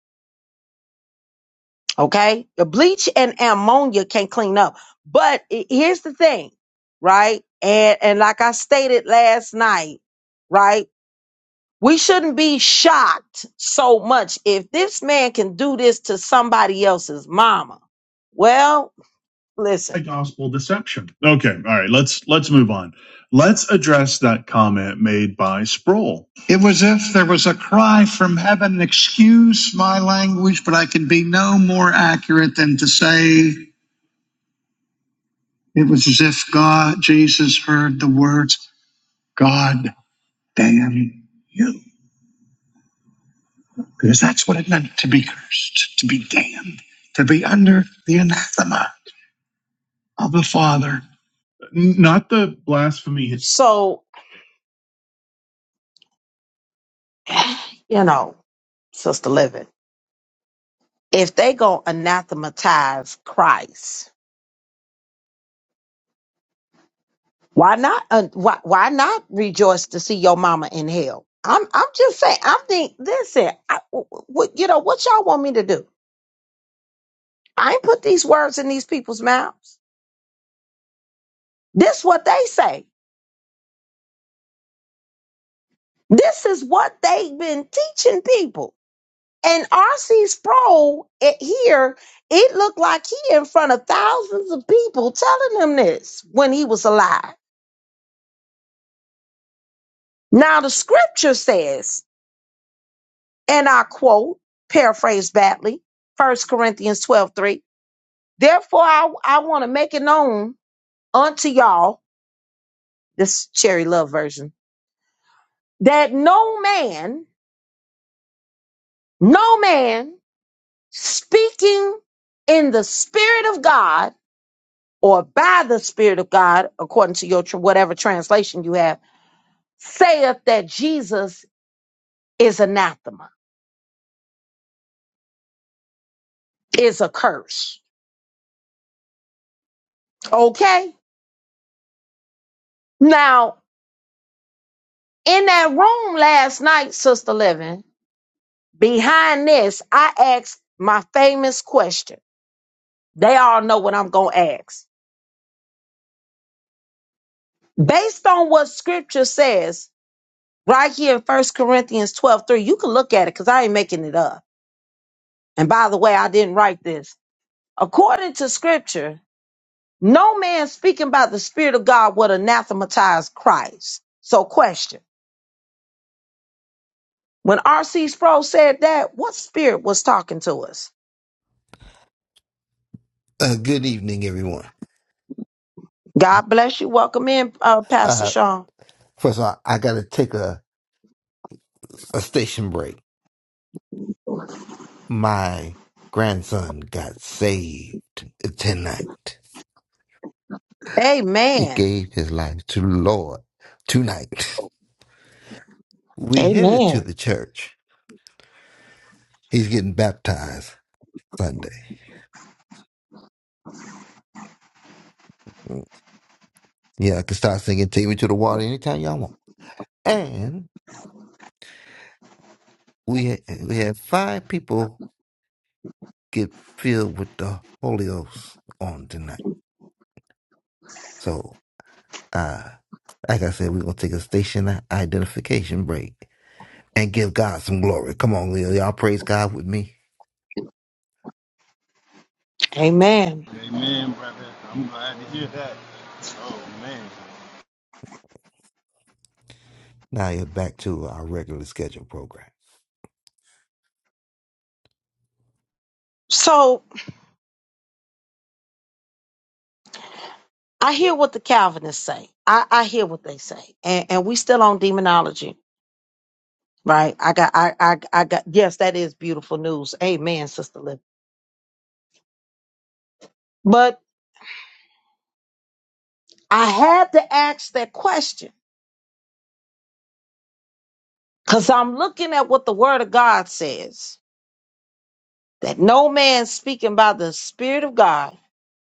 A: Okay? The bleach and ammonia can't clean up. But i- here's the thing, right? And and like I stated last night, right? We shouldn't be shocked so much if this man can do this to somebody else's mama. Well, listen. by gospel deception. Okay, all right, let's let's move on. Let's address that comment made by Sproul. It was if there was a cry from heaven, excuse my language, but I can be no more accurate than to say it was as if God Jesus heard the words, God damn you. Because that's what it meant to be cursed, to be damned, to be under the anathema of the Father. Not the blasphemy. So, you know, Sister Living, if they go anathematize Christ, why not? Uh, why, why not rejoice to see your mama in hell? I'm I'm just saying. I'm think. Listen, I, w- w- you know what y'all want me to do? I ain't put these words in these people's mouths. This what they say. This is what they've been teaching people. And R.C. Sproul it, here, it looked like he in front of thousands of people telling him this when he was alive. Now the scripture says, and I quote, paraphrase badly, First Corinthians 12 3. Therefore, I, I want to make it known unto y'all, this cherry love version, that no man, no man speaking in the spirit of God or by the Spirit of God, according to your tr- whatever translation you have, saith that Jesus is anathema, is a curse. Okay. Now, in that room last night, Sister Living, behind this, I asked my famous question. They all know what I'm going to ask. Based on what scripture says right here in First Corinthians 12:3, you can look at it because I ain't making it up. And by the way, I didn't write this. According to scripture, No man speaking by the Spirit of God would anathematize Christ. So, question when R.C. Sproul said that, what spirit was talking to us?
D: Uh, good evening, everyone.
A: God bless you. Welcome in, uh, Pastor
D: Uh,
A: Sean.
D: first of all, I got to take a, a station break. My grandson got saved tonight. He
A: Amen.
D: gave his life to the Lord tonight. We headed to
A: Amen.
D: the church. He's getting baptized Sunday. Mm, Yeah, I can start singing "Take Me to the Water" anytime y'all want. And we had, we had five people get filled with the Holy Ghost on tonight. So. uh, Like I said, we're going to take a station identification break and give God some glory. Come on, Leo. Y'all praise God with me.
A: Amen.
D: Now you're back to our regular schedule program.
A: So, I hear what the Calvinists say. I, I hear what they say. And, and we still on demonology, right? I got, I, I, I got, yes, that is beautiful news. Amen, Sister Liv. But I had to ask that question Because I'm looking at what the word of God says that no man speaking by the Spirit of God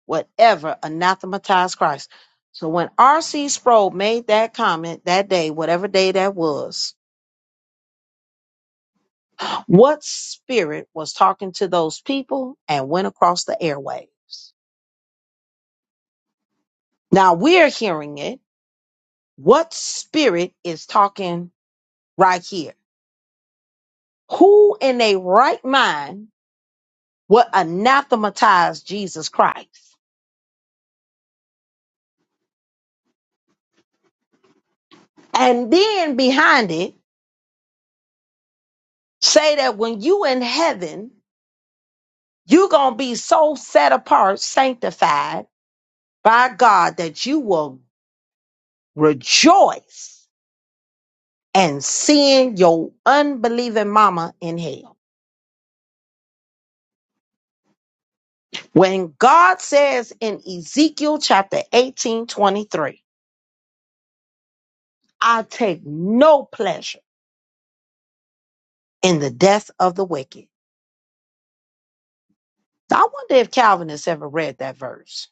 A: would ever anathematize Christ. So when R.C. Sproul made that comment that day, whatever day that was, what spirit was talking to those people and went across the airwaves? Now we're hearing it. What spirit is talking right here? Who in their right mind would anathematize Jesus Christ? And then behind it, say that when you in heaven, you're going to be so set apart, sanctified by God that you will rejoice and seeing your unbelieving mama in hell. When God says in Ezekiel chapter 18 23, I take no pleasure in the death of the wicked. I wonder if Calvinists ever read that verse.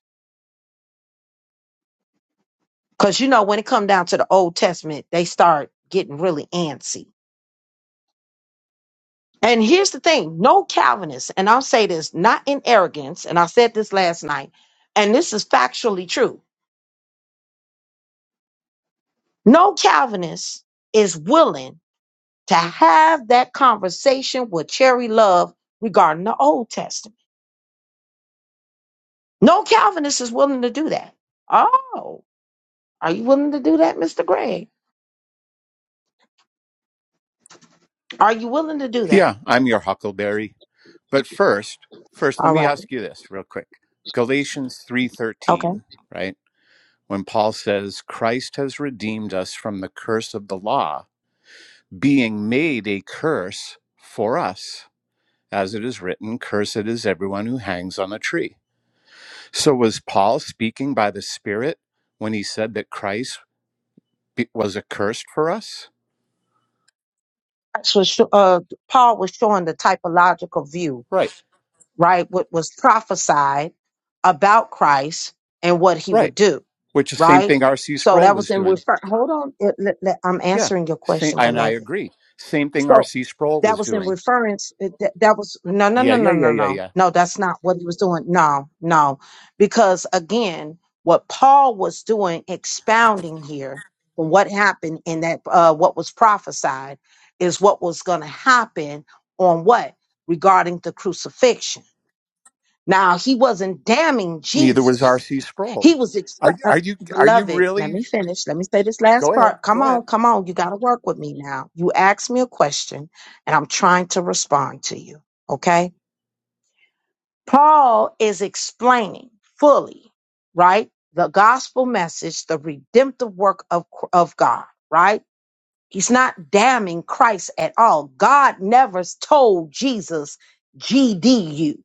A: Because you know, when it come down to the Old Testament, they start getting really antsy And here's the thing no Calvinist, and I'll say this not in arrogance, and I said this last night, and this is factually true. No Calvinist is willing to have that conversation with Cherry Love regarding the Old Testament. No Calvinist is willing to do that. Oh, are you willing to do that, Mr. Gregg? Are you willing to do
E: Yeah,
A: that?
E: I'm your huckleberry. But first, first let
A: All
E: me
A: right.
E: ask you this real quick. Galatians
A: Okay.
E: 3:13, right? When Paul says Christ has redeemed us from the curse of the law, being made a curse for us, as it is written, cursed is everyone who hangs on a tree. So was Paul speaking by the Spirit when he said that Christ be- was accursed for us?
A: That's what sho- uh, Paul was showing the typological view
E: Right.
A: right? What was prophesied about Christ and what he
E: Right.
A: would do,
E: Which is the same
A: right?
E: thing R.C.
A: So
E: Sproul
A: that was
E: was
A: in
E: doing.
A: refer. Hold on, it- let- let- I'm
E: Yeah.
A: answering your
E: Same,
A: question,
E: and I
A: beloved.
E: agree. Same thing
A: So
E: R.C. Sproul
A: that
E: was
A: was in
E: doing.
A: reference. it- That, that was no, no,
E: Yeah,
A: no,
E: yeah,
A: no,
E: yeah,
A: no,
E: yeah,
A: no,
E: yeah.
A: no. That's not what he was doing. No, no, because again, what Paul was doing, expounding here, what happened in that, uh, what was prophesied, is what was going to happen on what regarding the crucifixion now, he wasn't damning
E: Neither was
A: Jesus.
E: R.C. Sproul.
A: He was exp-
E: Are
A: uh,
E: are you are you
A: beloved. Let
E: really?
A: me finish. Let me say this last
E: Go ahead.
A: part. Come
E: Go
A: on,
E: ahead.
A: come on. You got to work with me now. You asked me a question and I'm trying to respond to you. Okay. Paul is explaining fully, right? The gospel message, the redemptive work of, of God, right? He's not damning Christ at all. God never told Jesus, GD you.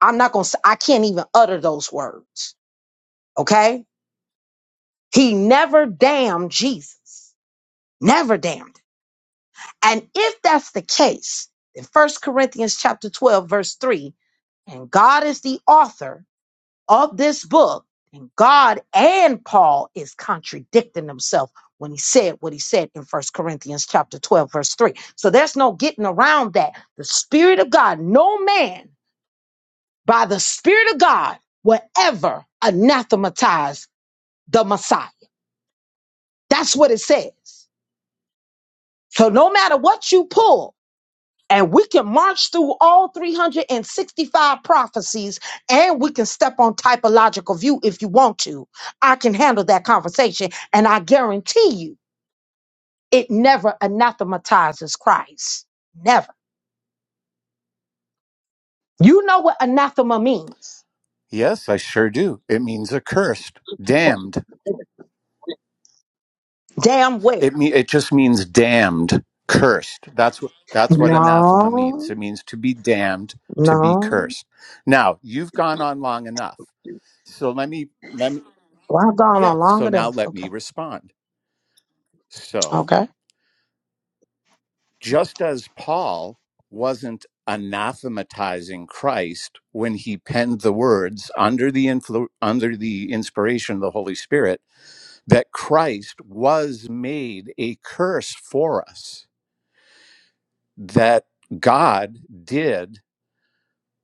A: I'm not going to, I can't even utter those words Okay. He never damned Jesus. Never damned. him. And if that's the case, in First Corinthians chapter 12, verse 3, and God is the author of this book, and God and Paul is contradicting himself when he said what he said in First Corinthians chapter 12, verse 3. So there's no getting around that. The Spirit of God, no man by the Spirit of God will ever anathematize the Messiah. That's what it says. So no matter what you pull, and we can march through all 365 prophecies and we can step on typological view if you want to. I can handle that conversation and I guarantee you it never anathematizes Christ. Never. You know what anathema means.
E: Yes, I sure do. It means accursed, damned.
A: Damn
E: It
A: where.
E: me it just means damned, cursed. That's what that's what anathema means. It
A: No,
E: means to be damned, to be
A: no.
E: cursed. Now, you've gone on long enough. So let me let me
A: Well, I've gone
E: yeah,
A: on long
E: so now
A: enough.
E: let me
A: Okay.
E: respond. So
A: Okay.
E: just as Paul wasn't anathematizing Christ when he penned the words under the influ- under the inspiration of the Holy Spirit that Christ was made a curse for us that God did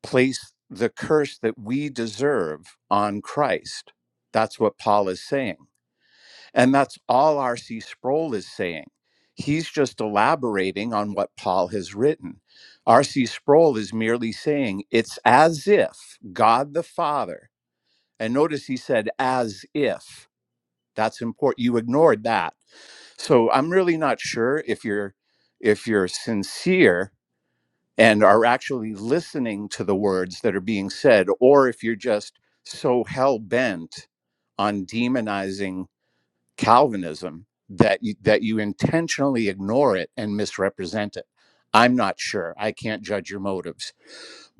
E: place the curse that we deserve on Christ that's what Paul is saying And that's all R.C. Sproul is saying. He's just elaborating on what Paul has written. R.C. Sproul is merely saying it's as if God the Father, and notice he said as if. That's important. You ignored that. So I'm really not sure if you're if you're sincere and are actually listening to the words that are being said, or if you're just so hell bent on demonizing Calvinism that you, that you intentionally ignore it and misrepresent it. I'm not sure. I can't judge your motives.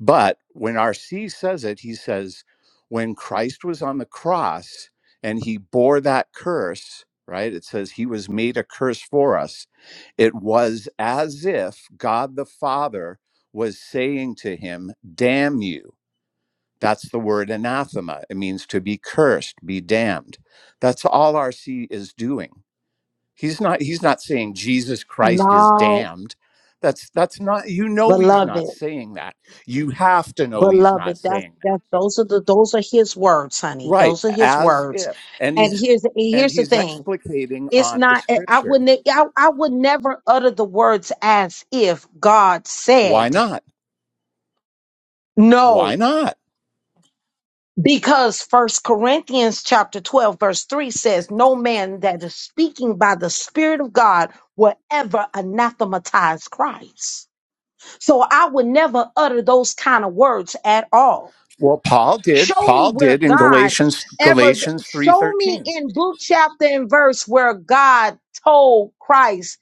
E: But when RC says it, he says, when Christ was on the cross and he bore that curse, right? It says he was made a curse for us. It was as if God the Father was saying to him, Damn you. That's the word anathema. It means to be cursed, be damned. That's all RC is doing He's not he's not saying Jesus Christ is
A: No,
E: damned. That's that's not you know he's
A: beloved.
E: not saying that. You have to know he's not
A: Beloved, that's
E: saying that.
A: that's those are the those are his words, honey.
E: Right,
A: Those are his
E: as
A: words.
E: if. And
A: And
E: he's
A: here's and
E: and
A: here's the
E: he's
A: thing.
E: explicating
A: It's
E: on the
A: not I I
E: scripture.
A: would ne- I, I would never utter the words as if God
E: Why
A: said
E: not? Why
A: no.
E: not?
A: Because first Corinthians chapter 12, verse 3 says, No man that is speaking by the Spirit of God will ever anathematize Christ. So I would never utter those kind of words at all.
E: Well, Paul did.
A: Show me
E: Paul
A: where
E: did in
A: God
E: Galatians
A: ever,
E: Galatians
A: show me
E: 3:13.
A: in Luke chapter and verse where God told Christ,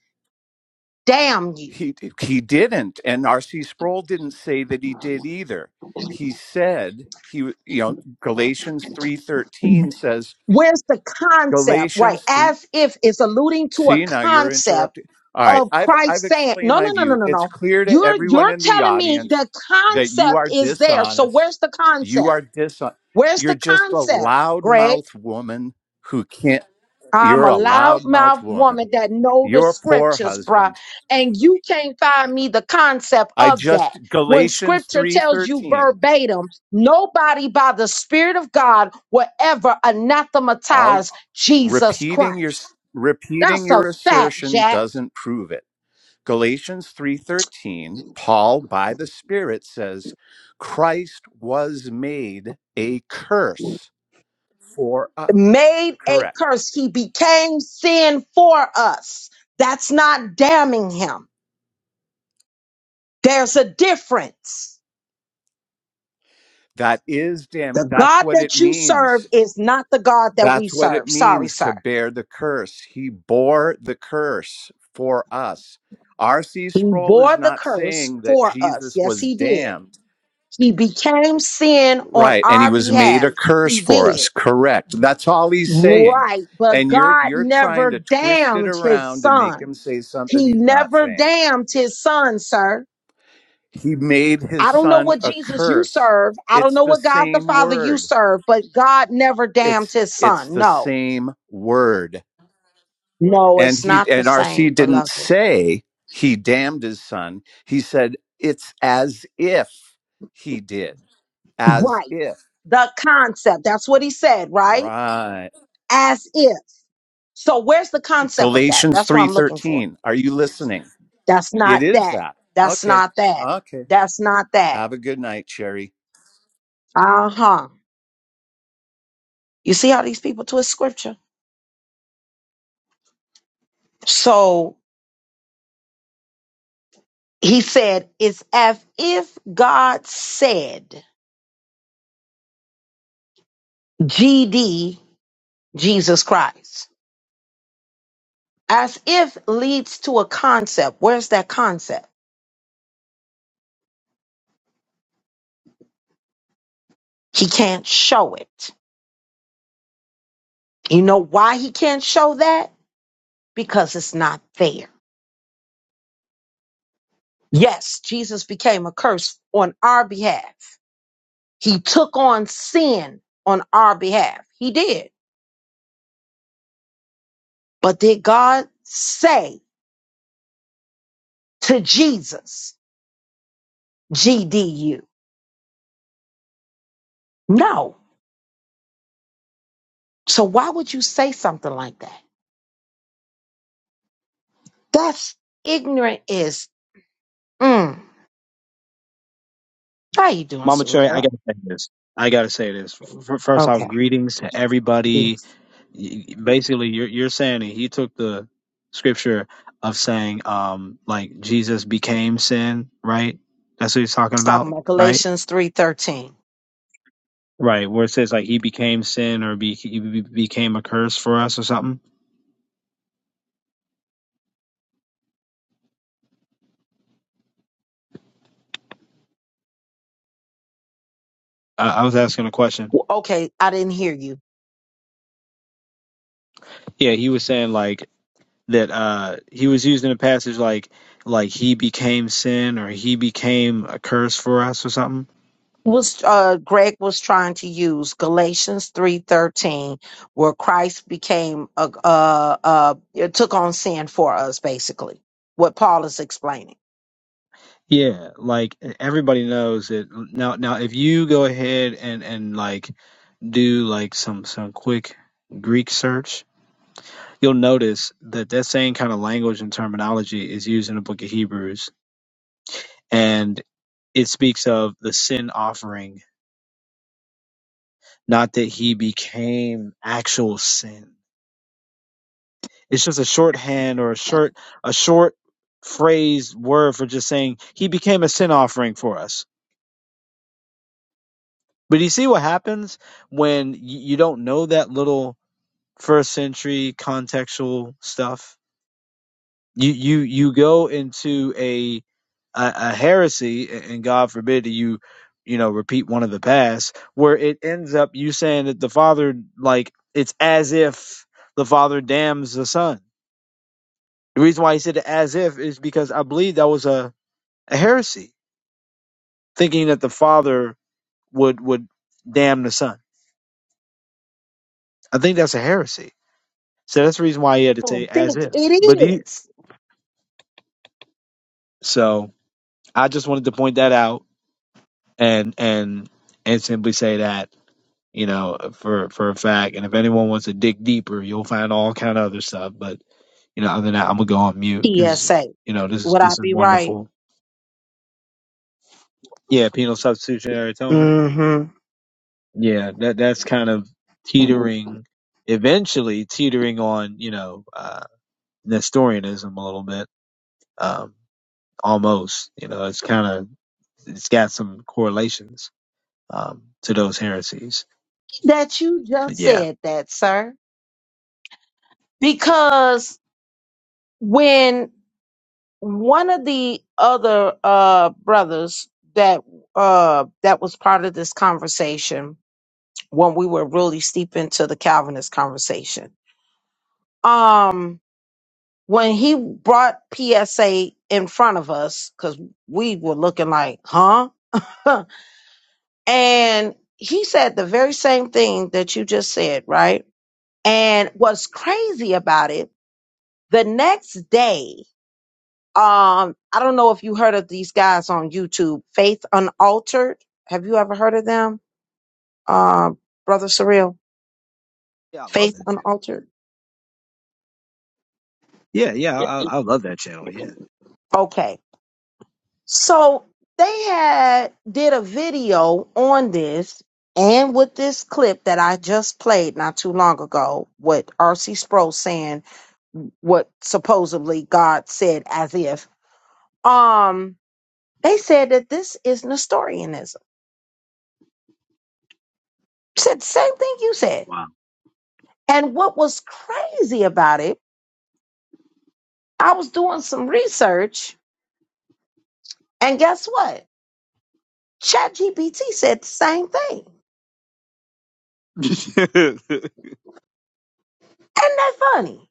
A: damn you.
E: He he didn't and R.C. Sproul didn't say that he did either. He said he you know Galatians 3:13 says
A: Where's the concept, right?
E: Galatians 3.
A: As if it's alluding to a
E: See, now you're
A: concept
E: interrupting. All right,
A: of
E: I've, I've
A: Christ saying,
E: explained
A: no,
E: my
A: no, no, no,
E: view.
A: no,
E: It's
A: no.
E: clear to
A: You're,
E: everyone
A: you're
E: in the
A: telling me
E: audience
A: the
E: that you
A: concept
E: are
A: is there. So
E: dishonest.
A: where's the
E: You
A: concept?
E: are dishonest.
A: Where's
E: You're
A: the
E: just a
A: concept, Greg?
E: loudmouth woman who can't.
A: I'm
E: You're
A: a
E: a loudmouth
A: loudmouth woman
E: woman.
A: that know the
E: Your poor
A: scriptures, bruh.
E: husband.
A: And you can't find me the concept
E: I
A: of that.
E: just
A: When
E: Galatians
A: scripture
E: three
A: tells you
E: thirteen.
A: verbatim, nobody by the Spirit of God will ever
E: All
A: anathematize Jesus
E: repeating your
A: Christ.
E: repeating
A: That's a
E: your
A: fact,
E: assertion
A: Jack.
E: doesn't prove it. Galatians 3:13, Paul by the Spirit says, Christ was made a curse for us.
A: Made a
E: Correct.
A: curse. He became sin for us. That's not damning him. There's a difference.
E: That is damn
A: The
E: it. That's
A: God
E: what it
A: that you serve
E: means.
A: is not the God that we
E: That's what it
A: serve. Sorry,
E: means to
A: sir.
E: bear the curse. He bore the curse for us. R.C.
A: He
E: Sproul
A: bore
E: is
A: the
E: not
A: curse
E: saying that
A: for us.
E: Jesus
A: Yes,
E: was
A: he did.
E: damned.
A: He became sin on
E: Right. And he
A: our
E: was made
A: behalf.
E: a curse
A: He
E: for
A: did.
E: us. Correct. That's all he's saying.
A: Right. But
E: And you're
A: God
E: you're trying
A: never
E: to twist it
A: damned his
E: around to make
A: son.
E: him say something
A: He
E: he's not
A: never
E: saying.
A: damned his son, sir.
E: He made his
A: I don't know
E: son
A: what
E: a
A: Jesus you
E: curse.
A: serve. I don't
E: It's
A: know
E: the
A: what God the
E: same
A: Father you
E: word.
A: serve, but God never damned
E: It's
A: his
E: it's
A: son.
E: the
A: No,
E: same word.
A: no,
E: And
A: it's
E: he
A: not the
E: and
A: same,
E: RC didn't
A: beloved.
E: say he damned his son. He said it's as if he did. As
A: Right.
E: if.
A: The concept. That's what he said, right?
E: Right.
A: as if. So where's the concept of that?
E: Galatians
A: That's what I'm looking for.
E: 3:13. Are you listening?
A: That's not
E: It is
A: that.
E: that.
A: That's
E: Okay.
A: not that.
E: Okay.
A: That's not that.
E: Have a good night, Sherry.
A: Uh huh. You see how these people twist scripture? So he said, it's as if God said, GD, Jesus Christ. As if leads to a concept. Where's that concept? He can't show it. You know why he can't show that? Because it's not there. Yes, Jesus became a curse on our behalf. He took on sin on our behalf. He did. But did God say to Jesus, GDU? No. So why would you say something like that? That's ignorant is mm. How you doing,
F: Mama Cherry, I
A: Surreal?
F: gotta say this. I gotta say this. F- f- First off,
A: Okay.
F: greetings to everybody.
A: It's
F: Y- y- Basically, you're you're saying that he took the scripture of saying, um, like Jesus became sin, right? That's what he's talking
A: talking
F: about,
A: about
F: right?
A: Galatians 3:13.
F: Right, where it says like he became sin or be, he be- became a curse for us or something. I, I was asking a question.
A: Well, okay, I didn't hear you.
F: Yeah, he was saying like that. Uh, he was using a passage like like he became sin or he became a curse for us or something.
A: was uh, Greg was trying to use Galatians three thirteen, where Christ became a, uh uh it took on sin for us, basically. What Paul is explaining.
F: Yeah, like e, everybody knows that uh, now. Now, if you go ahead and and like do like some some quick Greek search, you'll notice that that same kind of language and terminology is used in the Book of Hebrews, and it speaks of the sin offering, not that he became actual sin. It's just a shorthand or a
A: I
F: short a short phrase word for just saying he became a sin offering for us But you see what happens when y- you don't know that little first century contextual stuff. You you you go into a a, a heresy, and God forbid that you you know repeat one of the past, where it ends up you saying that the father like it's as if the father damns the son. The reason why he said as if is because I believe that was a, a heresy, thinking that the father would would damn the son. I think that's a heresy So that's the reason why he had to say
A: don't
F: as
A: think
F: if. But
A: it
F: he,
A: is
F: so I just wanted to point that out and and and simply say that you know for for a fact. And if anyone wants to dig deeper, you'll find all kind of other stuff. But you know, other than that, I'm gonna go on mute because
A: PSA.
F: you know this is
A: Would I
F: this is
A: be right?
F: wonderful. Yeah, penal substitutionary atonement.
A: hmm
F: Yeah, that that's kind of teetering, eventually teetering on you know uh, Nestorianism a little bit. Um, almost. You know, it's kind of it's got some correlations um, to those heresies.
A: That you just
F: But yeah,
A: said that, sir. Because when one of the other uh brothers that uh that was part of this conversation when we were really steep into the Calvinist conversation. Um when he brought PSA in front of us, because we were looking like, huh? [laughs] and he said the very same thing that you just said, right? And what's crazy about it, the next day Um, I don't know if you heard of these guys on YouTube, Faith Unaltered. Have you ever heard of them, uh, Brother Surreal?
F: yeah, I love
A: Faith
F: that channel.
A: Unaltered.
F: Yeah, yeah, I, I love that channel. Yeah,
A: Okay, so they had did a video on this, and with this clip that I just played not too long ago, with R.C. Sproul saying what supposedly God said as if. Um, they said that this is Nestorianism. Said the same thing you said
F: wow.
A: And what was crazy about it, I was doing some research, and guess what? ChatGPT said the same thing.
F: [laughs]
A: Ain't that funny?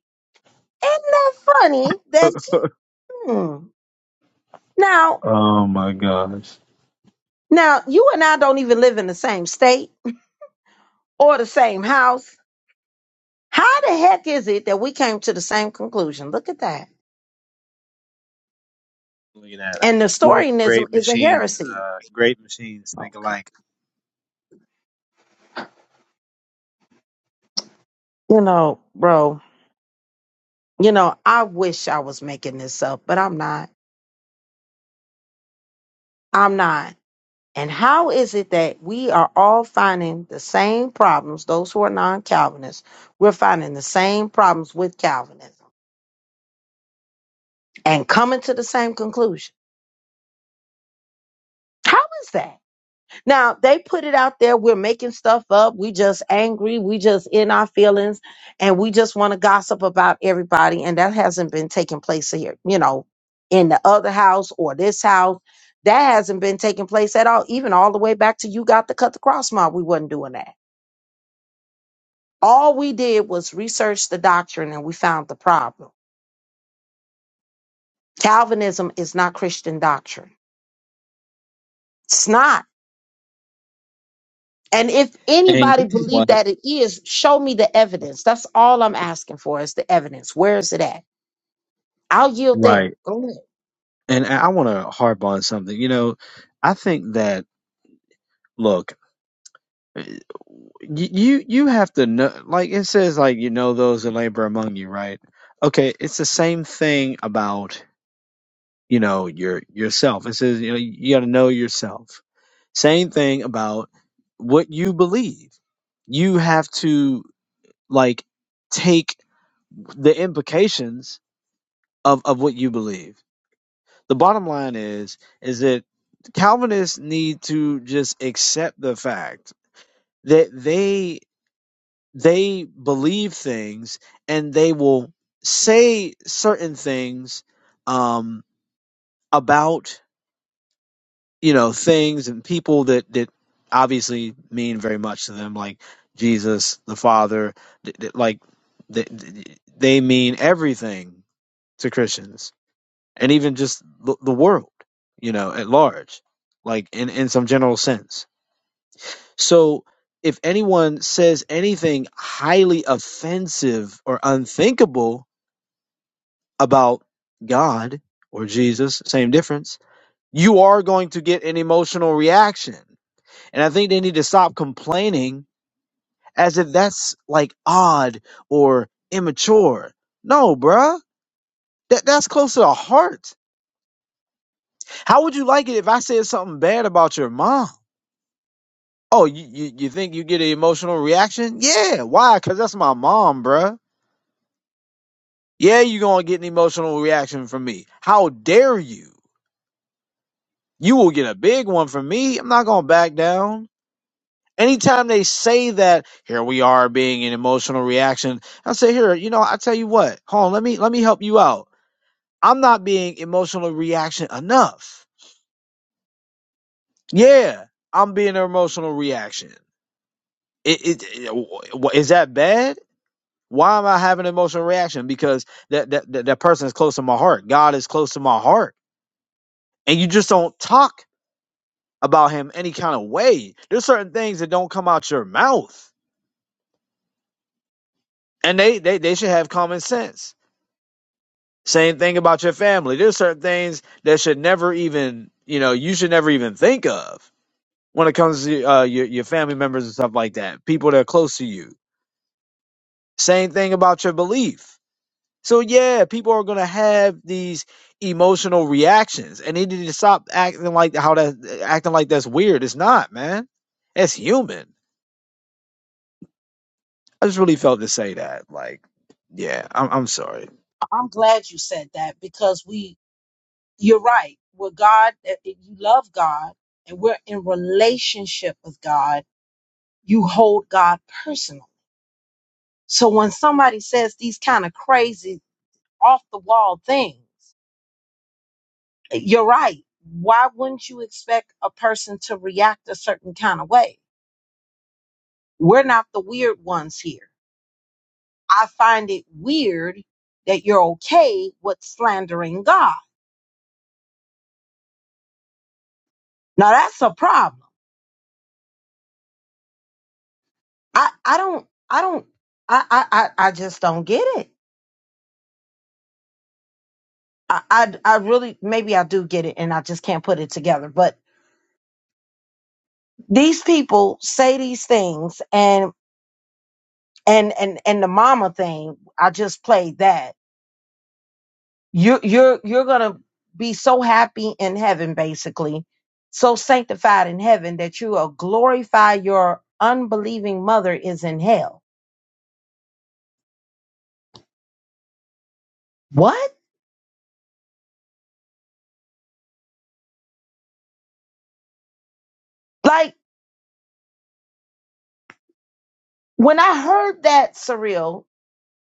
A: Ain't that funny that you- hmm. now
F: oh my gosh,
A: now you and I don't even live in the same state or the same house. How the heck is it that we came to the same conclusion? Look at that.
F: look at that! I mean,
A: And
F: Great,
A: Nestorianism
F: great
A: is a
F: machines,
A: heresy.
F: uh, great machines think
A: Okay.
F: alike.
A: You know, bro, you know, I wish I was making this up, but I'm not. I'm not. And how is it that we are all finding the same problems? Those who are non Calvinists, we're finding the same problems with Calvinism and coming to the same conclusion. How is that? Now, they put it out there. We're making stuff up. We just angry. We just in our feelings and we just want to gossip about everybody. And that hasn't been taking place here, you know, in the other house or this house. That hasn't been taking place at all. Even all the way back to you got to cut the cross mob. We wasn't doing that All we did was research the doctrine and we found the problem. Calvinism is not Christian doctrine. It's not. And if
F: And
A: anybody
F: you know
A: believed
F: what?
A: that it is, show me the evidence. That's all I'm asking for is the evidence. Where is it at? I'll yield there.
F: Right.
A: Go ahead.
F: And I want to harp on something. You know, I think that. Look, y- you you have to know. Like it says, like you know those that labor among you, right? Okay, it's the same thing about you know your yourself. It says you know you got to know yourself. Same thing about what you believe. You have to like take the implications of of what you believe. The bottom line is is that Calvinists need to just accept the fact that they they believe things and they will say certain things um, about you know things and people that that obviously mean very much to them like jesus the father th- th- like th- th- they mean everything to christians and even just the, the world you know at large like in in some general sense So if anyone says anything highly offensive or unthinkable about God or Jesus, same difference, you are going to get an emotional reaction. And I think they need to stop complaining as if that's like odd or immature. No, bruh. That, that's close to the heart. How would you like it if I said something bad about your mom? Oh, you, you, you think you get an emotional reaction? Yeah. Why? Because that's my mom, bruh Yeah, you're going to get an emotional reaction from me. How dare you? You will get a big one from me. I'm not going to back down. Anytime they say that, here we are being an emotional reaction, I say, here, you know, I tell you what, hold on, let me let me help you out. I'm not being emotional reaction enough. Yeah, I'm being an emotional reaction. It, it, it- is that bad? Why am I having an emotional reaction? Because that, that that that person is close to my heart. God is close to my heart, and you just don't talk about him any kind of way. There's certain things that don't come out your mouth. And they, they, they should have common sense. Same thing about your family. There's certain things that should never even, you know, you should never even think of when it comes to uh, your, your family members and stuff like that, people that are close to you. Same thing about your belief. So, yeah, people are going to have these emotional reactions and they need to stop acting like how that acting like that's weird. It's not, man. It's human I just really felt to say that. Like, yeah, I'm, I'm sorry.
A: I'm glad you said that because we, you're right. With God, eh, eh, you love God and we're in relationship with God. You hold God personal. So when somebody says these kind of crazy off the wall things, you're right. Why wouldn't you expect a person to react a certain kind of way? We're not the weird ones here. I find it weird that you're okay with slandering God. Now that's a problem. I, I don't, I don't, I, I, I I just don't get it. I, I, I really, maybe I do get it and I just can't put it together, but these people say these things and, and, and, and the mama thing, I just played that you're you're you're gonna be so happy in heaven basically so sanctified in heaven that you will glorify your unbelieving mother is in hell what like when i heard that surreal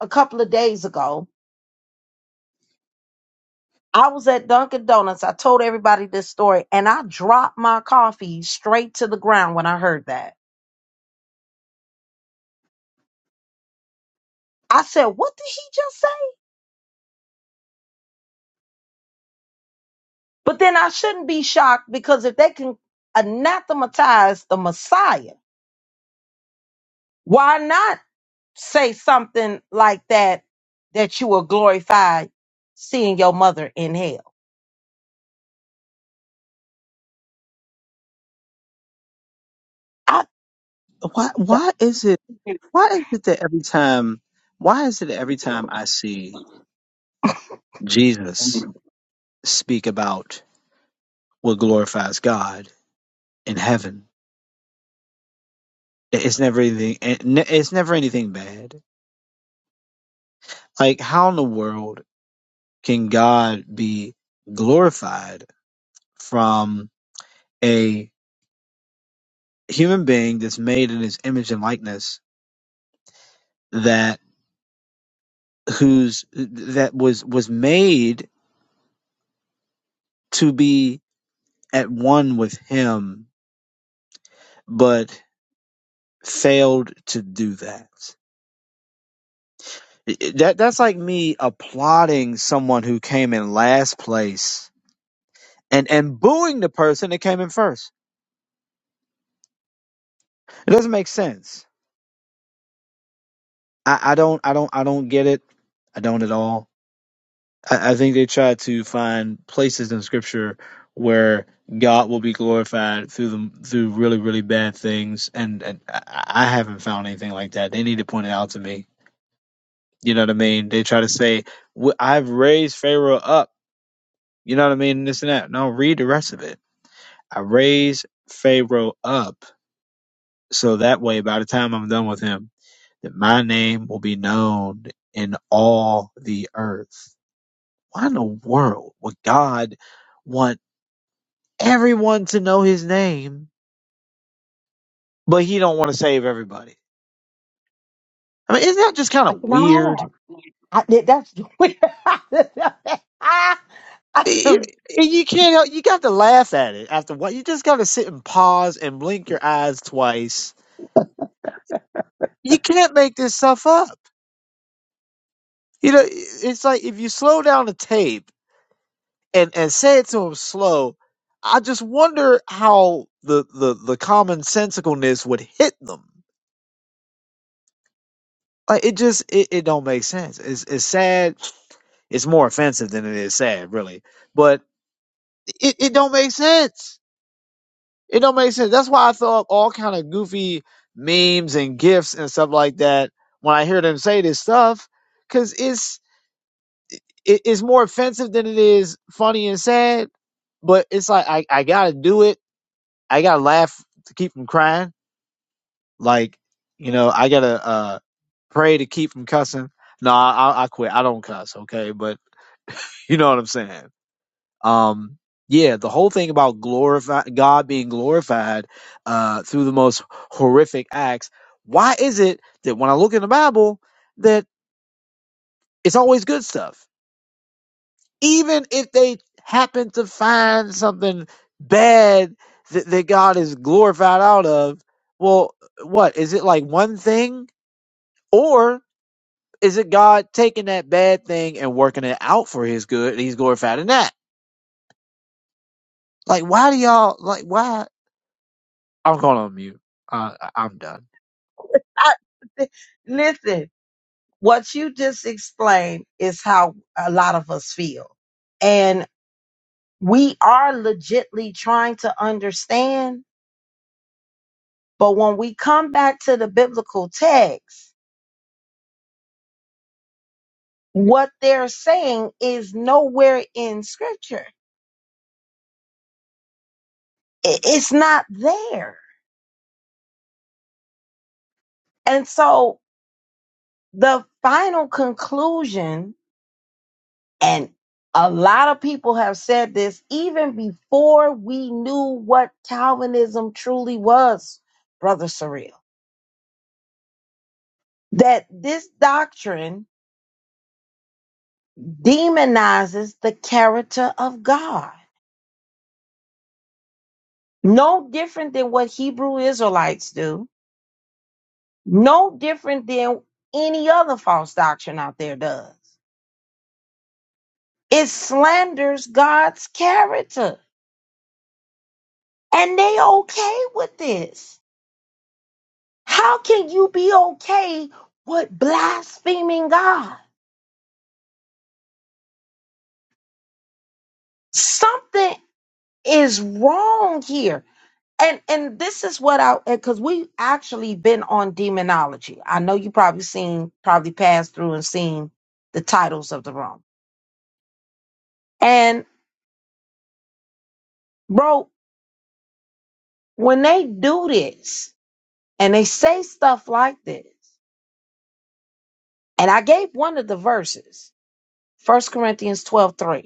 A: a couple of days ago i was at dunkin donuts i told everybody this story and i dropped my coffee straight to the ground when i heard that i said what did he just say but then i shouldn't be shocked because if they can anathematize the messiah why not say something like that that you will glorify seeing your mother in hell. I
F: Why? Why is it? Why is it that every time? Why is it that every time I see Jesus speak about what glorifies God in heaven, it- it's never anything. it ne- It's never anything bad. Like, how in the world can God be glorified from a human being that's made in His image and likeness that who's that was was made to be at one with him, but failed to do that. That that's like me applauding someone who came in last place and and booing the person that came in first. It doesn't make sense. I, I don't I don't I don't get it. I don't at all. I, I think they try to find places in scripture where God will be glorified through them through really really bad things, and and I, I haven't found anything like that. They need to point it out to me You know what I mean? They try to say, "W- I've raised Pharaoh up. You know what I mean? This and that. No, read the rest of it. I raised Pharaoh up. So that way, by the time I'm done with him, that my name will be known in all the earth. Why in the world would God want everyone to know his name, but he don't want to save everybody? I mean, isn't that just kind of weird?
A: no, I did. That's [laughs]
F: it-
A: I-
F: it- you can't help you got to laugh at it after what you just got to sit and pause and blink your eyes twice you can't make this stuff up you know i- it's like if you slow down the tape and and say it to him slow i just wonder how the the the common sensicalness would hit them like it just it, it don't make sense it's, it's sad it's more offensive than it is sad really but it, it don't make sense It don't make sense. That's why I throw up all kind of goofy memes and gifs and stuff like that when I hear them say this stuff, because it's it, it's more offensive than it is funny and sad. But it's like I I gotta do it. I gotta laugh to keep from crying. Like you know I gotta uh pray to keep from cussing. No, I, I I quit. I don't cuss. Okay, but you know what I'm saying. um yeah the whole thing about glorify god being glorified uh through the most horrific acts why is it that when i look in the bible that it's always good stuff even if they happen to find something bad that, that god is glorified out of well what is it like one thing or is it god taking that bad thing and working it out for his good and he's glorified in that like why do y'all like why I'm going on mute. Uh, I- I'm done.
A: listen. What you just explained is how a lot of us feel. And we are legitly trying to understand. But when we come back to the biblical text, what they're saying is nowhere in scripture. I- It's not there. And so the final conclusion, and a lot of people have said this even before we knew what Calvinism truly was, Brother Surreal that this doctrine demonizes the character of God. No different than what Hebrew Israelites do, no different than any other false doctrine out there does. It slanders God's character, and they okay with this. How can you be okay with blaspheming God? Something is wrong here and and this is what I because we have actually been on demonology. I know you probably seen probably passed through and seen the titles of the room. And bro, when they do this and they say stuff like this, and I gave one of the verses, First Corinthians 12 3.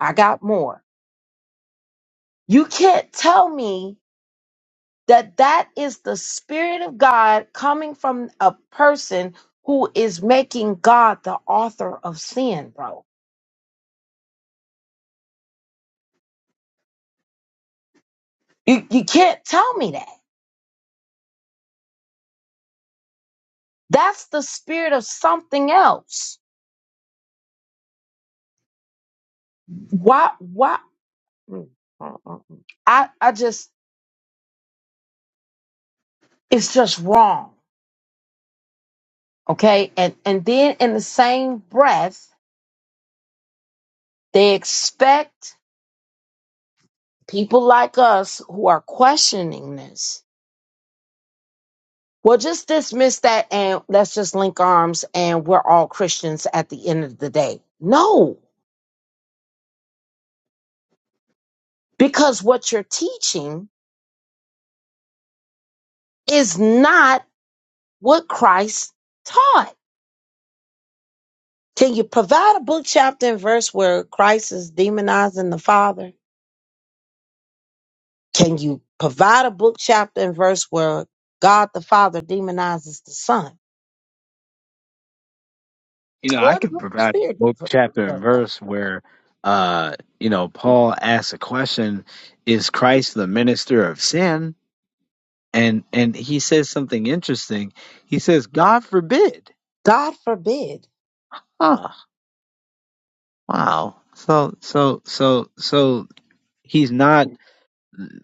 A: I got more. You can't tell me that that is the spirit of God coming from a person who is making God the author of sin, bro You you can't tell me that. That's the spirit of something else. Why why mm, mm, mm, mm. I I just it's just wrong. Okay? And and then in the same breath, they expect people like us who are questioning this. Well, just dismiss that and let's just link arms and we're all Christians at the end of the day. No, because what you're teaching is not what Christ taught. Can you provide a book, chapter, and verse where Christ is demonizing the Father? Can you provide a book, chapter, and verse where God the Father demonizes the Son
F: You know, I
A: or the
F: could
A: Holy
F: provide
A: Spirit?
F: book, chapter,
A: does
F: and
A: that?
F: verse where, uh, you know, Paul asks a question: Is Christ the minister of sin? And and he says something interesting. He says, "God forbid."
A: God forbid.
F: Huh. Wow. So so so so he's not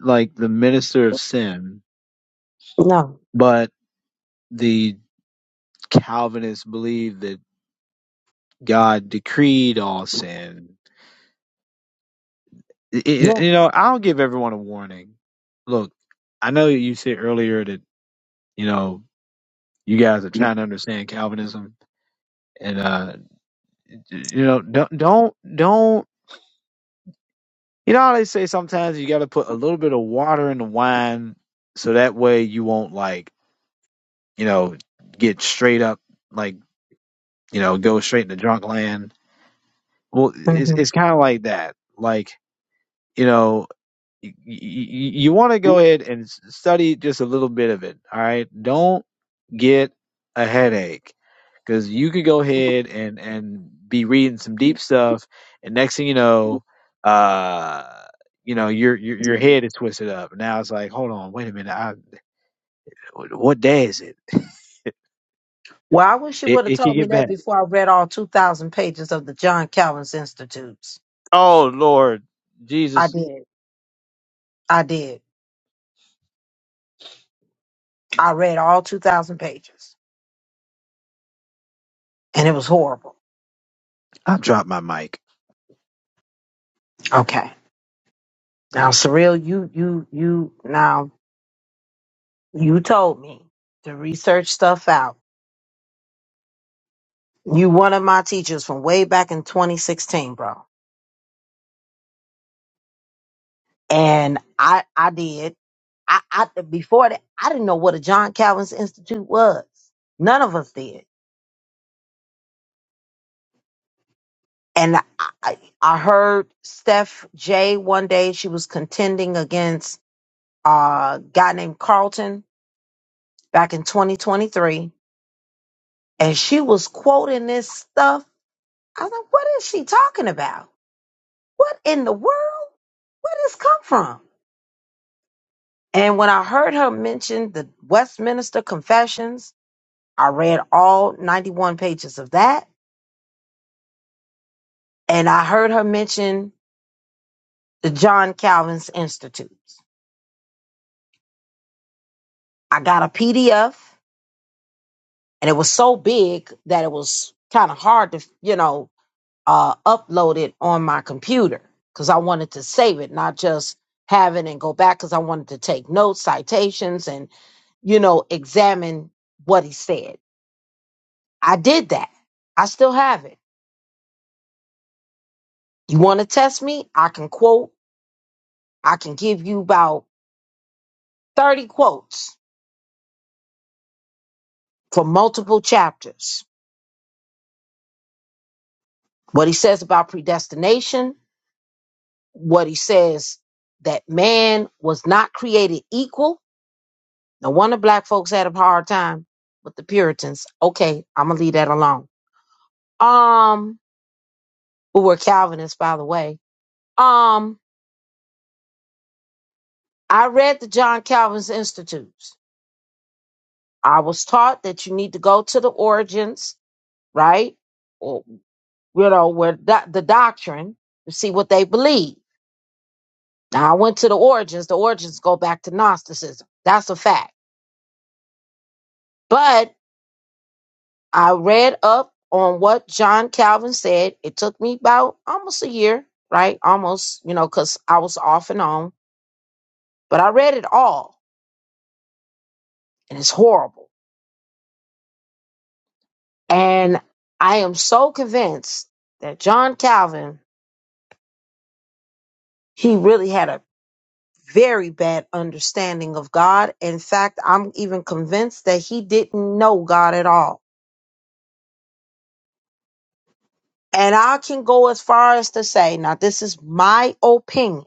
F: like the minister of sin,
A: No.
F: but the Calvinists believe that God decreed all sin Y- y-
A: Yeah.
F: you know, I'll give everyone a warning. Look, I know you said earlier that you know you guys are trying to understand Calvinism, and uh, you know, don't don't don't. You know how they say sometimes you got to put a little bit of water in the wine, so that way you won't like you know get straight up like you know go straight into drunk land. Well,
A: Mm-hmm.
F: it's it's kind of like that. Like you know. you, you, you want to go ahead and s- study just a little bit of it. All right. Don't get a headache because you could go ahead and, and be reading some deep stuff. And next thing you know, uh, you know, your, your, your head is twisted up. Now it's like, hold on, wait a minute. I, what day is it?
A: Well, I wish you
F: It,
A: would have
F: it could
A: told me
F: get
A: that
F: bad.
A: before I read all 2,000 pages of the John Calvin's Institutes.
F: Oh Lord
A: I
F: Jesus.
A: did. I did. I read all 2,000 pages and it was horrible.
F: I dropped my mic.
A: Okay. Now, Surreal, you, you, you, now, you told me to research stuff out. You one of my teachers from way back in 2016, bro. And I, I did. I, I, before that, I didn't know what a John Calvin's Institute was. None of us did. and I, I heard Steph J one day she was contending against uh, a guy named Carlton back in 2023, and she was quoting this stuff. I was like, "What is she talking about? What in the world? Where did this come from?" And when I heard her mention the Westminster Confessions, I read all 91 pages of that, and I heard her mention the John Calvin's Institutes. I got a PDF and it was so big that it was kind of hard to you know uh upload it on my computer because i wanted to save it not just have it and go back because i wanted to take notes citations and you know examine what he said i did that i still have it you want to test me i can quote i can give you about 30 quotes for multiple chapters what he says about predestination what he says that man was not created equal. No wonder black folks had a hard time with the Puritans. Okay, I'm gonna leave that alone. Um, who were Calvinists, by the way. Um, I read the John Calvin's Institutes. I was taught that you need to go to the origins, right? Or you know, where do- the doctrine to see what they believe. Now I went to the origins. The origins go back to Gnosticism. That's a fact. But I read up on what John Calvin said. It took me about almost a year, right? Almost, you know, because I was off and on, but I read it all and it's horrible. And I am so convinced that John Calvin, he really had a very bad understanding of God. In fact, I'm even convinced that he didn't know God at all. And I can go as far as to say, now, this is my opinion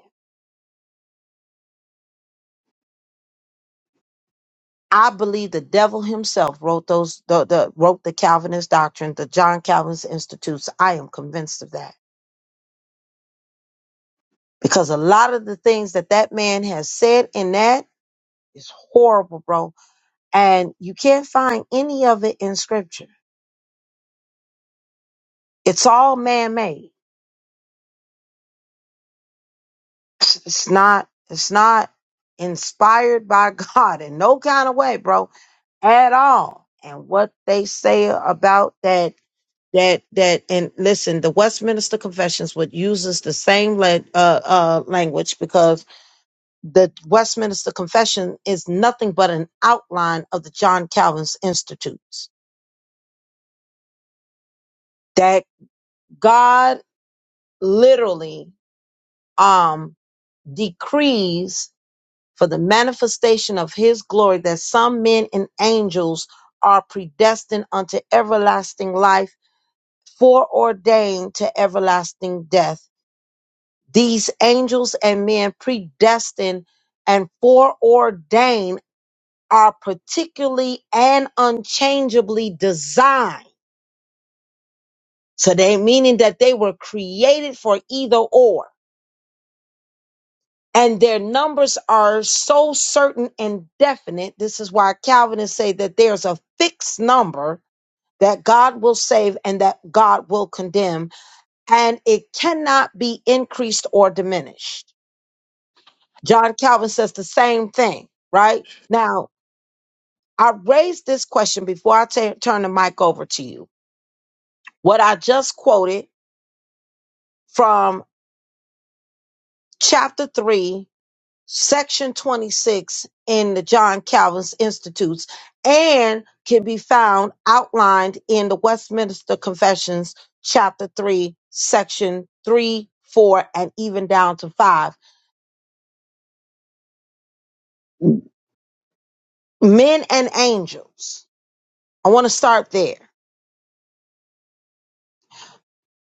A: I believe the devil himself wrote those the, the wrote the Calvinist doctrine, the John Calvin's Institutes. I am convinced of that because a lot of the things that that man has said in that is horrible, bro. And you can't find any of it in Scripture. It's all man made. It's not. It's not inspired by [laughs] God in no kind of way, bro, at all. And what they say about that that that and listen the westminster confessions would uses the same la- uh, uh, language because the westminster confession is nothing but an outline of the john calvin's institutes that god literally um decrees for the manifestation of his glory that some men and angels are predestined unto everlasting life foreordained to everlasting death These angels and men predestined and foreordained are particularly and unchangeably designed. So they meaning that they were created for either or. And their numbers are so certain and definite. This is why Calvinists say that there's a fixed number that God will save and that God will condemn, and it cannot be increased or diminished. John Calvin says the same thing, right? Now, I raised this question before I ta- turn the mic over to you. What I just quoted from chapter 3, section 26 in the John Calvin's Institutes and can be found outlined in the Westminster Confessions, chapter 3, section 3, 4, and even down to 5. Men and angels. I want to start there.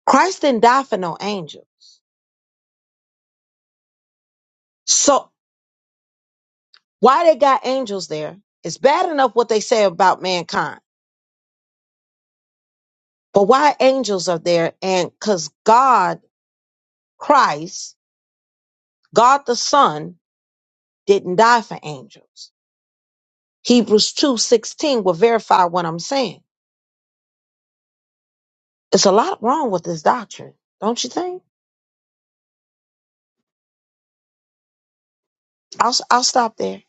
A: Christ didn't die for no angel So why they got angels there? It's bad enough what they say about mankind, but why angels are there? And because God, Christ, God the Son, didn't die for angels. Hebrews two sixteen will verify what I'm saying. It's a lot wrong with this doctrine, don't you think? I'll i I'll stop there,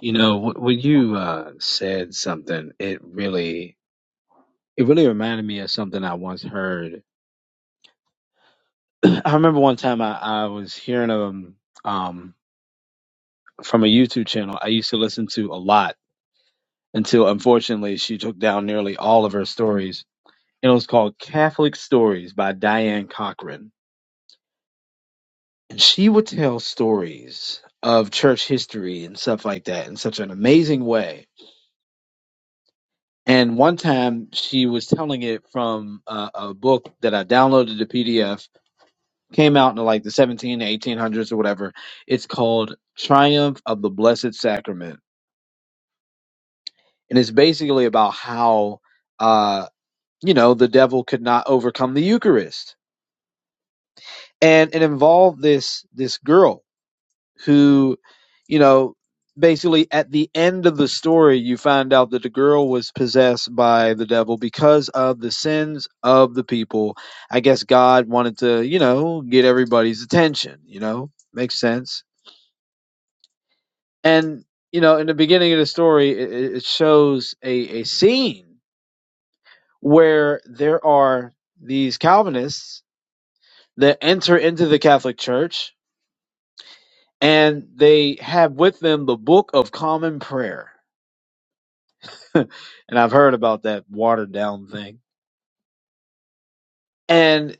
F: You know, wh- when you, uh, said something, it really it really reminded me of something I once heard. [clears throat] I remember one time I, I was hearing um um from a YouTube channel I used to listen to a lot until unfortunately she took down nearly all of her stories. And it was called Catholic Stories by Diane Cochran. And she would tell stories of church history and stuff like that in such an amazing way. And one time she was telling it from a, a book that I downloaded the PDF came out in like the seventeen eighteen hundreds or whatever it's called triumph of the blessed sacrament and it's basically about how uh you know the devil could not overcome the eucharist and it involved this this girl who you know basically at the end of the story you find out that the girl was possessed by the devil because of the sins of the people i guess god wanted to you know get everybody's attention you know makes sense And you know, in the beginning of the story, it, it shows a, a scene where there are these Calvinists that enter into the Catholic Church, and they have with them the Book of Common Prayer. [laughs] and I've heard about that watered down thing. And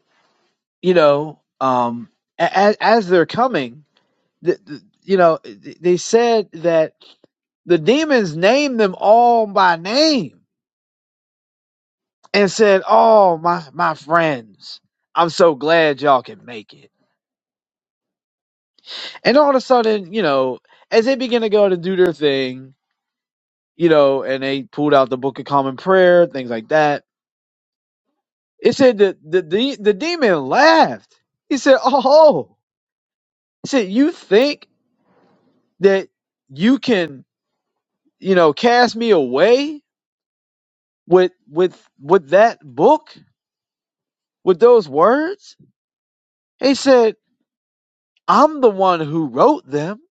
F: you know, um, as, as they're coming, th- th- you know, th- they said that the demons named them all by name and said, "Oh, my my friends, I'm so glad y'all can make it." And all of a sudden, you know, as they begin to go to do their thing, you know, and they pulled out the Book of Common Prayer, things like that. It said that the the, the demon laughed. He said, [laughs] "Oh, he said you think that you can, you know, cast me away with with with that book with those words?" He said, "I'm the one who wrote them."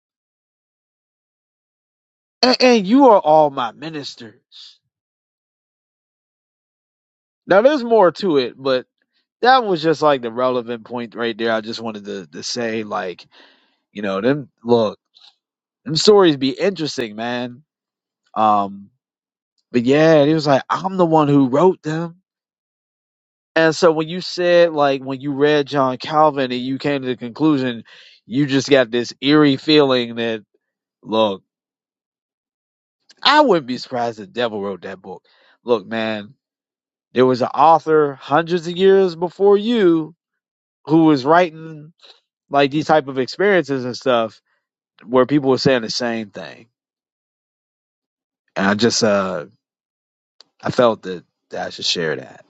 F: and, and you are all my ministers. Now there's more to it, but that was just like the relevant point right there. I just wanted to, to say, like, you know, them look, them stories be interesting, man. Um, but yeah, it was like I'm the one who wrote them. And so when you said like when you read John Calvin and you came to the conclusion, you just got this eerie feeling that look, I wouldn't be surprised the devil wrote that book. Look, man, There was an author hundreds of years before you who was writing like these type of experiences and stuff where people were saying the same thing. And I just uh I felt that, that I should share that.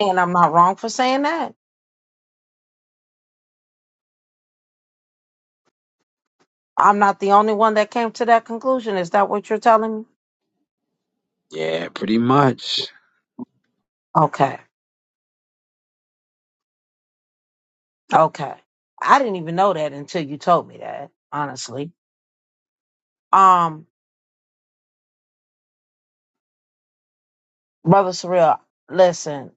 A: and I'm not wrong for saying that. I'm not the only one that came to that conclusion. Is that what you're telling me?
F: Yeah, pretty much.
A: Okay, okay. I didn't even know that until you told me that. Honestly. Um, Brother Surreal, listen,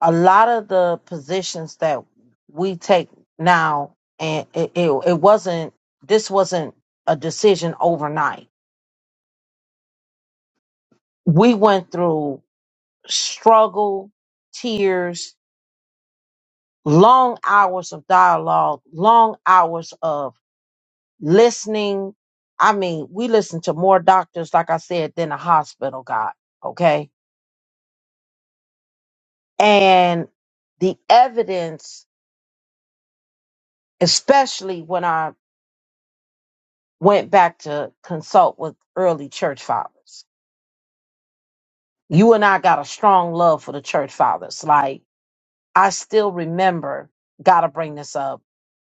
A: a lot of the positions that we take now, and it, it, it wasn't, this wasn't a decision overnight. We went through struggle, tears, long hours of dialogue, long hours of listening. I mean, we listened to more doctors, like I said, than a hospital got, okay? And the evidence, especially when I went back to consult with early church fathers. You and I got a strong love for the church fathers. Like I still remember, gotta bring this up,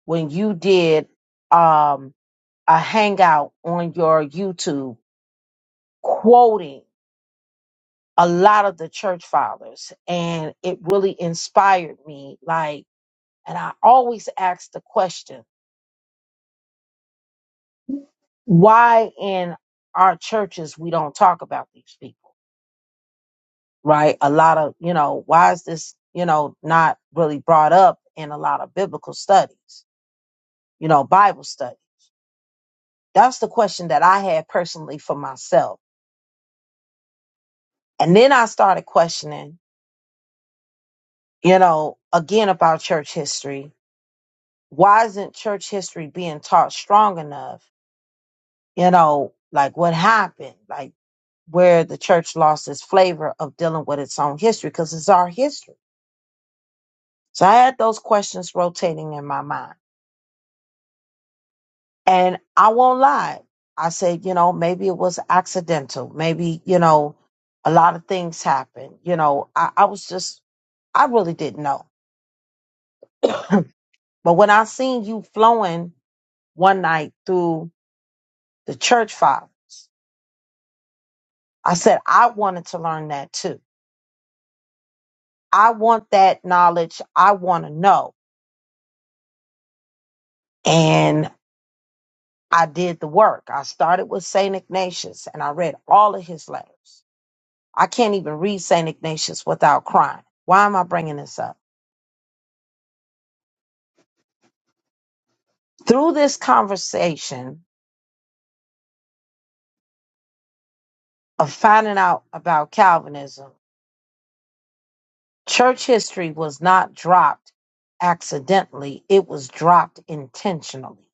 A: when you did um a hangout on your YouTube quoting a lot of the church fathers and it really inspired me like and I always ask the question, why in our churches we don't talk about these people? right? A lot of, you know, why is this, you know, not really brought up in a lot of biblical studies, you know, Bible study? That's the question that I had personally for myself. And then I started questioning, you know, again about church history. Why isn't church history being taught strong enough? You know, like what happened, like where the church lost its flavor of dealing with its own history, because it's our history. So I had those questions rotating in my mind. And I won't lie. I said, you know, maybe it was accidental. Maybe, you know, a lot of things happened. You know, I, I was just, I really didn't know. [clears throat] but when I seen you flowing one night through the church fathers, I said, I wanted to learn that too. I want that knowledge. I want to know. And I did the work. I started with St. Ignatius and I read all of his letters. I can't even read St. Ignatius without crying. Why am I bringing this up? Through this conversation of finding out about Calvinism, church history was not dropped accidentally, it was dropped intentionally.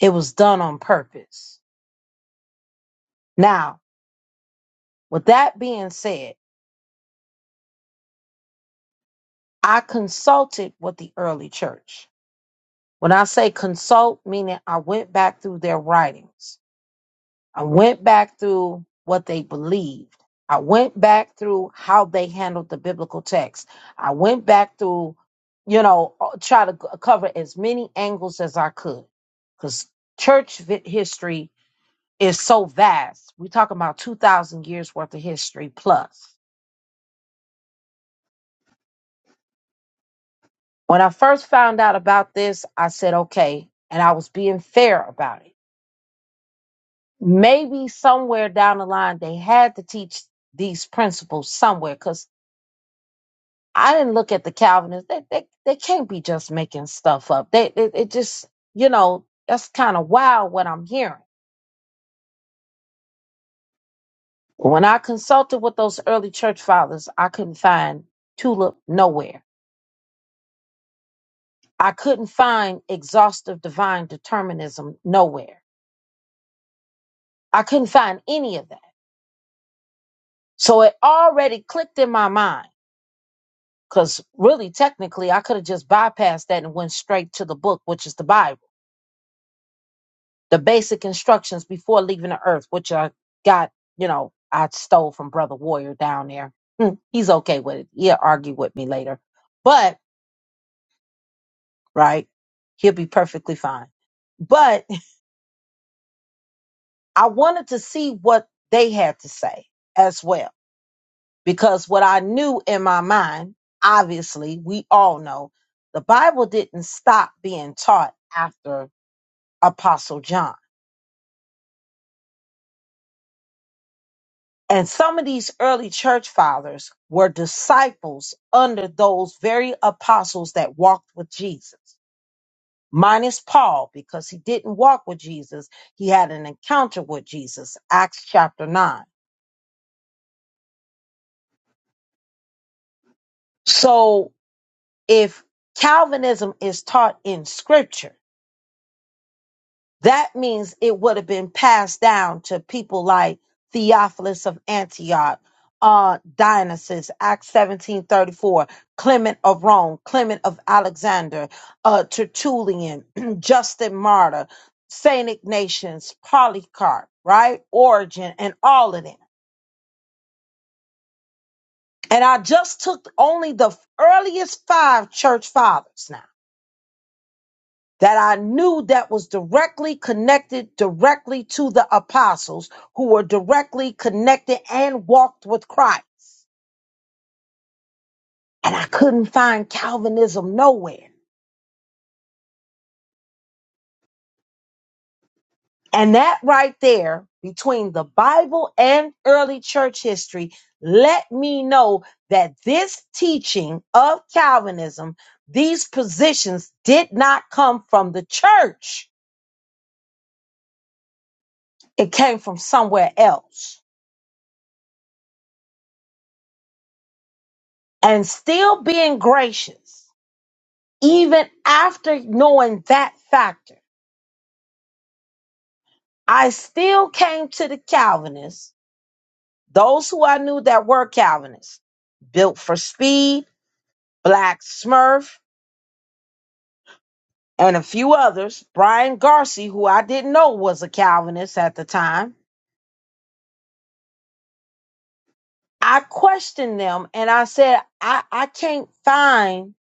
A: It was done on purpose. Now, with that being said, I consulted with the early church. When I say consult, meaning I went back through their writings. I went back through what they believed. I went back through how they handled the biblical text. I went back through, you know, uh, try to c- cover as many angles as I could because church vi- history is so vast. We're talking about 2,000 years worth of history plus. When I first found out about this, I said, okay, and I was being fair about it. Maybe somewhere down the line, they had to teach these principles somewhere because. I didn't look at the Calvinists. They they, they can't be just making stuff up. They it, it just you know that's kind of wild what I'm hearing. When I consulted with those early church fathers, I couldn't find tulip nowhere. I couldn't find exhaustive divine determinism nowhere. I couldn't find any of that. So it already clicked in my mind because really technically I could have just bypassed that and went straight to the book, which is the Bible the basic instructions before leaving the earth, which I got, you know, I stole from Brother Warrior down there. Hmm, He's okay with it. He'll argue with me later. But, right, he'll be perfectly fine. But I wanted to see what they had to say as well, because what I knew in my mind, obviously, we all know the Bible didn't stop being taught after Apostle John And some of these early church fathers were disciples under those very apostles that walked with Jesus, minus Paul, because he didn't walk with Jesus. He had an encounter with Jesus, Acts chapter 9. So if Calvinism is taught in scripture, That means it would have been passed down to people like Theophilus of Antioch, uh, Dionysius, Acts 1734, Clement of Rome, Clement of Alexander, uh, Tertullian, [clears throat] Justin Martyr, St. Ignatius, Polycarp, right? Origin, and all of them. And I just took only the earliest five church fathers now that I knew that was directly connected directly to the apostles who were directly connected and walked with Christ. And I couldn't find Calvinism nowhere. And that right there, between the Bible and early church history, let me know that this teaching of Calvinism, these positions did not come from the church. It came from somewhere else. And still being gracious. even after knowing that factor, I still came to the Calvinists, those who I knew that were Calvinists, Built for Speed, Black Smurf, and a few others, Brian Garcia, who I didn't know was a Calvinist at the time. I questioned them and I said, I, I can't find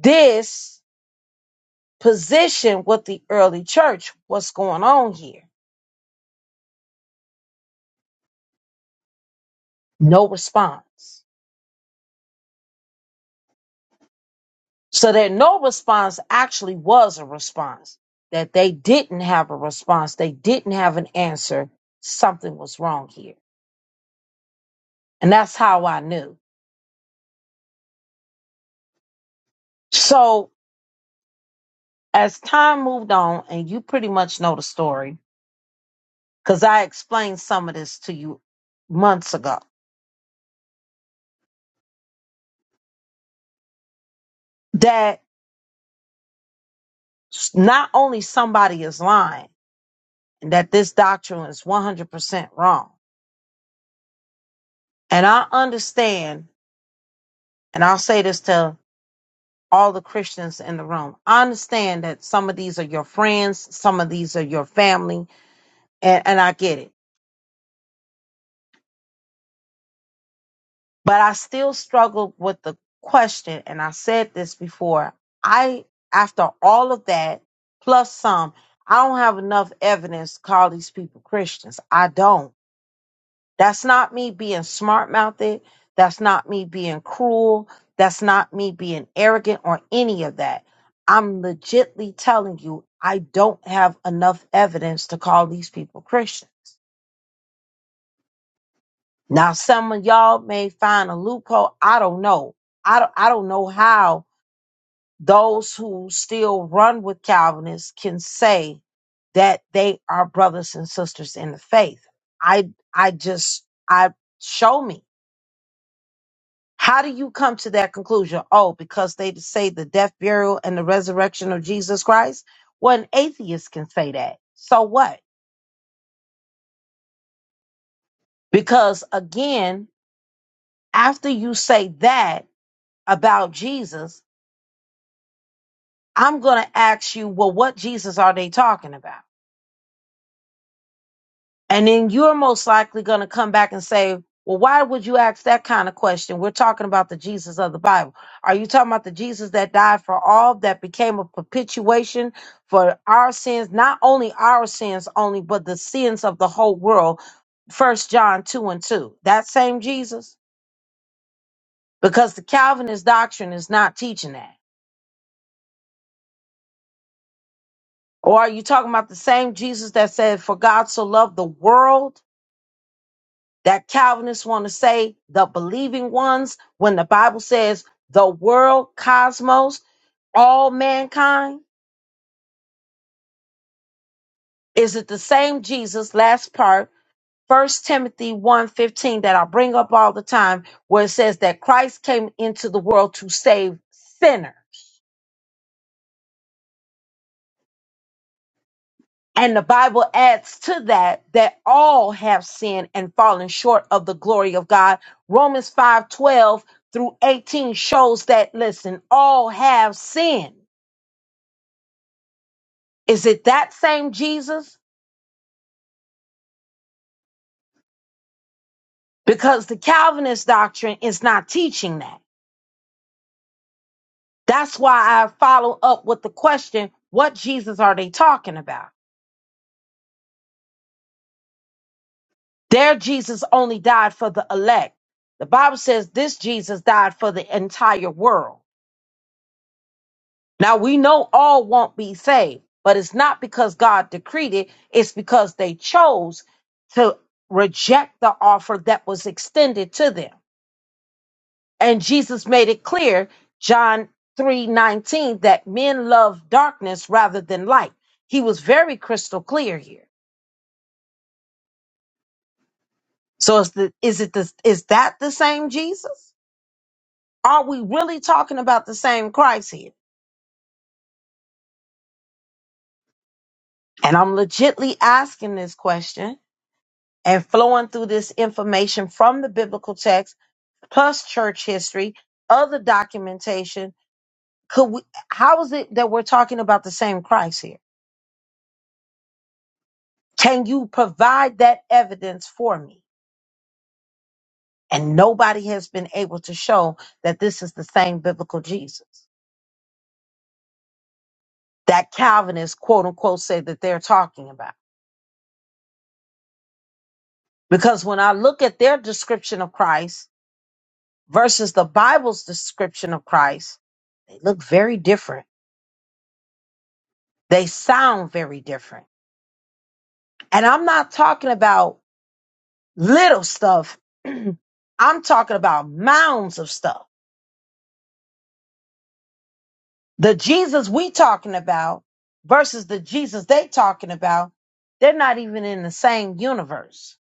A: this position with the early church. What's going on here? No response. So that no response actually was a response, that they didn't have a response, they didn't have an answer. Something was wrong here. And that's how I knew. So as time moved on, and you pretty much know the story, because I explained some of this to you months ago, that s- not only somebody is lying and that this doctrine is 100% wrong. And I understand, and I'll say this to all the Christians in the room. I understand that some of these are your friends, some of these are your family, and, and I get it. But I still struggle with the question, and I said this before. I, after all of that, plus some, I don't have enough evidence to call these people Christians. I don't. That's not me being smart mouthed. That's not me being cruel. That's not me being arrogant or any of that. I'm legitly telling you, I don't have enough evidence to call these people Christians. Now, some of y'all may find a loophole. I don't know. I don't, I don't know how those who still run with Calvinists can say that they are brothers and sisters in the faith. I, I just, I show me. How do you come to that conclusion? Oh, because they say the death, burial, and the resurrection of Jesus Christ? Well, an atheist can say that. So what? Because again, after you say that about Jesus, I'm going to ask you, well, what Jesus are they talking about? And then you're most likely going to come back and say, well, why would you ask that kind of question? We're talking about the Jesus of the Bible. Are you talking about the Jesus that died for all, that became a perpetuation for our sins, not only our sins only, but the sins of the whole world? First John 2 and 2. That same Jesus? Because the Calvinist doctrine is not teaching that. Or are you talking about the same Jesus that said, For God so loved the world that Calvinists want to say the believing ones when the Bible says the world, cosmos, all mankind? Is it the same Jesus, last part, First Timothy one fifteen, that I bring up all the time where it says that Christ came into the world to save sinner. And the Bible adds to that that all have sinned and fallen short of the glory of God. Romans 5:12 through 18 shows that listen, all have sinned Is it that same Jesus? Because the Calvinist doctrine is not teaching that. That's why I follow up with the question what Jesus are they talking about? Their Jesus only died for the elect. The Bible says this Jesus died for the entire world. Now we know all won't be saved, but it's not because God decreed it, it's because they chose to reject the offer that was extended to them. And Jesus made it clear, John 3:19, that men love darkness rather than light. He was very crystal clear here. So is the is it the is that the same Jesus? Are we really talking about the same Christ here? And I'm legitly asking this question and flowing through this information from the biblical text plus church history, other documentation. Could we how is it that we're talking about the same Christ here? Can you provide that evidence for me? And nobody has been able to show that this is the same biblical Jesus that Calvinists, quote unquote, say that they're talking about. Because when I look at their description of Christ versus the Bible's description of Christ, they look very different. They sound very different. And I'm not talking about little stuff, [clears throat] I'm talking about mounds of stuff The Jesus we talking about versus the Jesus they talking about, they're not even in the same universe.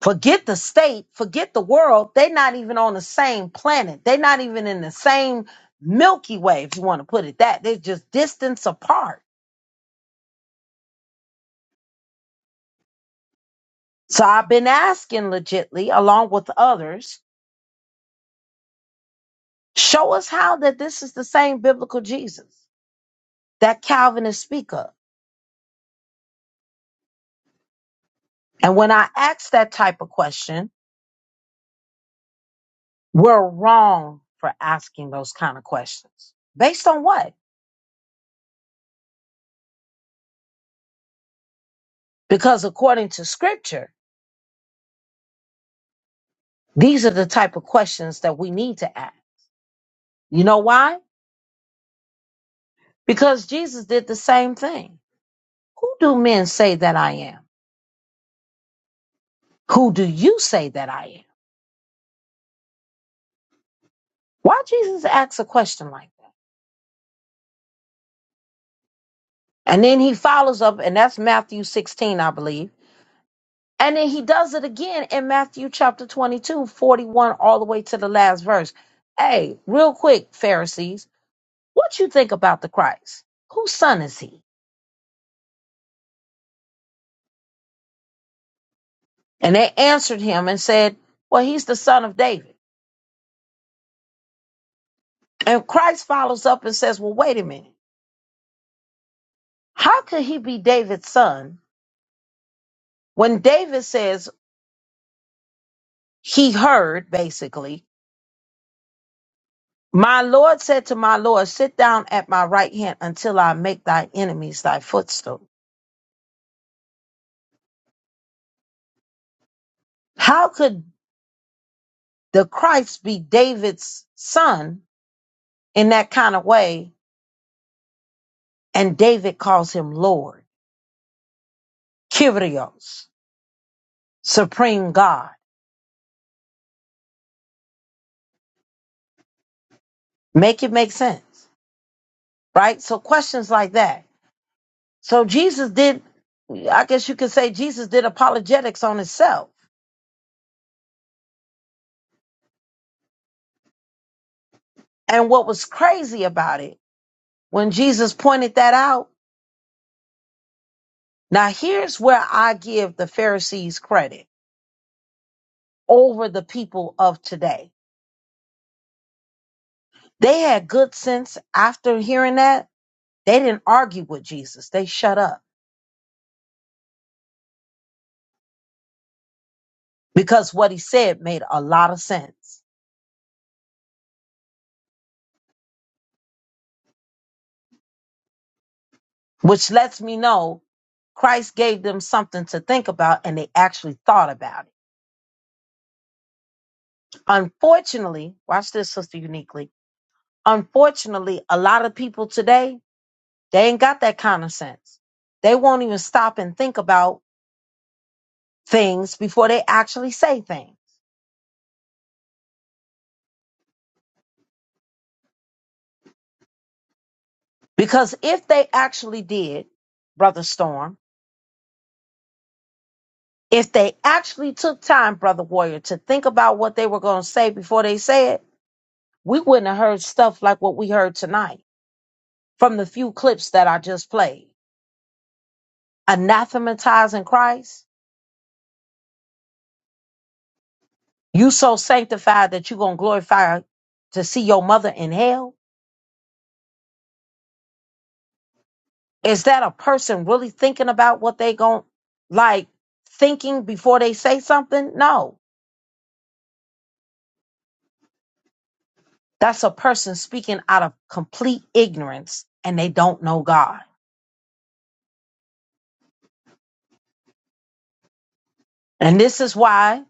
A: Forget the state, forget the world. They're not even on the same planet. They're not even in the same Milky Way, if you want to put it that. They're just distance apart. So I've been asking legitly, along with others, show us how that this is the same biblical Jesus that Calvinists speak of. And when I ask that type of question, We're wrong for asking those kind of questions. Based on what? Because according to scripture, these are the type of questions that we need to ask. You know why? Because Jesus did the same thing. Who do men say that I am? Who do you say that I am? Why Jesus asks a question like that? And then he follows up, and that's Matthew 16, I believe. And then he does it again in Matthew chapter 22, 41, all the way to the last verse. Hey, real quick, Pharisees. What you think about the Christ? Whose son is he? And they answered him and said, Well, he's the son of David. And Christ follows up and says, Well, wait a minute. How could he be David's son when David says he heard, basically, my Lord said to my Lord, Sit down at my right hand until I make thy enemies thy footstool. How could the Christ be David's son in that kind of way? And David calls him Lord, Kyrios, Supreme God. Make it make sense, right? So questions like that. So Jesus did, I guess you could say Jesus did apologetics on himself. And what was crazy about it, when Jesus pointed that out, now here's where I give the Pharisees credit over the people of today. They had good sense after hearing that. They didn't argue with Jesus. They shut up because what he said made a lot of sense. which lets me know Christ gave them something to think about and they actually thought about it. Unfortunately, watch this, Sister Uniquely. Unfortunately, a lot of people today, they ain't got that common sense. They won't even stop and think about things before they actually say things. Because if they actually did, Brother Storm, if they actually took time, Brother Warrior, to think about what they were going to say before they said, we wouldn't have heard stuff like what we heard tonight from the few clips that I just played. Anathematizing Christ, you so sanctified that you're gonna glorify to see your mother in hell. Is that a person really thinking about what they gon' like thinking before they say something? No. That's a person speaking out of complete ignorance and they don't know God. And this is why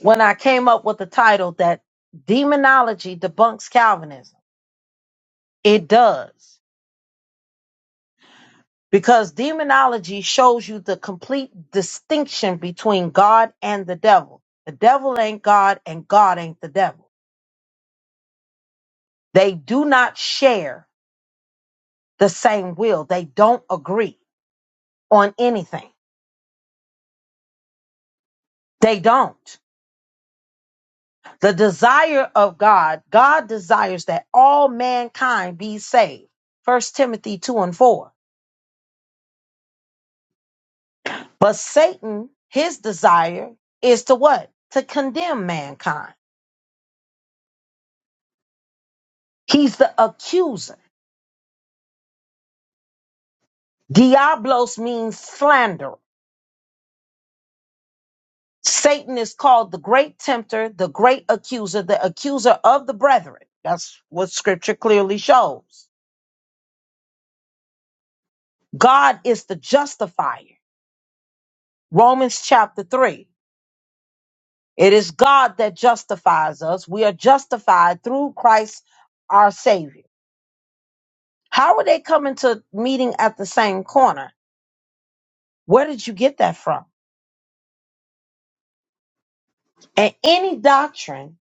A: when I came up with the title that demonology debunks Calvinism, it does. because demonology shows you the complete distinction between God and the devil. The devil ain't God and God ain't the devil. They do not share the same will. They don't agree on anything. They don't. The desire of God, God desires that all mankind be saved. First Timothy 2 and 4. But Satan, his desire is to what? To condemn mankind. He's the accuser. Diablos means slander. Satan is called the great tempter, the great accuser, the accuser of the brethren. That's what scripture clearly shows. God is the justifier. Romans chapter 3. It is God that justifies us. We are justified through Christ our Savior. How are they coming to meeting at the same corner? Where did you get that from? And any doctrine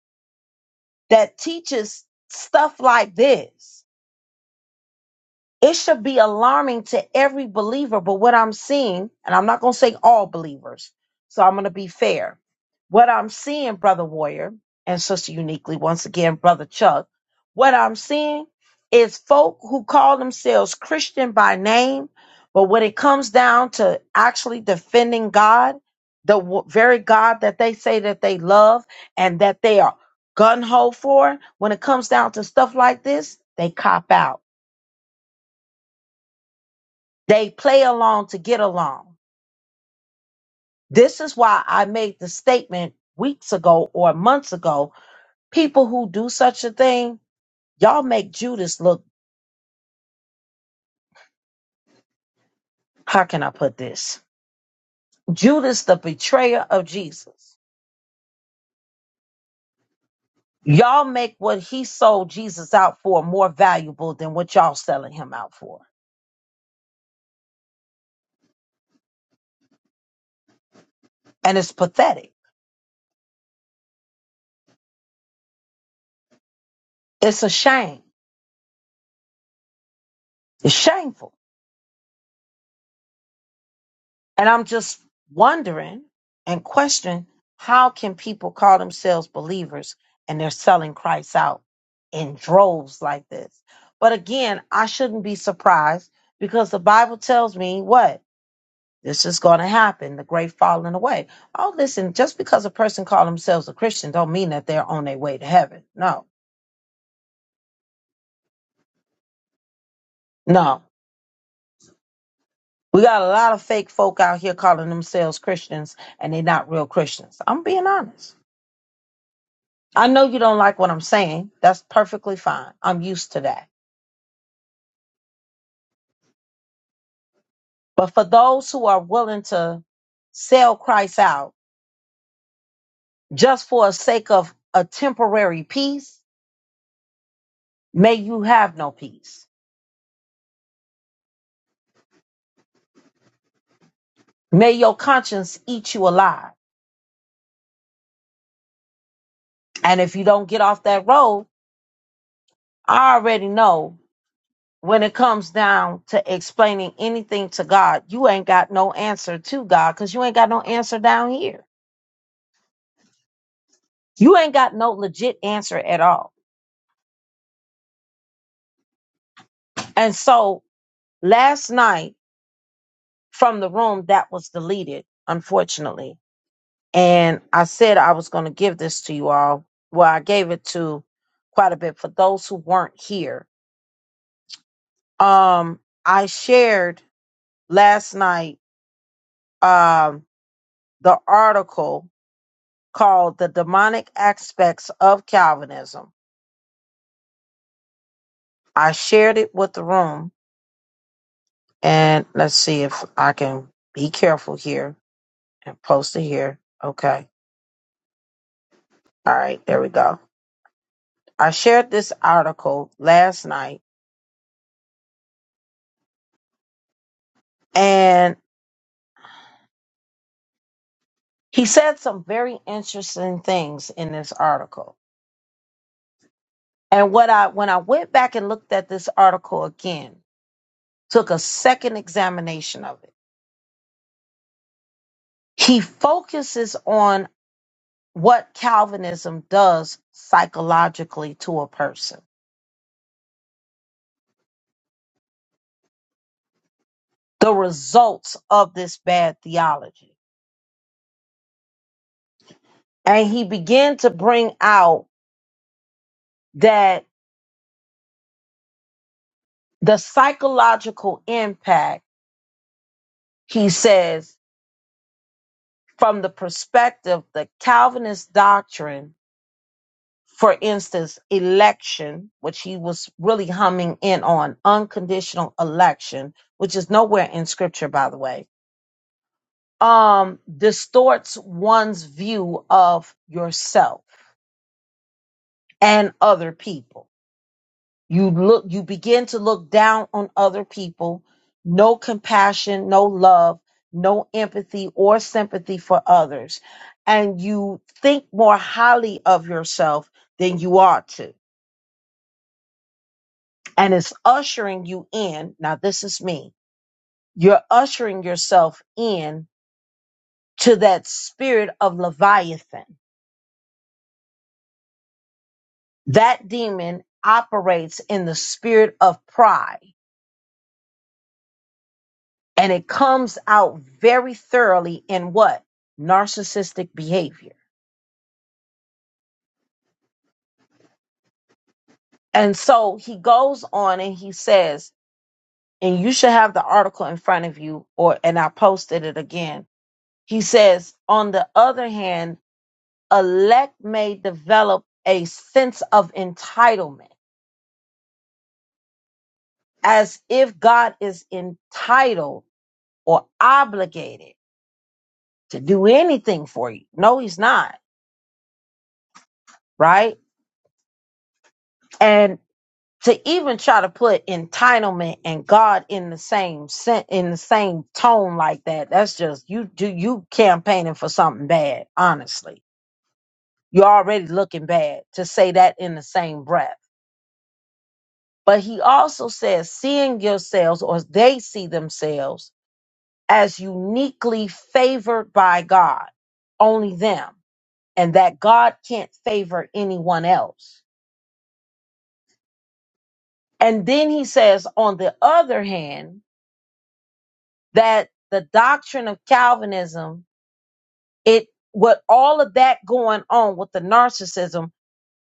A: that teaches stuff like this It should be alarming to every believer. But what I'm seeing, and I'm not going to say all believers, so I'm going to be fair. What I'm seeing, Brother Warrior and Sister Uniquely, once again, Brother Chuck, what I'm seeing is folk who call themselves Christian by name, but when it comes down to actually defending God, the w- very God that they say that they love and that they are gun ho for, when it comes down to stuff like this, they cop out they play along to get along. This is why I made the statement weeks ago or months ago. People who do such a thing, y'all make Judas look, how can I put this? Judas, the betrayer of Jesus. Y'all make what he sold Jesus out for more valuable than what y'all selling him out for. And it's pathetic. It's a shame. It's shameful. And I'm just wondering and questioning how can people call themselves believers and they're selling Christ out in droves like this? But again, I shouldn't be surprised because the Bible tells me what? This is going to happen, the great falling away. Oh, listen, just because a person calls themselves a Christian don't mean that they're on their way to heaven. No, no. We got a lot of fake folk out here calling themselves Christians and they're not real Christians. I'm being honest. I know you don't like what I'm saying. That's perfectly fine. I'm used to that. But for those who are willing to sell Christ out just for a sake of a temporary peace, may you have no peace. May your conscience eat you alive. And if you don't get off that road, I already know when it comes down to explaining anything to God, you ain't got no answer to God because you ain't got no answer down here. You ain't got no legit answer at all. And so last night, from the room that was deleted, unfortunately. And I said I was going to give this to you all. Well, I gave it to quite a bit for those who weren't here. Um, I shared last night um, the article called The Demonic Aspects of Calvinism. I shared it with the room. And let's see if I can be careful here and post it here. Okay. All right. There we go. I shared this article last night and he said some very interesting things in this article. And what I when I went back and looked at this article again, took a second examination of it. He focuses on what Calvinism does psychologically to a person, the results of this bad theology. And he began to bring out that the psychological impact, he says, from the perspective, the Calvinist doctrine for instance, election, which he was really humming in on, unconditional election, which is nowhere in scripture, by the way, um, distorts one's view of yourself and other people. You look, you begin to look down on other people, no compassion, no love, no empathy or sympathy for others. And you think more highly of yourself than you ought to and it's ushering you in. Now, this is me. You're ushering yourself in to that spirit of Leviathan. That demon operates in the spirit of pride and it comes out very thoroughly in what? Narcissistic behavior. And so he goes on and he says, and you should have the article in front of you, or, and I posted it again. He says, on the other hand, elect may develop a sense of entitlement, as if God is entitled or obligated to do anything for you. No, he's not, right? And to even try to put entitlement and God in the same sen- in the same tone like that, that's just you do you campaigning for something bad, honestly. You're already looking bad to say that in the same breath But he also says, seeing yourselves, or they see themselves as uniquely favored by God, only them, and that God can't favor anyone else. And then he says, on the other hand, that the doctrine of Calvinism, it with all of that going on with the narcissism,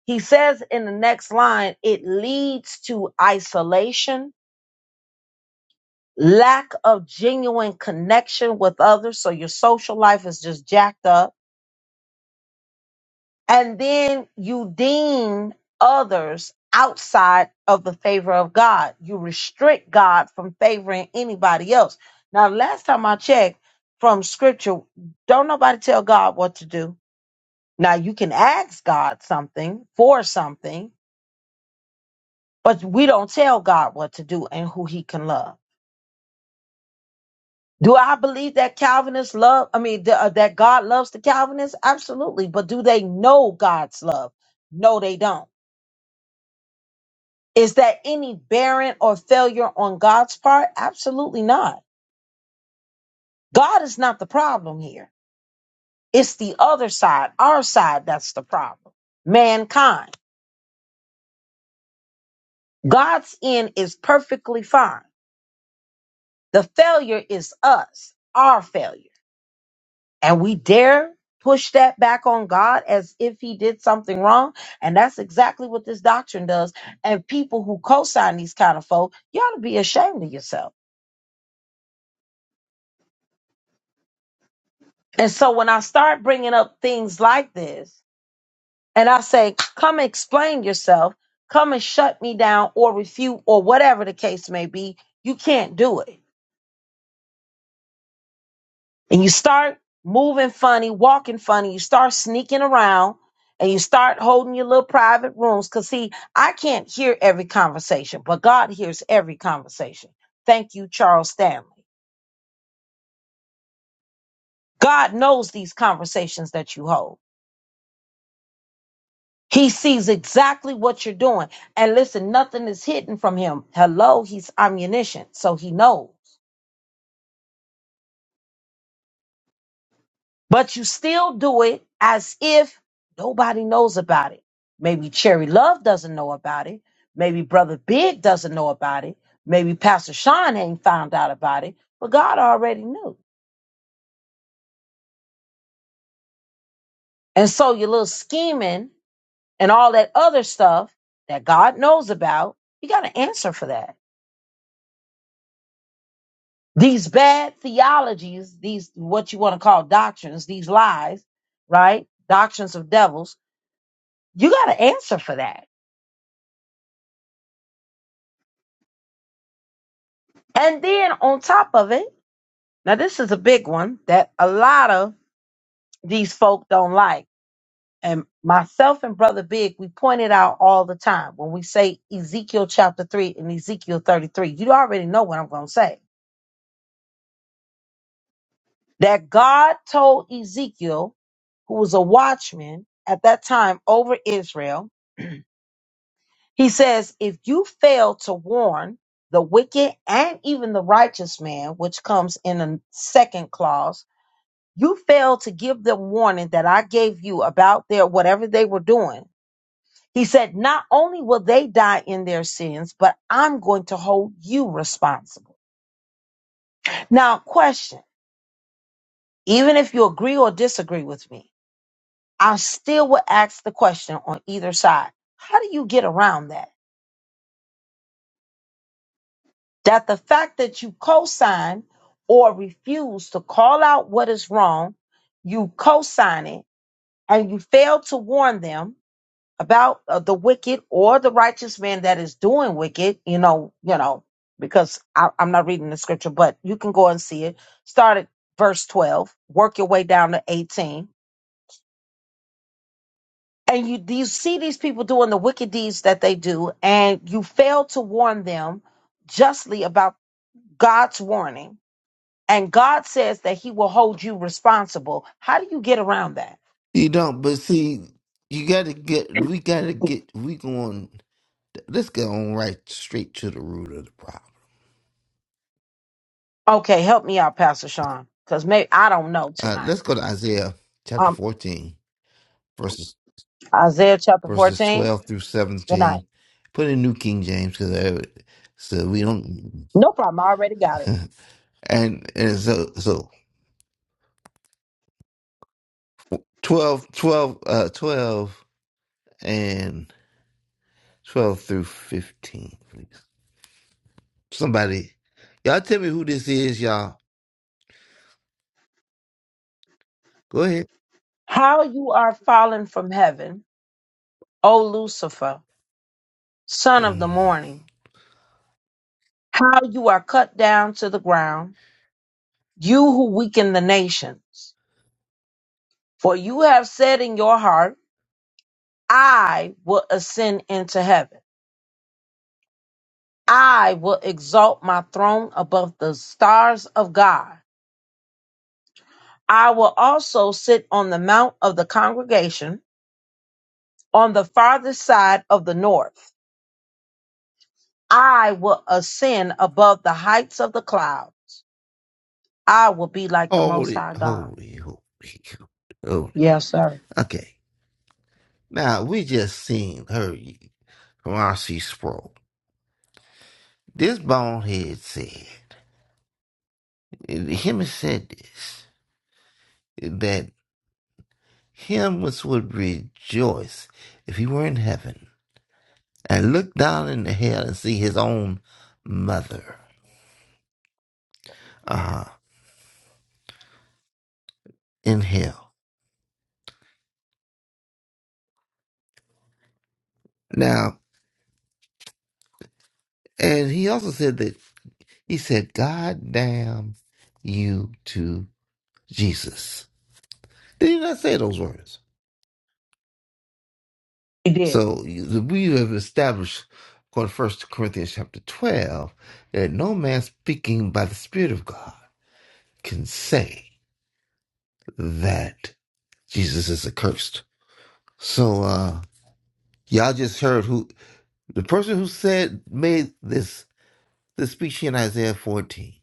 A: he says in the next line, it leads to isolation lack of genuine connection with others. So your social life is just jacked up. And then you deem others outside of the favor of God. You restrict God from favoring anybody else. Now, last time I checked from scripture, don't nobody tell God what to do. Now, you can ask God something for something, but we don't tell God what to do and who he can love. Do I believe that Calvinists love, I mean, th- uh, that God loves the Calvinists? Absolutely. But do they know God's love? No, they don't. Is that any barren or failure on God's part? Absolutely not. God is not the problem here. It's the other side, our side, that's the problem. Mankind. God's end is perfectly fine. The failure is us, our failure. and we dare push that back on God as if he did something wrong. And that's exactly what this doctrine does. And people who co-sign these kind of folk, you ought to be ashamed of yourself. And so when I start bringing up things like this and I say, come explain yourself, come and shut me down or refute or whatever the case may be, you can't do it. and you start moving funny, walking funny, you start sneaking around, and you start holding your little private rooms. Because, see, I can't hear every conversation, but God hears every conversation. Thank you, Charles Stanley. God knows these conversations that you hold. He sees exactly what you're doing. And listen, nothing is hidden from him. Hello, he's omniscient, so he knows. but you still do it as if nobody knows about it. Maybe Cherry Love doesn't know about it. Maybe Brother Big doesn't know about it. Maybe Pastor Sean ain't found out about it, but God already knew. And so your little scheming and all that other stuff that God knows about, you got to answer for that. These bad theologies, these what you want to call doctrines, these lies, right? Doctrines of devils, you got to answer for that. And then on top of it, Now, this is a big one that a lot of these folk don't like. And myself and Brother Big, we point it out all the time when we say Ezekiel chapter 3 and Ezekiel 33. You already know what I'm going to say. That God told Ezekiel, who was a watchman at that time over Israel, [clears throat] he says, If you fail to warn the wicked and even the righteous man, which comes in the second clause, You failed to give them warning that I gave you about their whatever they were doing. He said, Not only will they die in their sins, but I'm going to hold you responsible. Now, question even if you agree or disagree with me, I still would ask the question on either side How do you get around that? That the fact that you co sign or refuse to call out what is wrong, you co sign it, and you fail to warn them about uh, the wicked or the righteous man that is doing wicked, you know, you know, because I, I'm not reading the scripture, but you can go and see it. Start at verse 12, work your way down to 18. And you, you see these people doing the wicked deeds that they do, and you fail to warn them justly about God's warning. And God says that He will hold you responsible. How do you get around that?
D: You don't, but see, you got to get, we got to get, we going, let's get on right straight to the root of the problem.
A: Okay, help me out, Pastor Sean, because maybe I don't know
D: Uh,
A: tonight.
D: let's go to Isaiah chapter
A: Um,
D: 14, verses,
A: Isaiah chapter
D: verses
A: 14.
D: 12 through
A: Good night.
D: 17. Put in New King James because so we don't.
A: No problem. I already got
D: [laughs]
A: it.
D: and and so so 12, 12, uh, 12 and 12 through 15, please. Somebody, y'all tell me who this is, y'all. Go ahead.
A: How you are fallen from heaven, O Lucifer, son of the
D: Mm.
A: morning. How you are cut down to the ground, you who weaken the nations. For you have said in your heart, I will ascend into heaven. I will exalt my throne above the stars of God. I will also sit on the mount of the congregation on the farthest side of the north. I will ascend above the heights of the cloud. I will be like the
D: Hold
A: Most
D: it,
A: High God.
D: hold it, hold it, hold
A: Yes, sir.
D: it. Okay. Now, we just seen her from R.C. Sproul. This bonehead said, him said this, that him was would rejoice if he were in heaven and look down into hell and see his own mother uh, in hell. Now, and he also said that he said, God damn you to Jesus. Did he not say those words?
A: He did
D: So you- we have established, according to 1 Corinthians chapter 12, that no man speaking by the Spirit of God can say that Jesus is accursed. So uh y'all just heard who the person who said made this this speech in Isaiah 14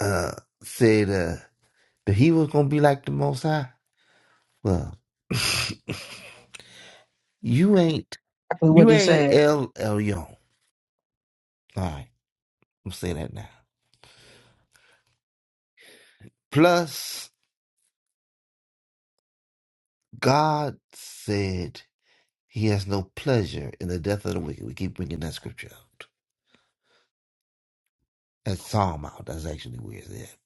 D: uh said Uh, that he was gonna be like the Most High. Well, you ain't
A: exactly what
D: you
A: he
D: ain't
A: said.
D: El Elyon. All right, I'm saying that now. Plus, God said He has no pleasure in the death of the wicked. We keep bringing that scripture out. That Psalm out. That's actually where it's at.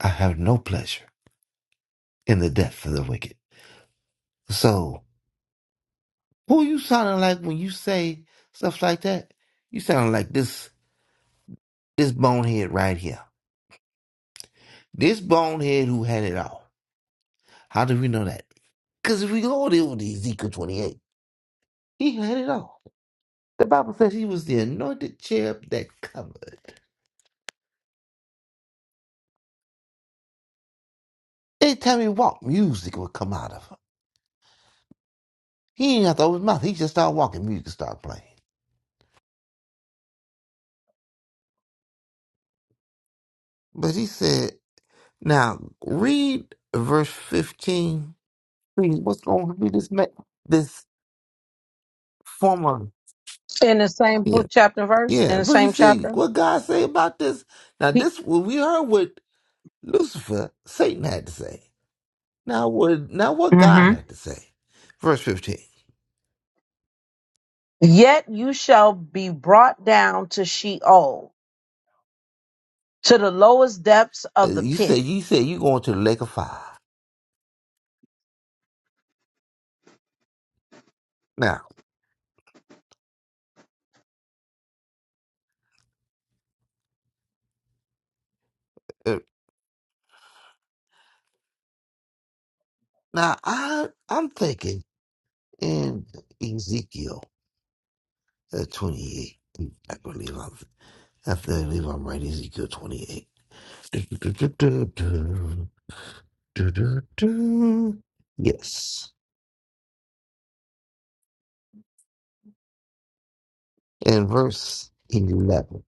D: I have no pleasure in the death of the wicked. So, who you sounding like when you say stuff like that? You sound like this this bonehead right here. This bonehead who had it all. How do we know that? Because if we go on over to Ezekiel 28, he had it all. The Bible says he was the anointed cherub that covered. Anytime he walked, music would come out of him. He didn't have to open his mouth. He just started walking, music started playing. But he said, now read verse 15. Read What's going to be this, ma- this form of...
A: In the same
D: Yeah,
A: book, chapter, and verse,
D: yeah.
A: in the
D: What he
A: same
D: say?
A: chapter.
D: What God say about this? Now
A: He,
D: this, what we heard what Lucifer, Satan had to say. Now what, now what God
A: Mhm.
D: had to say. Verse 15.
A: Yet you shall be brought down to Sheol, to the lowest depths of
D: Uh,
A: the
D: You said
A: pit.
D: you said you going to the lake of fire. Now, uh, now I I'm thinking in Ezekiel uh, 28. I believe I'm I believe I'm right. Ezekiel 28. Yes, in verse 11.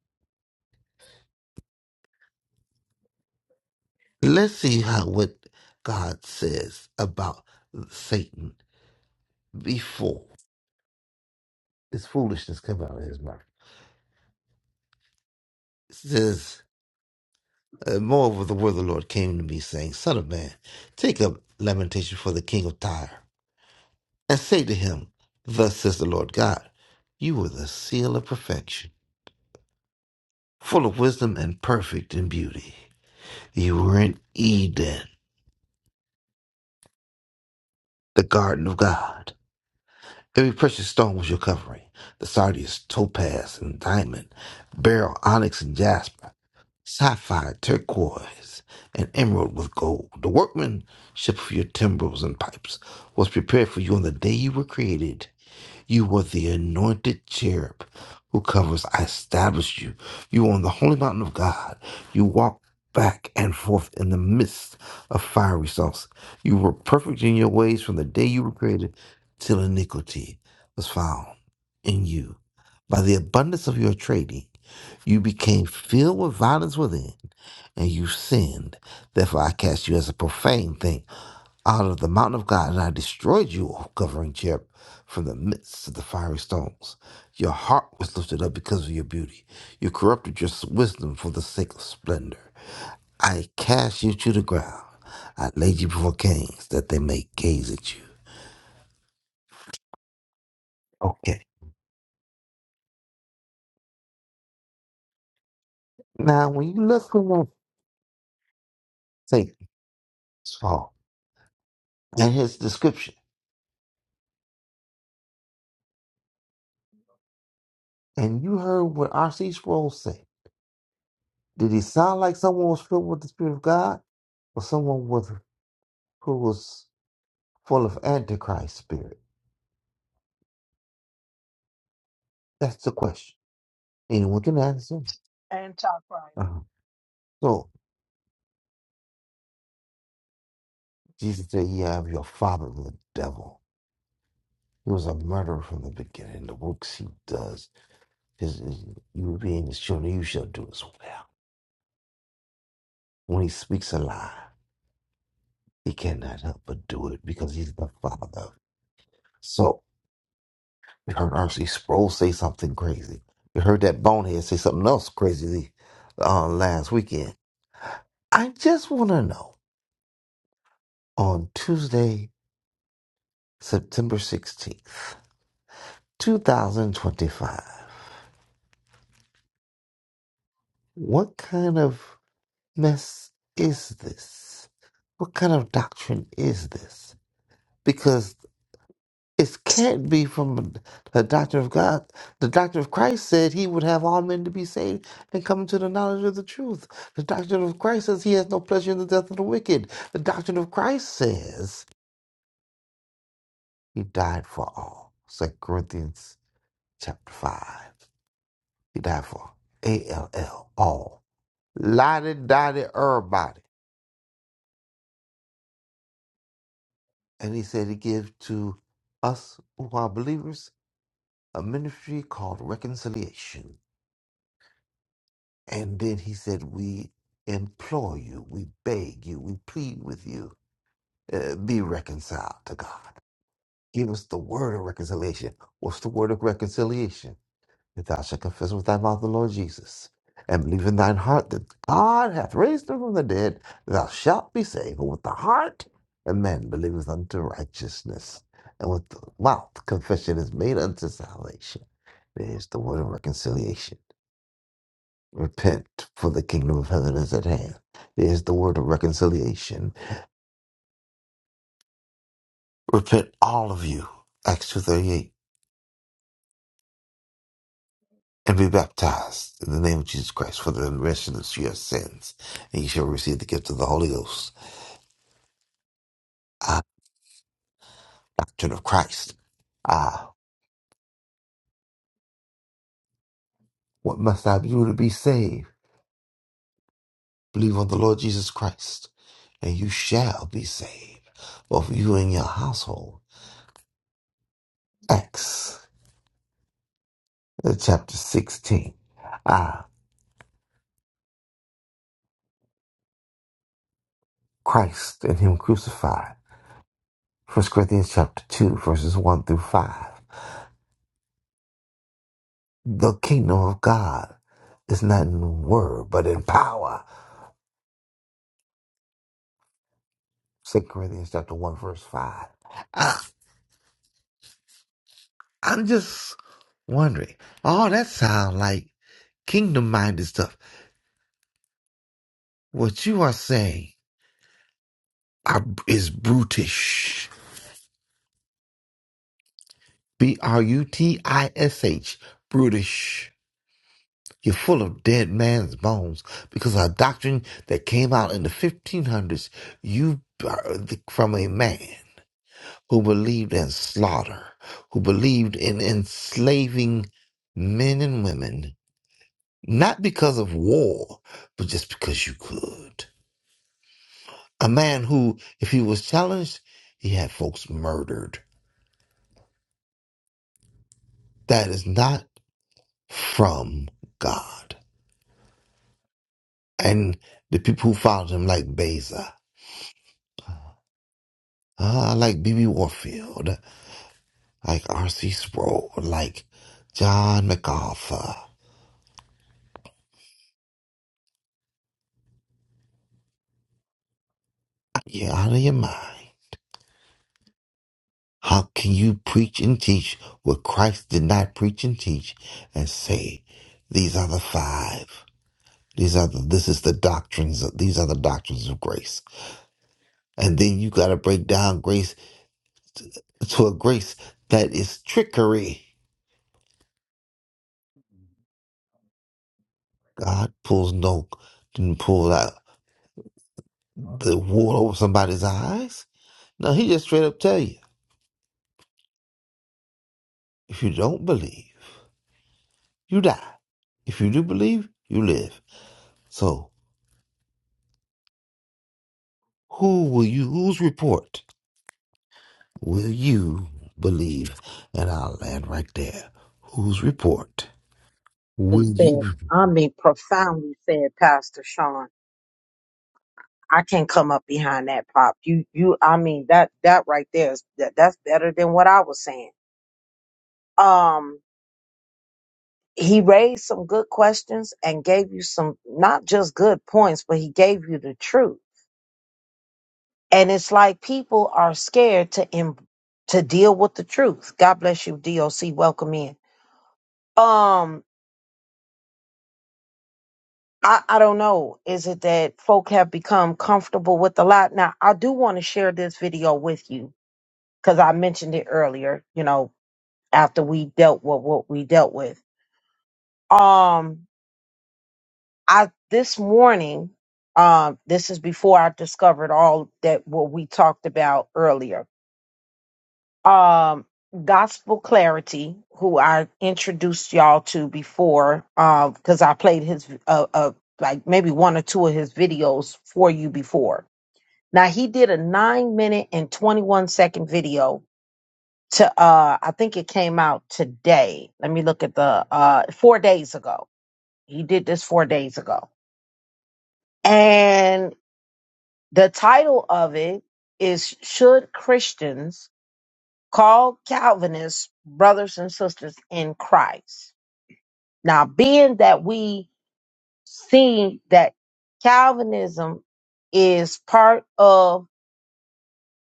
D: Let's see how what God says about Satan before this foolishness come out of his mouth. It Says. Uh, moreover, the word of the Lord came to me, saying, Son of man, take up lamentation for the king of Tyre, and say to him, Thus says the Lord God, You were the seal of perfection, full of wisdom and perfect in beauty. You were in Eden, the garden of God. Every precious stone was your covering the sardius, topaz, and diamond, beryl, onyx, and jasper. sapphire, turquoise, and emerald with gold. The workmanship of your timbrels and pipes was prepared for you on the day you were created. You were the anointed cherub who covers. I established you. You were on the holy mountain of God. You walked back and forth in the midst of fiery sauce. You were perfect in your ways from the day you were created till iniquity was found in you. By the abundance of your trading, you became filled with violence within, and you sinned. Therefore, I cast you as a profane thing out of the mountain of God, and I destroyed you, O covering cherub, from the midst of the fiery stones. Your heart was lifted up because of your beauty. You corrupted your wisdom for the sake of splendor. I cast you to the ground. I laid you before kings that they may gaze at you. Okay. Now, when you look at Satan's fall and his description, and you heard what R.C. Sproul said. Did he sound like someone was filled with the Spirit of God or someone with, who was full of Antichrist spirit? That's the question. Anyone can answer.
A: Antichrist.
D: Uh-huh. So Jesus said, You have your father, the devil. He was a murderer from the beginning. The works he does, his, his- you being his children, you shall do as well. When he speaks a lie, he cannot help but do it because he's the father. So. We heard R.C. Sproul say something crazy. We heard that bonehead say something else crazy uh, last weekend. I just want to know on Tuesday, September 16th, 2025, what kind of mess is this? What kind of doctrine is this? Because It can't be from the doctor of God. The doctor of Christ said he would have all men to be saved and come to the knowledge of the truth. The doctrine of Christ says he has no pleasure in the death of the wicked. The doctrine of Christ says he died for all. Second Corinthians chapter 5. He died for A-L-L, all. Lottie, dottie, everybody. And he said he gives to us who are believers a ministry called reconciliation. And then he said, We implore you, we beg you, we plead with you, uh, be reconciled to God. Give us the word of reconciliation. What's the word of reconciliation? If thou shalt confess with thy mouth the Lord Jesus and believe in thine heart that God hath raised him from the dead, thou shalt be saved. For with the heart a man believeth unto righteousness, and with the mouth confession is made unto salvation. There's the word of reconciliation. Repent, for the kingdom of heaven is at hand. There's the word of reconciliation. Repent, all of you, Acts 2.38, and be baptized in the name of Jesus Christ for the remission of your sins, and you shall receive the gift of the Holy Ghost. Ah, doctrine of Christ. Ah, what must I do to be saved? Believe on the Lord Jesus Christ, and you shall be saved, both you and your household. Acts uh, chapter 16. Ah, Christ and Him crucified. First Corinthians chapter 2, verses 1 through 5. The kingdom of God is not in word, but in power. Second Corinthians chapter 1, verse 5. I, I'm just wondering, all that sounds like kingdom minded stuff. What you are saying are, is brutish. B R U T I S H, brutish. You're full of dead man's bones because a doctrine that came out in the 1500s, you birthed from a man who believed in slaughter, who believed in enslaving men and women, not because of war, but just because you could. A man who, if he was challenged, he had folks murdered. That is not from God. And the people who followed him, like Beza, ah, like B.B. Warfield. like R.C. Sproul, like John MacArthur. You're out of your mind. How can you preach and teach what Christ did not preach and teach and say, these are the five? These are the, this is the doctrines of, these are the doctrines of grace. And then you got to break down grace to a grace that is trickery. God pulls no, didn't pull out the wool over somebody's eyes. No, he just straight up tell you, if you don't believe, you die. If you do believe, you live. So, who will you, whose report will you believe? And I'll land right there. Whose report will
A: He said,
D: you?
A: I mean, profoundly said, Pastor Sean. I can't come up behind that pop. You, you, I mean, that, that right there is, that, that's better than what I was saying um he raised some good questions and gave you some not just good points but he gave you the truth and it's like people are scared to em to deal with the truth god bless you doc welcome in um I, I don't know. Is it that folk have become comfortable with a lot? Now, I do want to share this video with you because I mentioned it earlier, you know, after we dealt with what we dealt with. Um, I this morning, um, this is before I discovered all that what we talked about earlier. Um, Gospel Clarity, who I introduced y'all to before, um, because I played his uh, uh like maybe one or two of his videos for you before. Now he did a nine minute and twenty one second video to uh I think it came out today. Let me look at the uh four days ago. He did this four days ago and. The title of it is Should Christians Call Calvinists Brothers and Sisters in Christ? Now, being that we see that Calvinism is part of,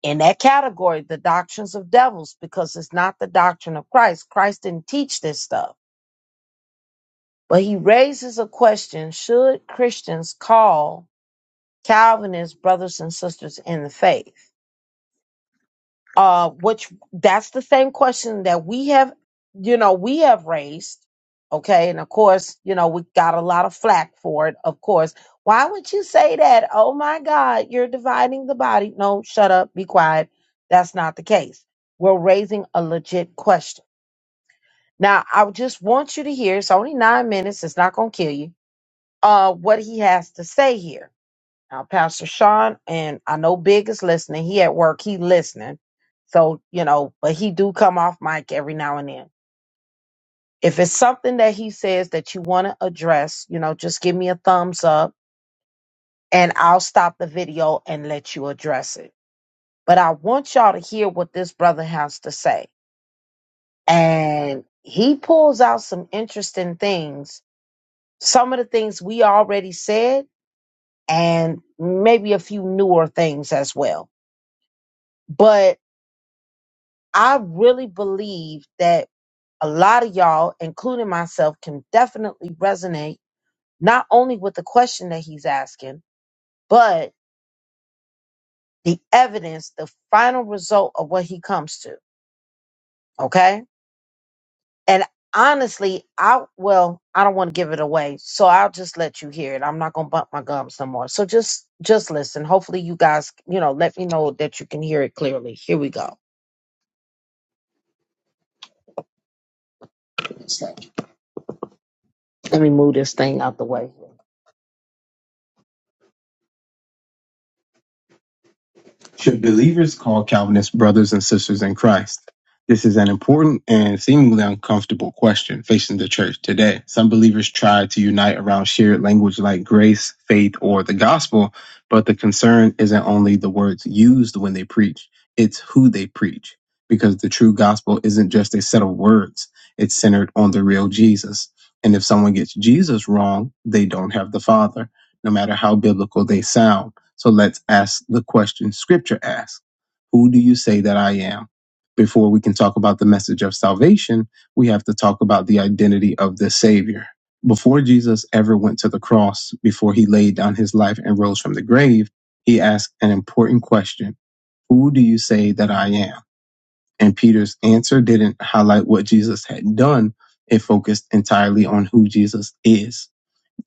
A: in that category, the doctrines of devils, because it's not the doctrine of Christ. Christ didn't teach this stuff. But he raises a question Should Christians call Calvinists brothers and sisters in the faith? uh, which that's the same question that we have, you know, we have raised. Okay. And of course, you know, we got a lot of flack for it. Of course. Why would you say that? Oh my God, you're dividing the body. No, shut up. Be quiet. That's not the case. We're raising a legit question. Now, I would just want you to hear it's only nine minutes. It's not going to kill you. Uh, what he has to say here now, Pastor Sean, and I know Big is listening. He at work, he listening. So, you know, but he do come off mic every now and then. If it's something that he says that you want to address, you know, just give me a thumbs up and I'll stop the video and let you address it. But I want y'all to hear what this brother has to say. And he pulls out some interesting things, some of the things we already said, and maybe a few newer things as well. But I really believe that a lot of y'all, including myself, can definitely resonate not only with the question that he's asking, but the evidence, the final result of what he comes to. Okay. And honestly, I, well, I don't want to give it away. So I'll just let you hear it. I'm not going to bump my gums no more. So just, just listen. Hopefully you guys, you know, let me know that you can hear it clearly. Here we go. Let me move this thing out the way. Should believers call Calvinists brothers and sisters in Christ? This is an important and seemingly uncomfortable question facing the church today. Some believers try to unite around shared language like grace, faith, or the gospel, but the concern isn't only the words used when they preach, it's who they preach. Because the true gospel isn't just a set of words, it's centered on the real Jesus. And if someone gets Jesus wrong, they don't have the Father, no matter how biblical they sound. So let's ask the question Scripture asks Who do you say that I am? Before we can talk about the message of salvation, we have to talk about the identity of the Savior. Before Jesus ever went to the cross, before he laid down his life and rose from the grave, he asked an important question Who do you say that I am? And Peter's answer didn't highlight what Jesus had done, it focused entirely on who Jesus is.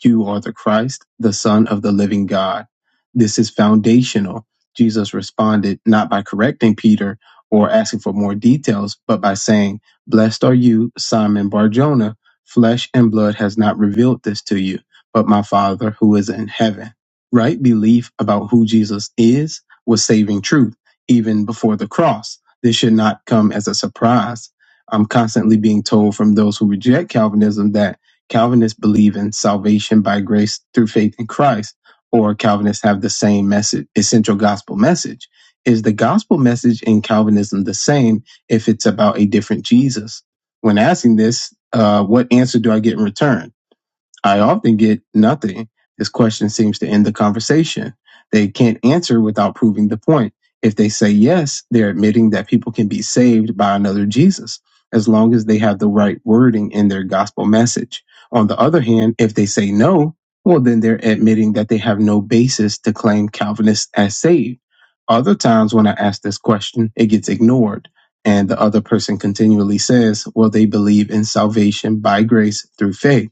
A: You are the Christ, the Son of the living God. This is foundational. Jesus responded not by correcting Peter or asking for more details, but by saying, Blessed are you, Simon Barjona. Flesh and blood has not revealed this to you, but my Father who is in heaven. Right belief about who Jesus is was saving truth, even before the cross. This should not come as a surprise. I'm constantly being told from those who reject Calvinism that Calvinists believe in salvation by grace through faith in Christ, or Calvinists have the same message, essential gospel message. Is the gospel message in Calvinism the same if it's about a different Jesus? When asking this, uh, what answer do I get in return? I often get nothing. This question seems to end the conversation. They can't answer without proving the point. If they say yes, they're admitting that people can be saved by another Jesus, as long as they have the right wording in their gospel message. On the other hand, if they say no, well, then they're admitting that they have no basis to claim Calvinists as saved. Other times when I ask this question, it gets ignored. And the other person continually says, well, they believe in salvation by grace through faith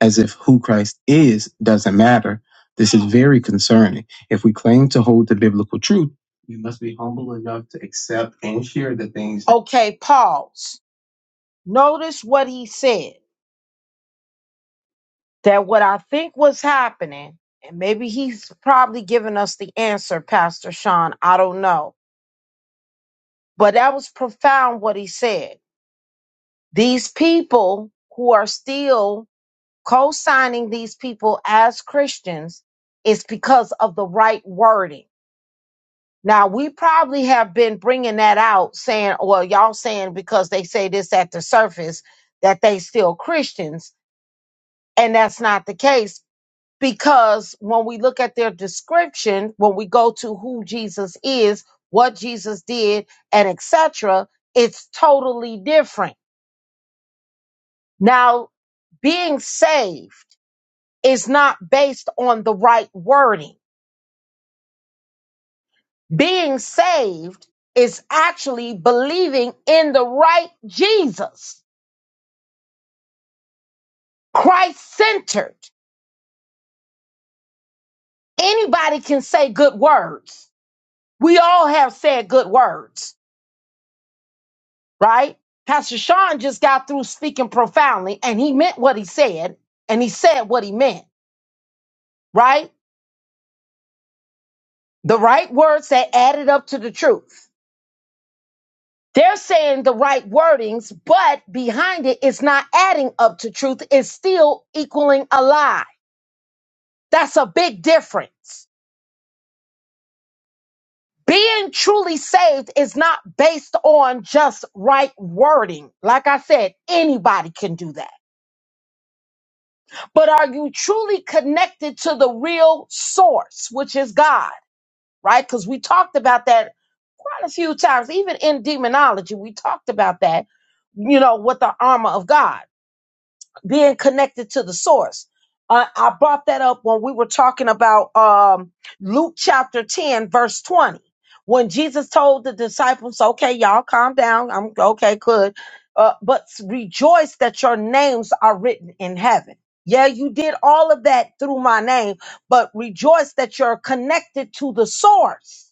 A: as if who Christ is doesn't matter. This is very concerning. If we claim to hold the biblical truth, we must be humble enough to accept and share the things. Okay, pause. Notice what he said that what I think was happening, and maybe he's probably giving us the answer, Pastor Sean. I don't know. But that was profound what he said. These people who are still co signing these people as Christians is because of the right wording. Now, we probably have been bringing that out saying, well, y'all saying because they say this at the surface that they still Christians. And that's not the case because when we look at their description, when we go to who Jesus is, what Jesus did, and etc., it's totally different. Now, being saved is not based on the right wording Being saved is actually believing in the right Jesus, Christ centered. Anybody can say good words. We all have said good words, right? Pastor Sean just got through speaking profoundly and he meant what he said and he said what he meant, right? The right words that added up to the truth. They're saying the right wordings, but behind it, it's not adding up to truth. It's still equaling a lie That's a big difference. Being truly saved is not based on just right wording. Like I said, anybody can do that. But are you truly connected to the real source, which is God, right? Because we talked about that quite a few times, even in demonology, we talked about that, you know, with the armor of God. being connected to the source. Uh, I brought that up when we were talking about um, Luke chapter 10, verse 20. When Jesus told the disciples, okay, y'all calm down. I'm okay, good. Uh, but rejoice that your names are written in heaven. Yeah, you did all of that through my name, but rejoice that you're connected to the source.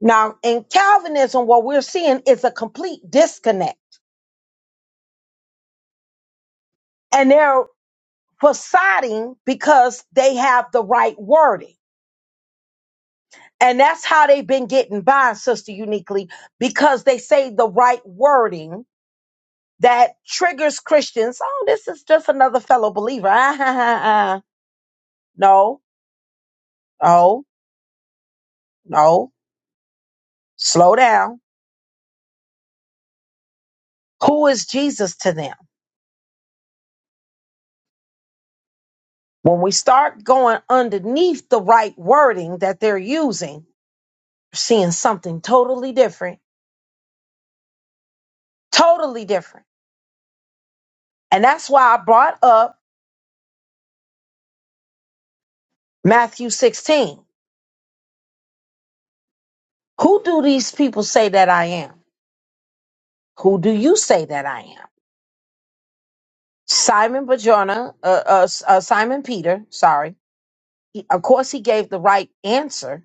A: Now, in Calvinism, what we're seeing is a complete disconnect. And there for siding because they have the right wording. And that's how they've been getting by, Sister Uniquely, because they say the right wording that triggers Christians. Oh, this is just another fellow believer. Ah, ah, ah, ah. No, no, no. Slow down. Who is Jesus to them? When we start going underneath the right wording that they're using, we're seeing something totally different, totally different. And that's why I brought up Matthew 16 Who do these people say that I am? Who do you say that I am? Simon Bajorna, uh, uh, uh, Simon Peter, sorry. He, of course, he gave the right answer,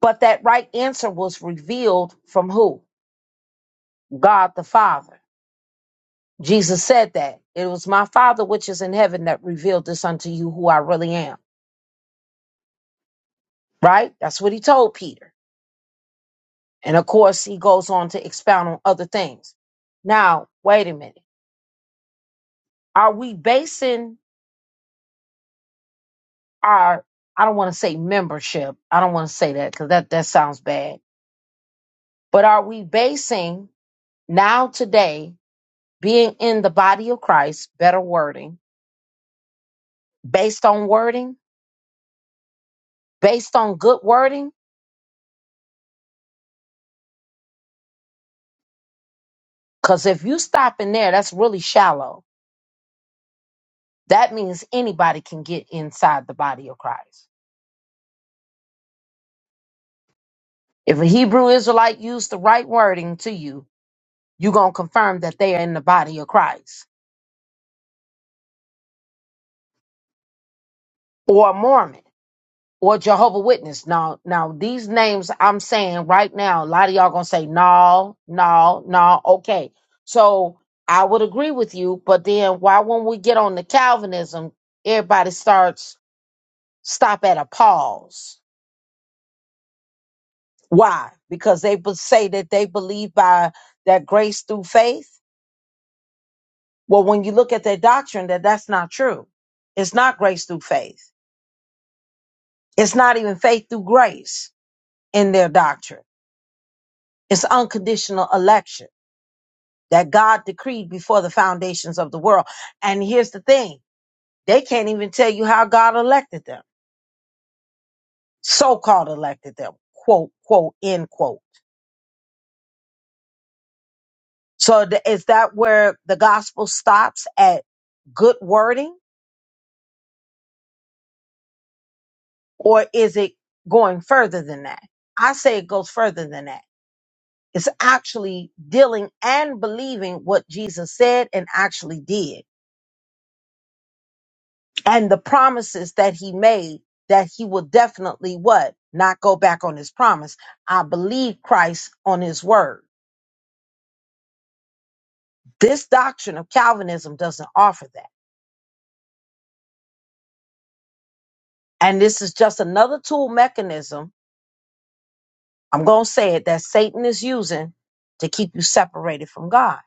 A: but that right answer was revealed from who? God the Father. Jesus said that. It was my Father which is in heaven that revealed this unto you who I really am, right? That's what he told Peter. And of course, he goes on to expound on other things. Now, wait a minute. Are we basing our I don't want to say membership. I don't want to say that because that that sounds bad. But are we basing now today being in the body of Christ, better wording, based on wording, based on good wording? Because if you stop in there, that's really shallow. That means anybody can get inside the body of Christ. If a Hebrew Israelite used the right wording to you, you're gonna confirm that they are in the body of Christ. Or a Mormon. or Jehovah Witness. Now, now these names I'm saying right now, a lot of y'all gonna say no, no, no. Okay, so I would agree with you, but then why when we get on the Calvinism, everybody starts stop at a pause. Why? Because they would say that they believe by that grace through faith. Well, when you look at their doctrine, that that's not true. It's not grace through faith. It's not even faith through grace in their doctrine. It's unconditional election that God decreed before the foundations of the world. And here's the thing they can't even tell you how God elected them, so called elected them, quote, quote, end quote. So th- is that where the gospel stops at good wording, or is it going further than that? I say it goes further than that. It's actually dealing and believing what Jesus said and actually did. and the promises that he made that he will definitely what not go back on his promise i believe christ on his word this doctrine of calvinism doesn't offer that and this is just another tool mechanism i'm going to say it that satan is using to keep you separated from god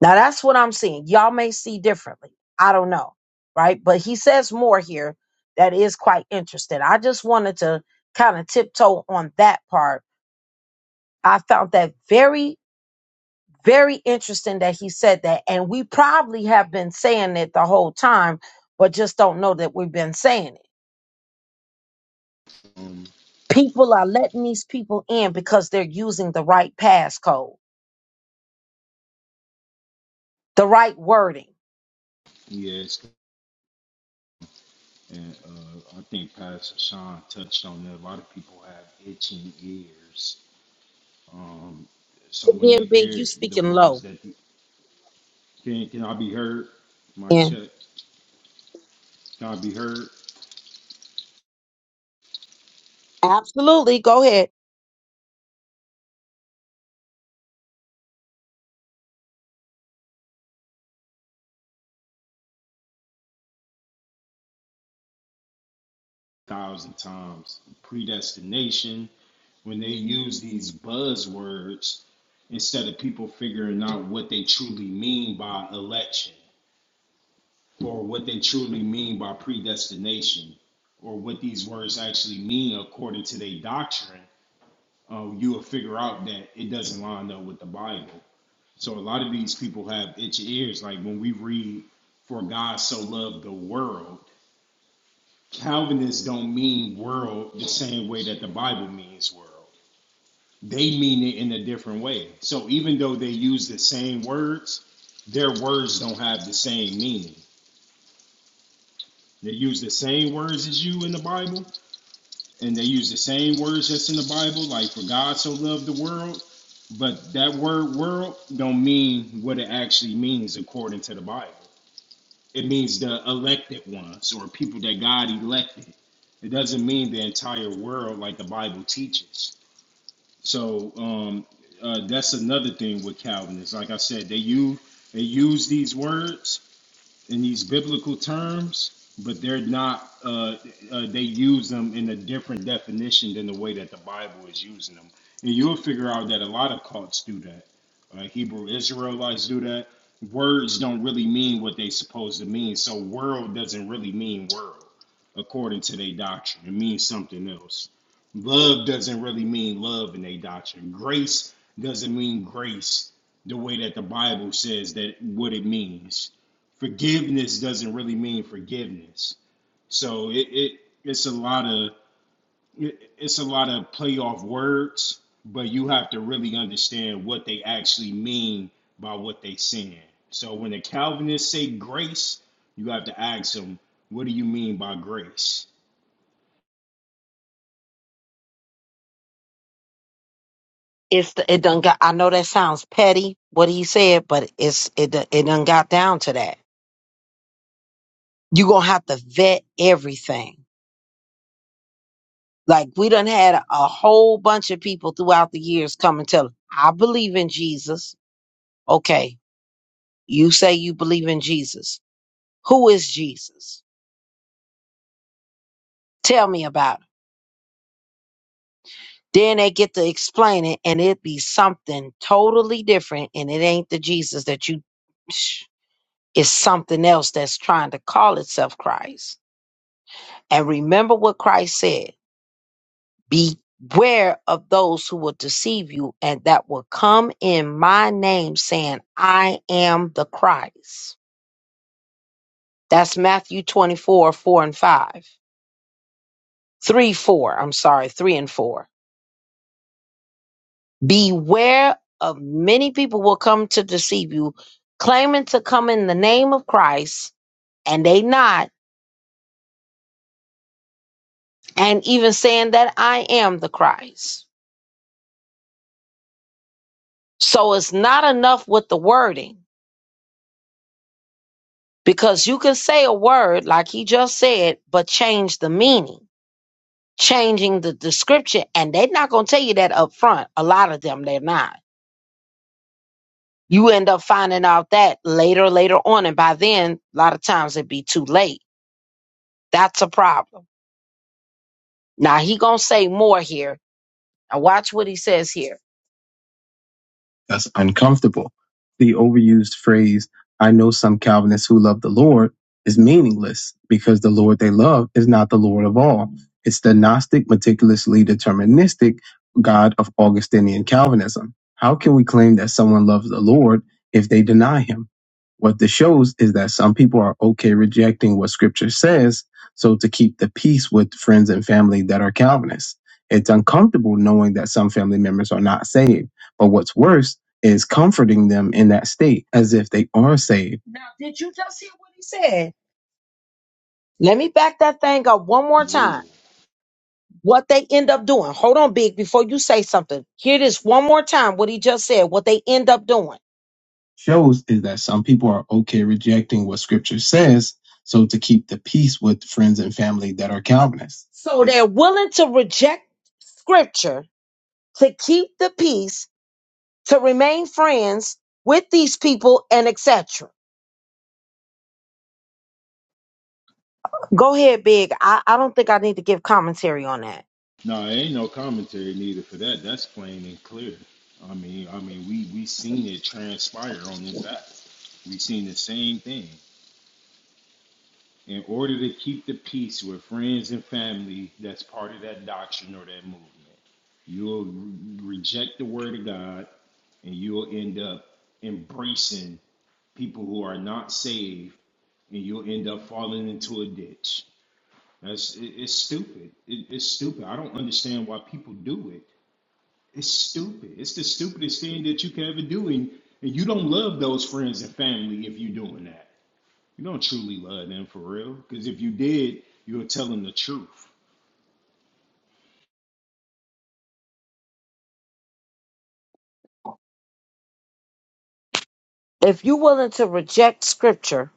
A: now that's what i'm seeing y'all may see differently i don't know right but he says more here that is quite interesting i just wanted to kind of tiptoe on that part I found that very Very interesting that he said that. And we probably have been saying it the whole time, but just don't know that we've been saying it. People are letting these people in because they're using the right passcode, the right wording. Again, Big, you speaking low. Yeah. Absolutely. Go ahead. It's the, it done got I know that sounds petty what he said, but it's it done- it done got down to that. you gonna have to vet everything. Like we done had a, a whole bunch of people throughout the years come and tell, us, I believe in Jesus. Okay, you say you believe in Jesus. Who is Jesus? Tell me about him. Then they get to explain it and it be something totally different and it ain't the Jesus that you it's something else that's trying to call itself Christ. And remember what Christ said. Beware of those who will deceive you and that will come in my name saying, I am the Christ. That's Matthew 24, 4 and 5. 3, 4. I'm sorry, 3 and 4. Beware of many people will come to deceive you, claiming to come in the name of Christ and they not, and even saying that I am the Christ. So it's not enough with the wording Because you can say a word like he just said, but change the meaning, changing the description. And they're not going to tell you that up front. A lot of them, they're not. You end up finding out that later, later on. And by then, a lot of times it'd be too late. That's a problem. Now, he going to say more here. Now, watch what he says here. us uncomfortable. The overused phrase, I know some Calvinists who love the Lord, is meaningless because the Lord they love is not the Lord of all. It's the Gnostic, meticulously deterministic God of Augustinian Calvinism. How can we claim that someone loves the Lord if they deny him? What this shows is that some people are okay rejecting what scripture says, so to keep the peace with friends and family that are Calvinists. It's uncomfortable knowing that some family members are not saved. But what's worse is comforting them in that state as if they are saved. Now, did you just hear what he said? Let me back that thing up one more time. What they end up doing. Hold on, Big, before you say something. Hear this one more time, what he just said, what they end up doing. Shows is that some people are okay rejecting what scripture says, so to keep the peace with friends and family that are Calvinists. So they're willing to reject scripture to keep the peace, to remain friends with these people, and etc. Go ahead, Big. I, I don't think I need to give commentary on that. If you're willing to reject scripture,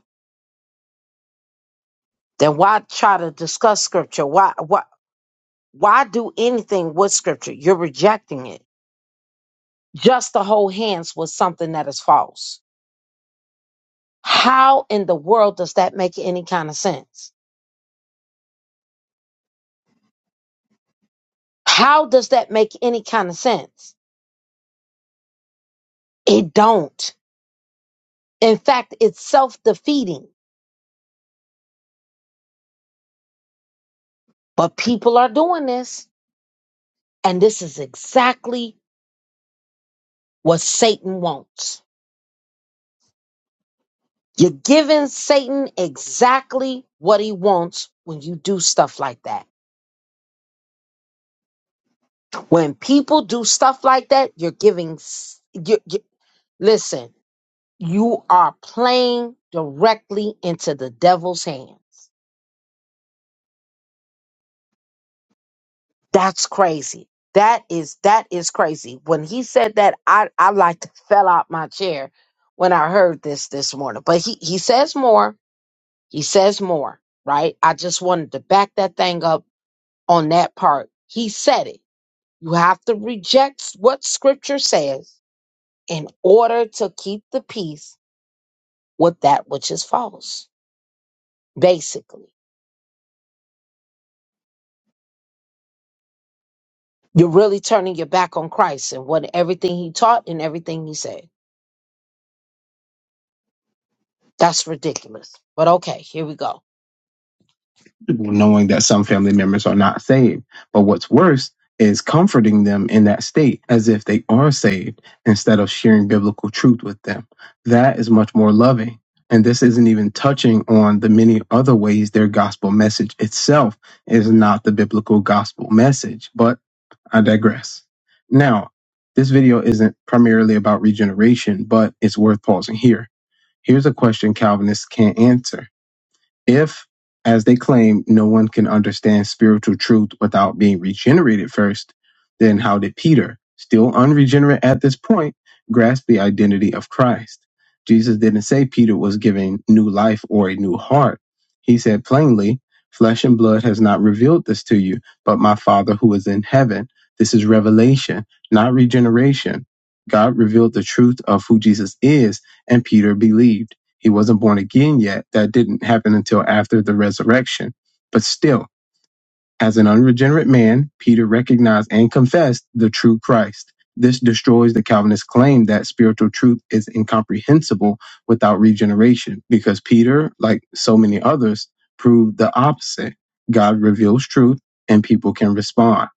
A: then why try to discuss scripture? Why? Why? Why do anything with scripture? You're rejecting it. Just the whole hands was something that is false. How in the world does that make any kind of sense? How does that make any kind of sense? It don't. In fact, it's self-defeating. But people are doing this, and this is exactly what Satan wants. You're giving Satan exactly what he wants when you do stuff like that. When people do stuff like that, you're giving Listen, you are playing directly into the devil's hands. That's crazy. That is that is crazy. When he said that, I I like [laughs] to fell out my chair when I heard this this morning. But he he says more. He says more. Right. I just wanted to back that thing up on that part. He said it. You have to reject what Scripture says in order to keep the peace with that which is false. Basically. You're really turning your back on Christ and what everything he taught and everything he said. That's ridiculous. But okay, here we go. knowing that some family members are not saved. But what's worse is comforting them in that state as if they are saved instead of sharing biblical truth with them. That is much more loving. And this isn't even touching on the many other ways their gospel message itself is not the biblical gospel message. But I digress. Now, this video isn't primarily about regeneration, but it's worth pausing here. Here's a question Calvinists can't answer. If, as they claim, no one can understand spiritual truth without being regenerated first, then how did Peter, still unregenerate at this point, grasp the identity of Christ? Jesus didn't say Peter was given new life or a new heart. He said plainly, Flesh and blood has not revealed this to you, but my Father who is in heaven. This is revelation, not regeneration. God revealed the truth of who Jesus is, and Peter believed. He wasn't born again yet. That didn't happen until after the resurrection. But still, as an unregenerate man, Peter recognized and confessed the true Christ. This destroys the Calvinist claim that spiritual truth is incomprehensible without regeneration, because Peter, like so many others, proved the opposite. God reveals truth and people can respond.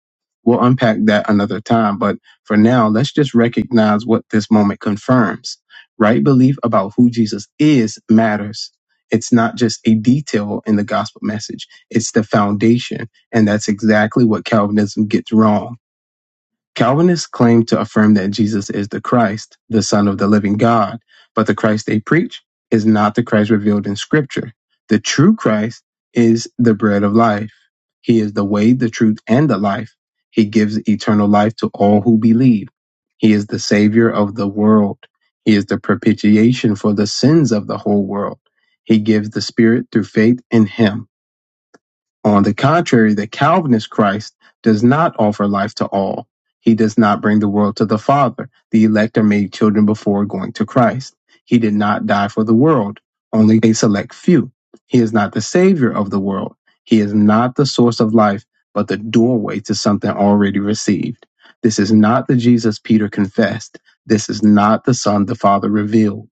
A: We'll unpack that another time, but for now, let's just recognize what this moment confirms. Right belief about who Jesus is matters. It's not just a detail in the gospel message, it's the foundation and that's exactly what Calvinism gets wrong. Calvinists claim to affirm that Jesus is the Christ, the Son of the living God, but the Christ they preach is not the Christ revealed in Scripture. The true Christ is the bread of life. He is the way, the truth, and the life. He gives eternal life to all who believe. He is the Savior of the world. He is the propitiation for the sins of the whole world. He gives the Spirit through faith in Him. On the contrary, the Calvinist Christ does not offer life to all. He does not bring the world to the Father. The elect are made children before going to Christ. He did not die for the world, only a select few. He is not the Savior of the world. He is not the source of life, but the doorway to something already received. This is not the Jesus Peter confessed. This is not the Son the Father revealed.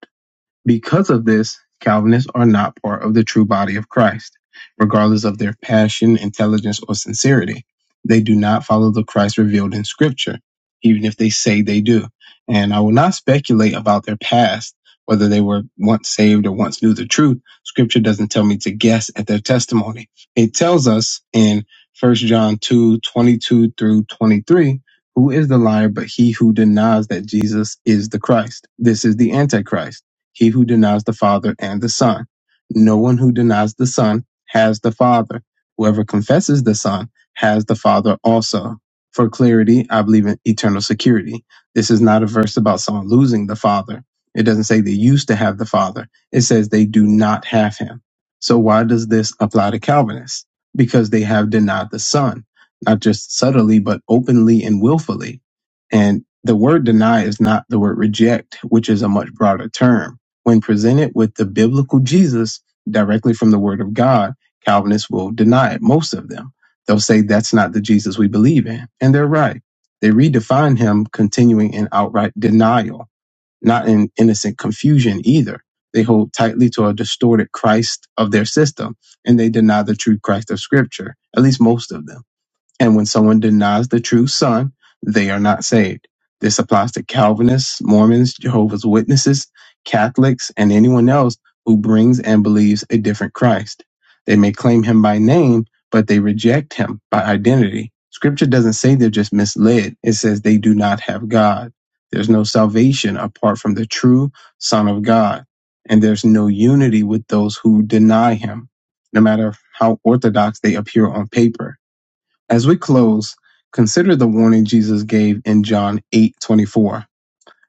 A: Because of this, Calvinists are not part of the true body of Christ, regardless of their passion, intelligence, or sincerity. They do not follow the Christ revealed in Scripture, even if they say they do. And I will not speculate about their past, whether they were once saved or once knew the truth. Scripture doesn't tell me to guess at their testimony. It tells us in First John 2 22 through 23 who is the liar but he who denies that Jesus is the Christ? This is the Antichrist he who denies the Father and the Son. No one who denies the Son has the Father. Whoever confesses the Son has the Father also. For clarity, I believe in eternal security. This is not a verse about someone losing the Father. It doesn't say they used to have the Father. It says they do not have him. So why does this apply to Calvinists? Because they have denied the Son, not just subtly, but openly and willfully. And the word deny is not the word reject, which is a much broader term when presented with the biblical Jesus directly from the Word of God, Calvinists will deny it, most of them. They'll say that's not the Jesus we believe in. And they're right. They redefine him continuing in outright denial, not in innocent confusion either. They hold tightly to a distorted Christ of their system, and they deny the true Christ of Scripture, at least most of them. And when someone denies the true Son, they are not saved. This applies to Calvinists, Mormons, Jehovah's Witnesses, Catholics, and anyone else who brings and believes a different Christ. They may claim him by name, but they reject him by identity. Scripture doesn't say they're just misled, it says they do not have God. There's no salvation apart from the true Son of God, and there's no unity with those who deny him, no matter how orthodox they appear on paper. As we close, consider the warning Jesus gave in John 8:24.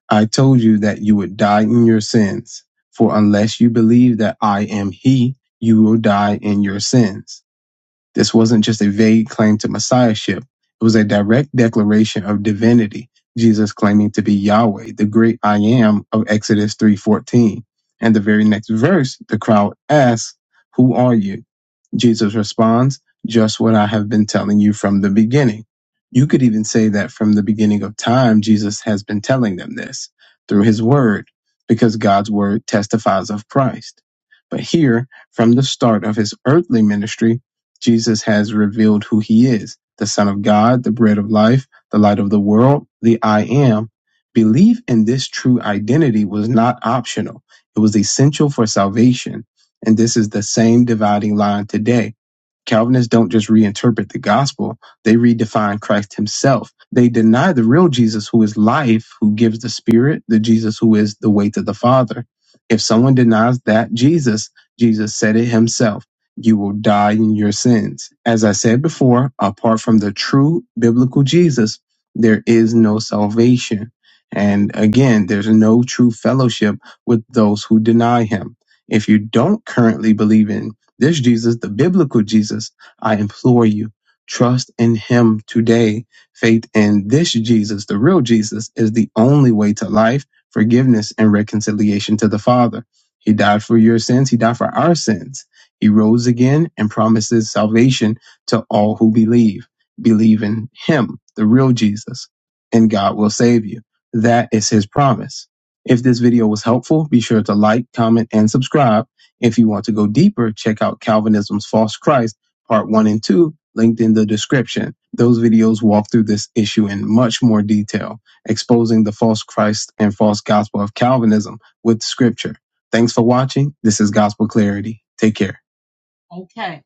A: I told you that you would die in your sins, for unless you believe that I am he, you will die in your sins. This wasn't just a vague claim to messiahship. It was a direct declaration of divinity, Jesus claiming to be Yahweh, the great I am of Exodus 3:14. And the very next verse, the crowd asks, "Who are you?" Jesus responds, just what I have been telling you from the beginning. You could even say that from the beginning of time, Jesus has been telling them this through his word, because God's word testifies of Christ. But here, from the start of his earthly ministry, Jesus has revealed who he is the Son of God, the bread of life, the light of the world, the I am. Belief in this true identity was not optional, it was essential for salvation and this is the same dividing line today. Calvinists don't just reinterpret the gospel, they redefine Christ himself. They deny the real Jesus who is life, who gives the spirit, the Jesus who is the way to the Father. If someone denies that Jesus, Jesus said it himself, you will die in your sins. As I said before, apart from the true biblical Jesus, there is no salvation. And again, there's no true fellowship with those who deny him. If you don't currently believe in this Jesus, the biblical Jesus, I implore you, trust in him today. Faith in this Jesus, the real Jesus, is the only way to life, forgiveness, and reconciliation to the Father. He died for your sins, He died for our sins. He rose again and promises salvation to all who believe. Believe in him, the real Jesus, and God will save you. That is his promise. If this video was helpful, be sure to like, comment, and subscribe if you want to go deeper, check out Calvinism's False Christ, part one and two, linked in the description. Those videos walk through this issue in much more detail, exposing the false Christ and false gospel of Calvinism with scripture. Thanks for watching. This is Gospel Clarity. Take care. Okay.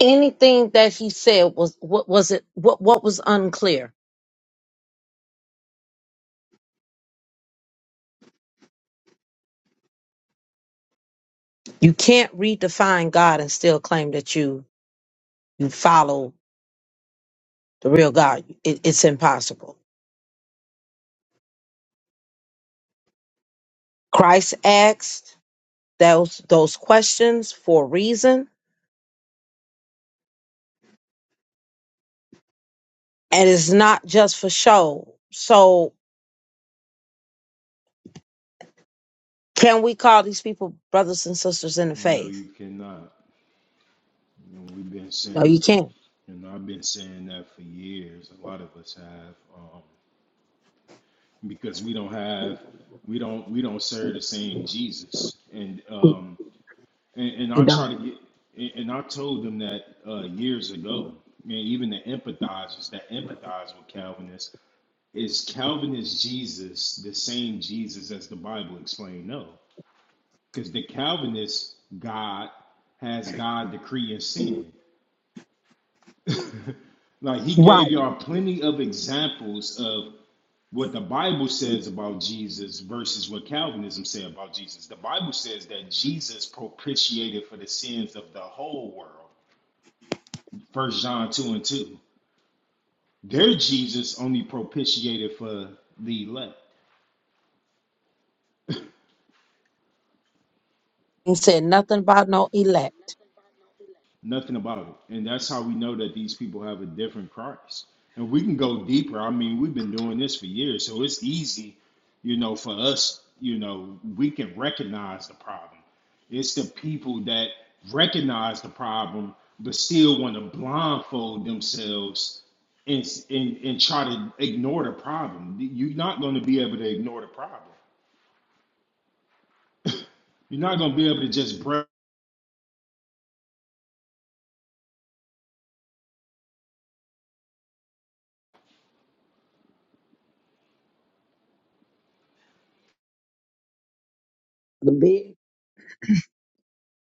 A: Anything that he said was what was it what what was unclear. You can't redefine God and still claim that you you follow the real God. It, it's impossible. Christ acts. those those questions for a reason and it's not just for show so can we call these people brothers and sisters in the faith no you can't you you don't right Ain't said nothing about no elect.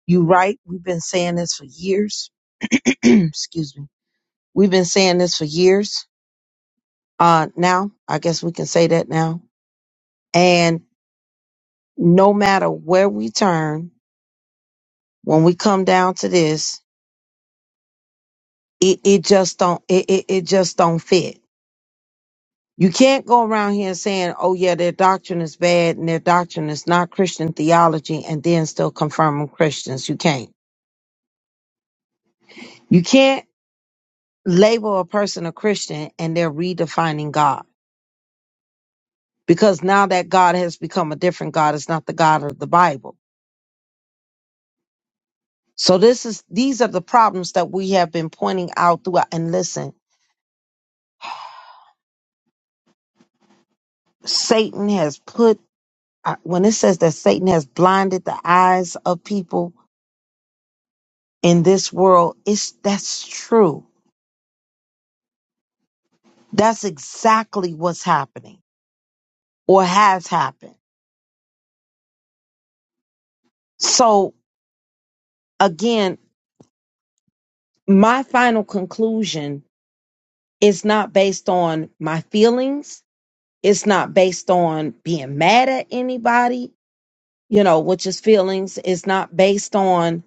A: You right. We've been saying this for years. [clears throat] Excuse me. We've been saying this for years. uh, now. I guess we can say that now. And no matter where we turn, when we come down to this, it, it just don't it, it, it just don't fit. You can't go around here saying, "Oh yeah, their doctrine is bad and their doctrine is not Christian theology," and then still confirm them Christians. You can't. You can't label a person a Christian and they're redefining God because now that God has become a different God. It's not the God of the Bible So this is these are the problems that we have been pointing out throughout. And listen, Satan has put uh, when it says that Satan has blinded the eyes of people in this world, it's that's true. That's exactly what's happening or has happened. So again, my final conclusion is not based on my feelings. It's not based on being mad at anybody, you know, which is feelings. It's not based on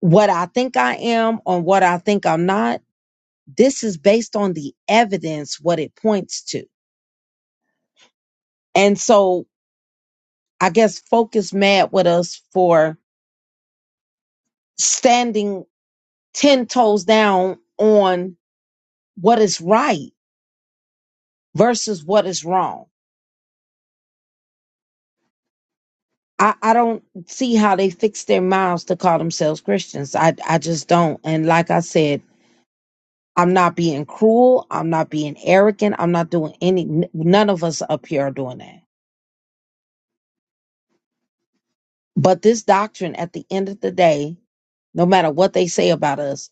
A: what I think I am on what I think I'm not, this is based on the evidence, what it points to. And so I guess focus mad with us for standing 10 toes down on what is right versus what is wrong. I, I don't see how they fix their mouths to call themselves Christians. I, I just don't. And like I said, I'm not being cruel. I'm not being arrogant. I'm not doing any, n- none of us up here are doing that But this doctrine, at the end of the day, no matter what they say about us,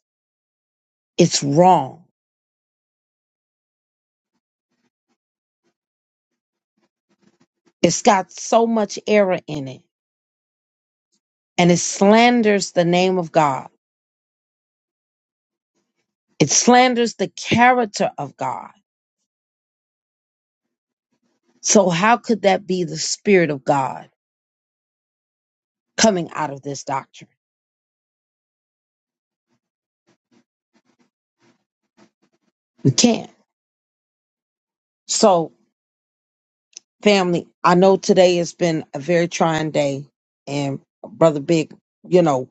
A: it's wrong. It's got so much error in it, and it slanders the name of God. It slanders the character of God. So, how could that be the Spirit of God coming out of this doctrine? We can't. So, family, I know today has been a very trying day, and Brother Big, you know.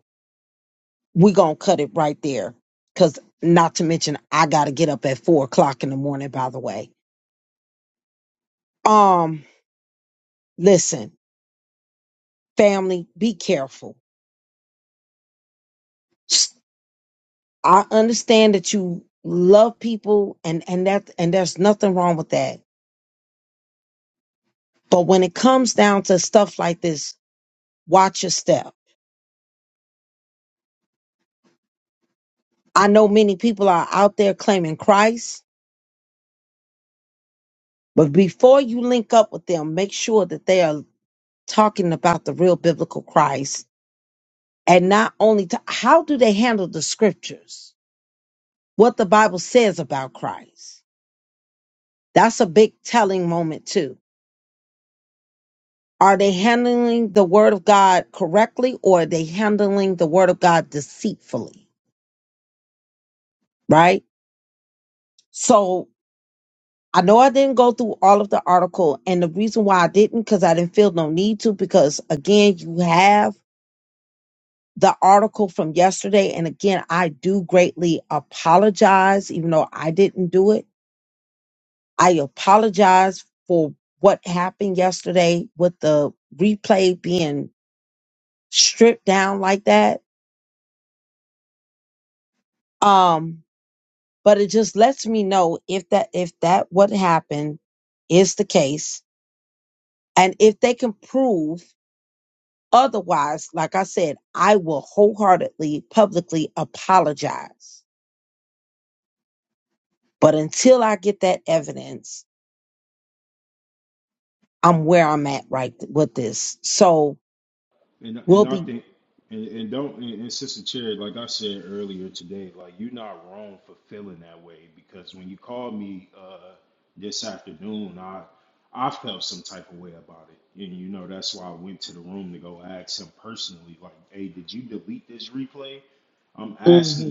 A: we gonna cut it right there. Cause not to mention I gotta get up at four o'clock in the morning, by the way. Um, listen, family, be careful. S- I understand that you love people and, and that and there's nothing wrong with that. But when it comes down to stuff like this, watch your step. I know many people are out there claiming Christ, but before you link up with them, make sure that they are talking about the real biblical Christ and not only to how do they handle the scriptures what the bible says about christ that's a big telling moment too are they handling the word of god correctly or are they handling the word of god deceitfully right so i know i didn't go through all of the article and the reason why i didn't because i didn't feel no need to because again you have the article from yesterday and again i do greatly apologize even though i didn't do it I apologize for what happened yesterday with the replay being stripped down like that. Um, but it just lets me know if that if that what happened is the case, and if they can prove otherwise, like I said, I will wholeheartedly publicly apologize. But until I get that evidence, I'm where I'm at right th- with this. So we'll be. mm-hmm.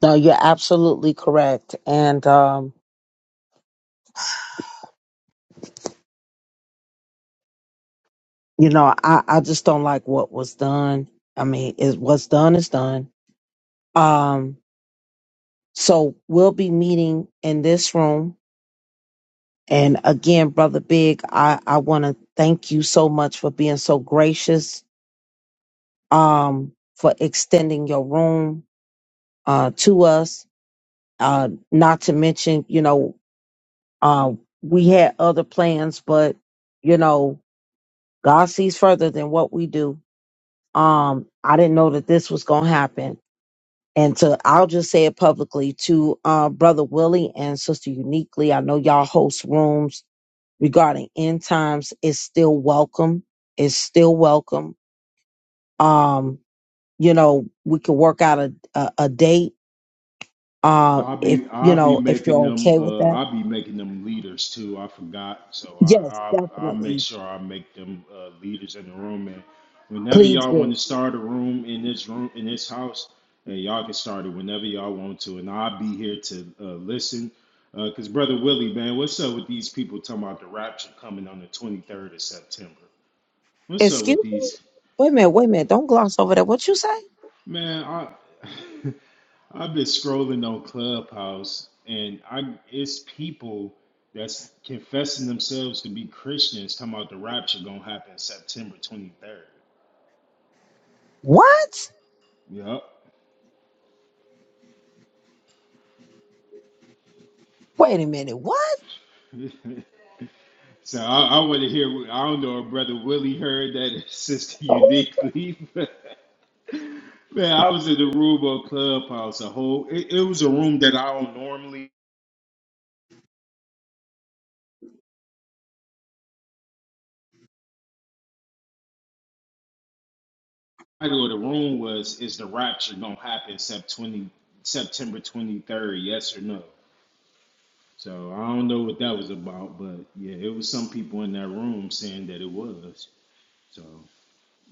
A: No, you're absolutely correct. And, um, you know, I, I just don't like what was done. I mean, is what's done is done. Um, so we'll be meeting in this room And again, brother Big, I, I want to thank you so much for being so gracious, um, for extending your room, uh, to us. Uh, not to mention, you know, uh, we had other plans, but you know, God sees further than what we do. Um, I didn't know that this was going to happen. And to, I'll just say it publicly to, uh, brother Willie and sister uniquely. I know y'all host rooms regarding end times is still welcome is still welcome um you know we could work out a a, a date uh if you know if you're okay with that yes definitely please do excuse me wait a minute wait a minute don't gloss over that what you say what wait a minute what Oh,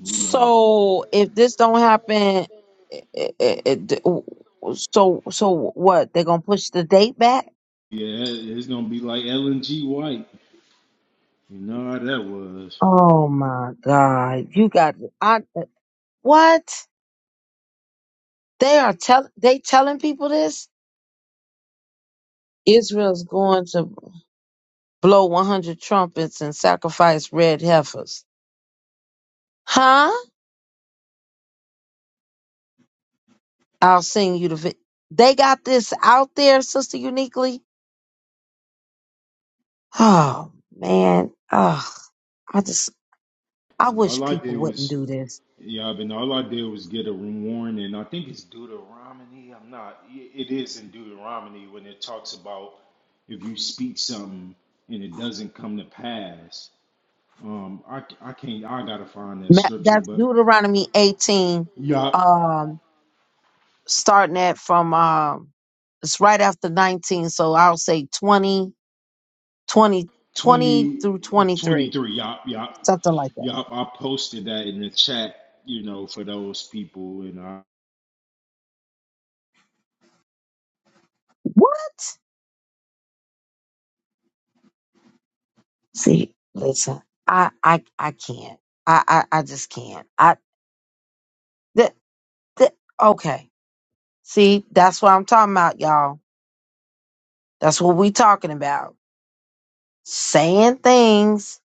A: so if this don't happen it, it, it, so so what they're gonna push the date back Oh my God. You got I What? They are tell they telling people this? Israel's going to blow 100 trumpets and sacrifice red heifers. Huh? I'll sing you the vi- They got this out there, sister uniquely. Oh, man. Ugh. I just I wish people wouldn't do this. Ma- That's Deuteronomy 18 um starting at from um it's right after 19, so I'll say 20, 20, 20 through 23. something like that. What? See, listen, I I I can't. I I, I just can't. I th- th- okay. See, that's what I'm talking about, y'all. That's what we talking about. Saying things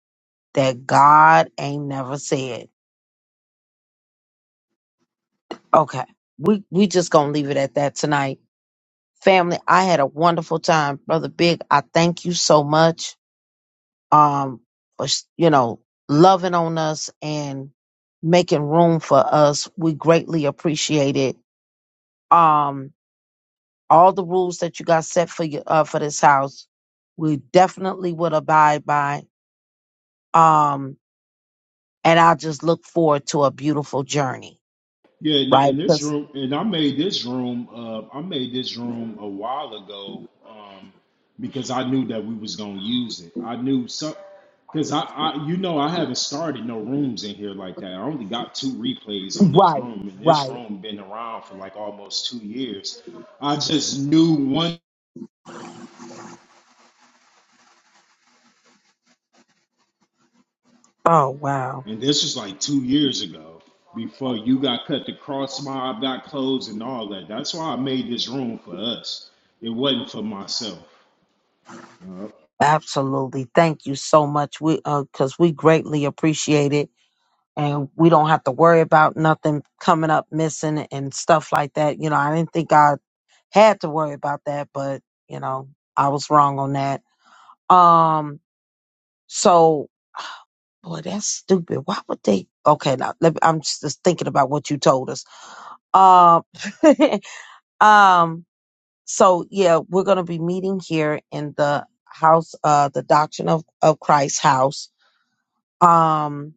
A: that God ain't never said. Okay. We we just gonna leave it at that tonight. Family, I had a wonderful time. Brother Big, I thank you so much. um, for s- you know, loving on us and making room for us. We greatly appreciate it. Um, all the rules that you got set for you, uh, for this house, we definitely would abide by. Um, and I just look forward to a beautiful journey, right? 'Cause- right, right. Oh, wow. Absolutely. Thank you so much. We, uh, cause we greatly appreciate it and we don't have to worry about nothing coming up missing and stuff like that. You know, I didn't think I had to worry about that, but you know, I was wrong on that. Um, so boy, that's stupid. Why would they? Okay, now let me, I'm just thinking about what you told us. Um, [laughs] um, so yeah, we're gonna be meeting here in the house, uh, the Doctrine of of Christ house. Um,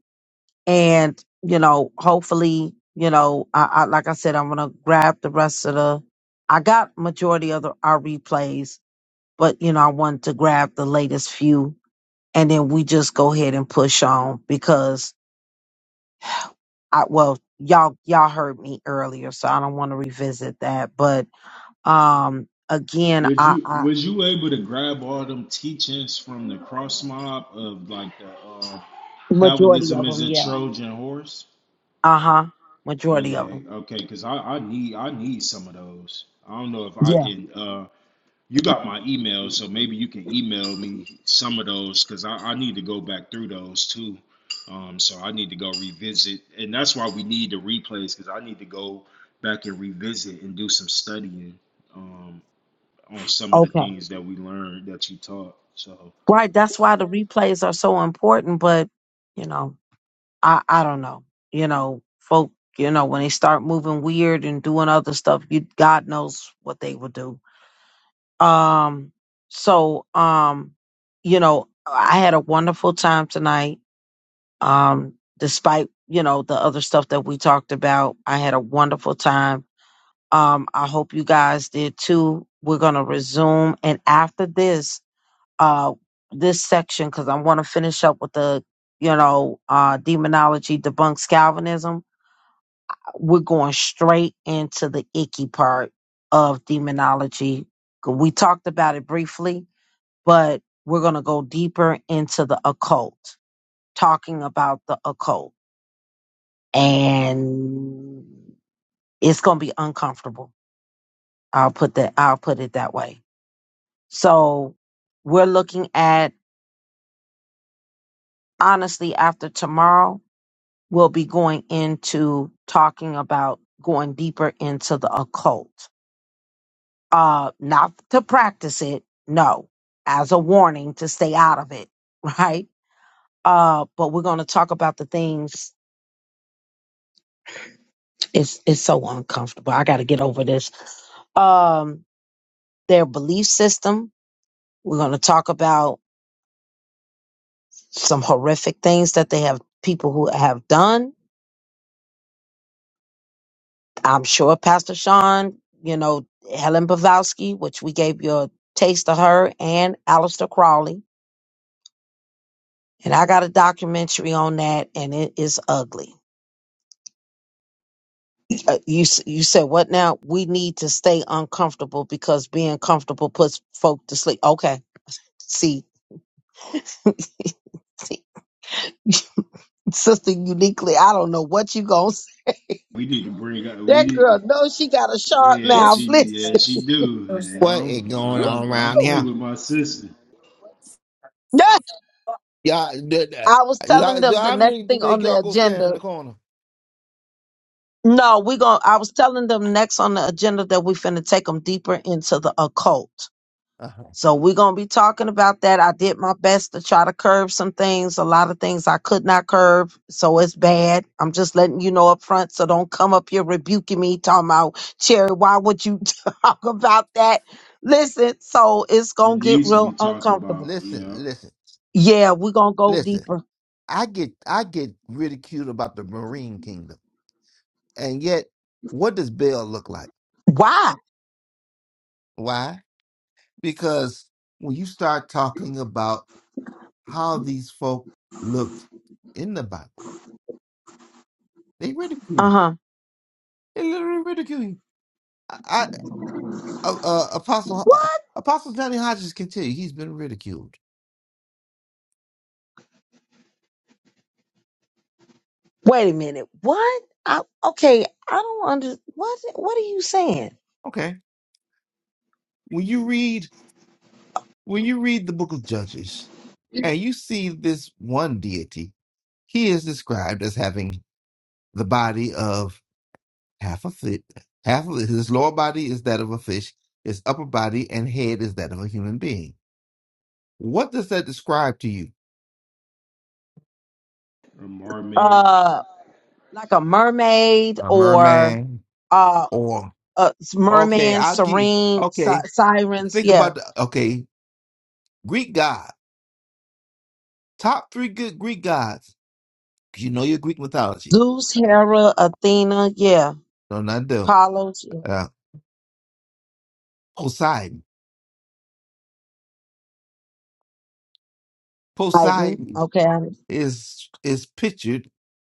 A: and you know hopefully you know I, I like i said i'm gonna grab the rest of the i got majority of the, our replays but you know i wanted to grab the latest few and then we just go ahead and push on because i well y'all y'all heard me earlier so i don't want to revisit that but um again i i majority of them yeah uh-huh majority of them yeah okay right that's why the replays are so important but you know I I don't know. You know, folk, you know, when they start moving weird and doing other stuff, you God knows what they will do. Um so um you know, I had a wonderful time tonight. Um despite, you know, the other stuff that we talked about, I had a wonderful time. Um I hope you guys did too. We're going to resume and after this uh this section cuz I want to finish up with the you know, uh demonology debunks Calvinism We're going straight into the icky part of demonology. We talked about it briefly, but we're going to go deeper into the occult, talking about the occult. And it's going to be uncomfortable. I'll put that I'll put it that way. So, we're looking at honestly after tomorrow, we'll be going into talking about going deeper into the occult uh not to practice it no as a warning to stay out of it [laughs] right uh but we're going to talk about the things it's it's so uncomfortable i got to get over this um their belief system we're going to talk about some horrific things that they have people who have done i'm sure pastor sean you know helen bavowski which we gave you a taste of her and Aleister crowley and i got a documentary on that and it is ugly uh, you s- you said what now? We need to stay uncomfortable because being comfortable puts folk to sleep. Okay, see, [laughs] see, [laughs] sister, uniquely, I don't know what you gonna say. That girl knows she got a sharp mouth. [laughs] Listen,
D: What is going
A: Woo!
D: on around here?
A: Yeah,
D: Y'all, d- d-
A: I was telling
D: y'all- d-
A: them the
D: I
A: next
D: need to
A: thing on
D: make
A: the
D: y'all go stand
A: agenda.
D: in the corner.
A: No, we going to I was telling them next on the agenda that we finna take them deeper into the occult.
D: Uh-huh.
A: So we're going to be talking about that. I did my best to try to curb some things. A lot of things I could not curb. So it's bad. I'm just letting you know up front. So don't come up here rebuking me talking about Cherry. Why would you [laughs] talk about that? Listen, so it's going to get real uncomfortable.
D: Listen, listen,
A: Yeah, we're going to go
D: listen.
A: deeper.
D: I get, I get ridiculed about the Marine Kingdom, and yet, what does Bell look like?
A: Why?
D: Why? Because when you start talking about how these folk looked in the Bible. They ridicule
A: Uh
D: you.
A: huh.
D: They literally ridicule you. I, I uh, uh, Apostle uh,
A: What?
D: Apostle Johnny Hodges can tell you he's been ridiculed.
A: Wait a minute. What? I, okay. I don't under, what, what are you saying?
D: Okay, when you read when you read the Book of Judges, and you see this one deity, he is described as having the body of half a fit, half of his lower body is that of a fish, his upper body and head is that of a human being. What does that describe to you?
A: Uh, like a mermaid
D: A
A: or,
D: merman,
A: uh?
D: or?
A: uh,
D: Okay,
A: merman,
D: I'll get.
A: serene, si-
D: Okay,
A: sirens,
D: think
A: yeah.
D: about the. Okay, Greek god. Top three good Greek gods. 'Cause You know your Greek mythology.
A: Zeus, Hera, Athena, yeah.
D: No, not them.
A: Apollo,
D: Uh, Poseidon.
A: Titan,
D: Poseidon
A: okay.
D: is is pictured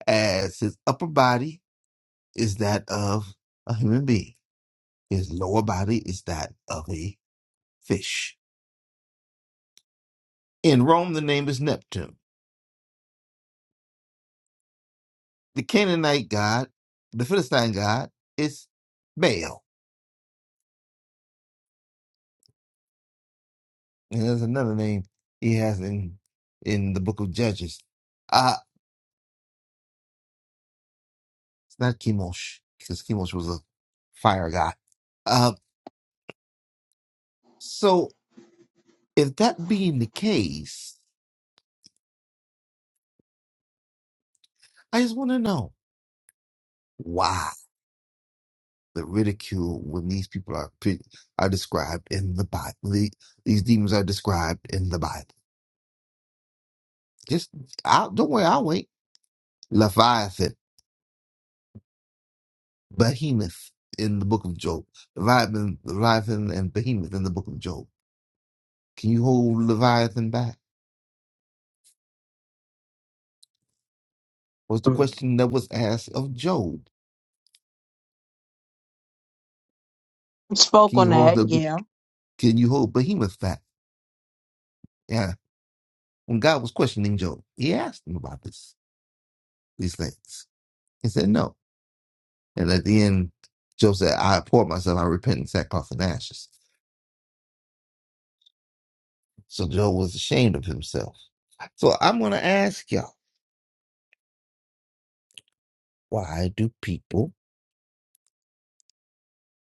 D: as his upper body is that of a human being. His lower body is that of a fish. In Rome, the name is Neptune. The Canaanite god, the Philistine god, is Baal. And there's another name he has in in the book of Judges. Uh it's not Chemosh, because Chemosh was a fire god. Uh, so if that being the case, I just want to know why the ridicule when these people are pre- are described in the Bible. The, these demons are described in the Bible. Just I'll, don't worry, I'll wait. Leviathan, Behemoth in the book of Job. Leviathan, Leviathan and Behemoth in the book of Job Can you hold Leviathan back? Was the
A: I
D: question that was asked of Job.
A: spoke
D: Can
A: on
D: you hold
A: that,
D: the
A: yeah.
D: can you hold behemoth back? Yeah. When God was questioning Job, he asked him about this these things. He said no. And at the end, Job said, I abhor myself, I repent in sackcloth and ashes. So Job was ashamed of himself. So I'm gonna ask y'all, why do people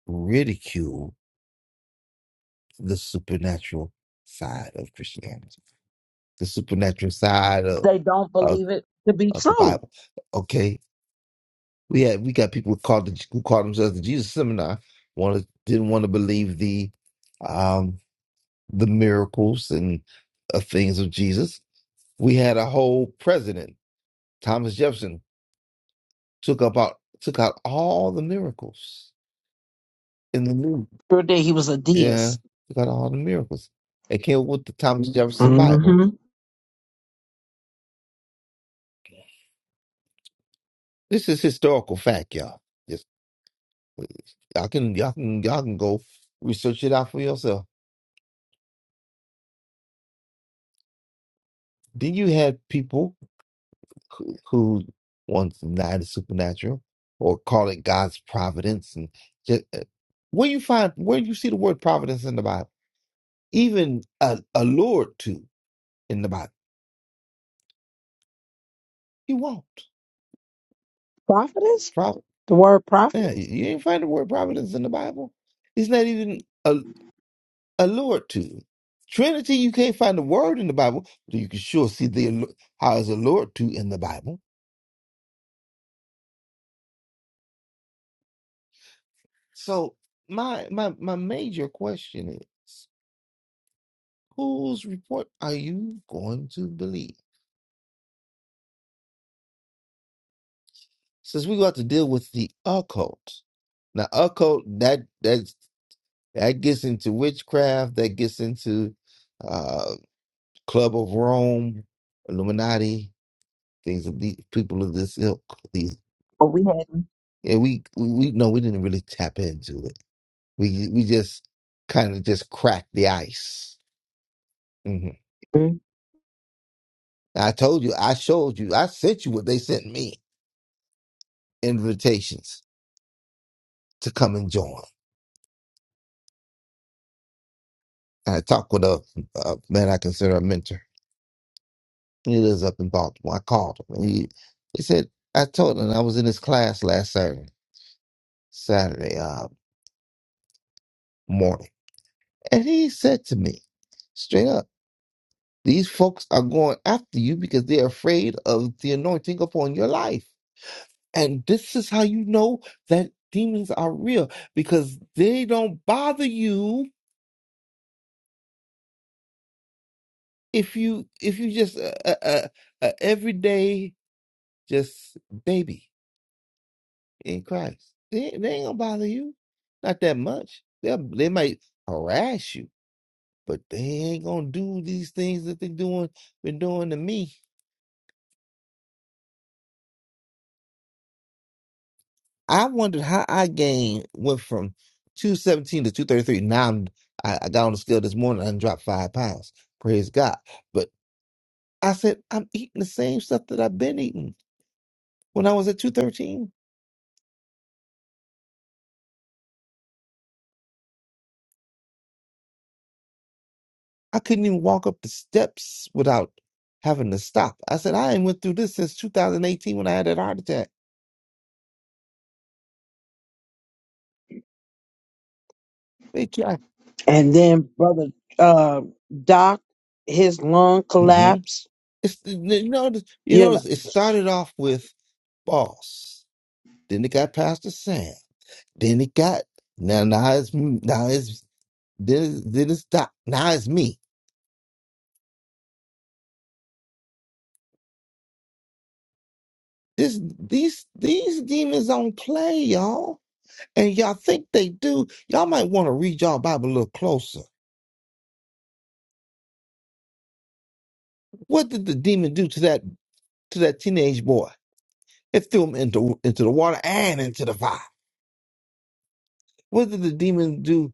D: ridicule the supernatural side of Christianity? The supernatural side
A: They don't
D: of
A: believe it to be
D: of the
A: true.
D: Bible. Okay, we had we got people who called the, who called themselves the Jesus Seminar wanted didn't want to believe the um the miracles and uh, things of Jesus. We had a whole president, Thomas Jefferson, took about took out all the miracles in the new
A: Sure did. He was a
D: yeah
A: deist.
D: took out all the miracles and came up with the Thomas Jefferson Bible.
A: hmm
D: This is historical fact, y'all. Just y'all can y'all can y'all can go research it out for yourself. Then you had people. who who wants to deny the supernatural or call it God's providence and just uh, where you find where you see the word providence in the Bible, even uh, allured to in the Bible, you won't.
A: Prophetess?
D: Pro-
A: The word
D: yeah, you
A: prophetess?
D: you ain't find the word providence in the Bible. It's not even a, allured to. Trinity, you can't find the word in the Bible, but you can sure see the allu- how it's allured to in the Bible. So my my my major question is. Whose report are you going to believe? Since we got to deal with the occult. Now, occult that that that gets into witchcraft, that gets into uh, Club of Rome, Illuminati, things of these people of this ilk. These
A: Oh, we hadn't.
D: and we, we we no, we didn't really tap into it. We we just kind of just cracked the ice. hmm
A: Mhm.
D: I told you, I showed you, I sent you what they sent me invitations to come and join. I talked with a, a man I consider a mentor. He lives up in Baltimore. I called him, and he he said I told him I was in his class last Saturday, Saturday uh, morning, and he said to me straight up, "These folks are going after you because they're afraid of the anointing upon your life, and this is how you know that demons are real because they don't bother you if you if you just a uh, uh, uh, uh, everyday just baby." in Christ. They, they ain't gonna bother you, not that much. They they might harass you, but they ain't gonna do these things that they doing been doing to me. I wondered how I gained went from two seventeen to two thirty three. Now I'm, I, I got on the scale this morning and dropped five pounds. Praise God! But I said I'm eating the same stuff that I've been eating when I was at two thirteen. I couldn't even walk up the steps without having to stop. I said I ain't went through this since 2018 when I had that heart attack. They try.
A: And then brother uh, Doc, his lung
D: hmm
A: collapsed.
D: It's you know you notice it started off with boss, then it got Pastor Sam, then it got now now it's m- now it's then then it's doc, now it's me. This these these demons don't play y'all, and y'all think they do. Y'all might want to read y'all Bible a little closer. What did the demon do to that to that teenage boy? It threw him into into the water and into the fire. What did the demon do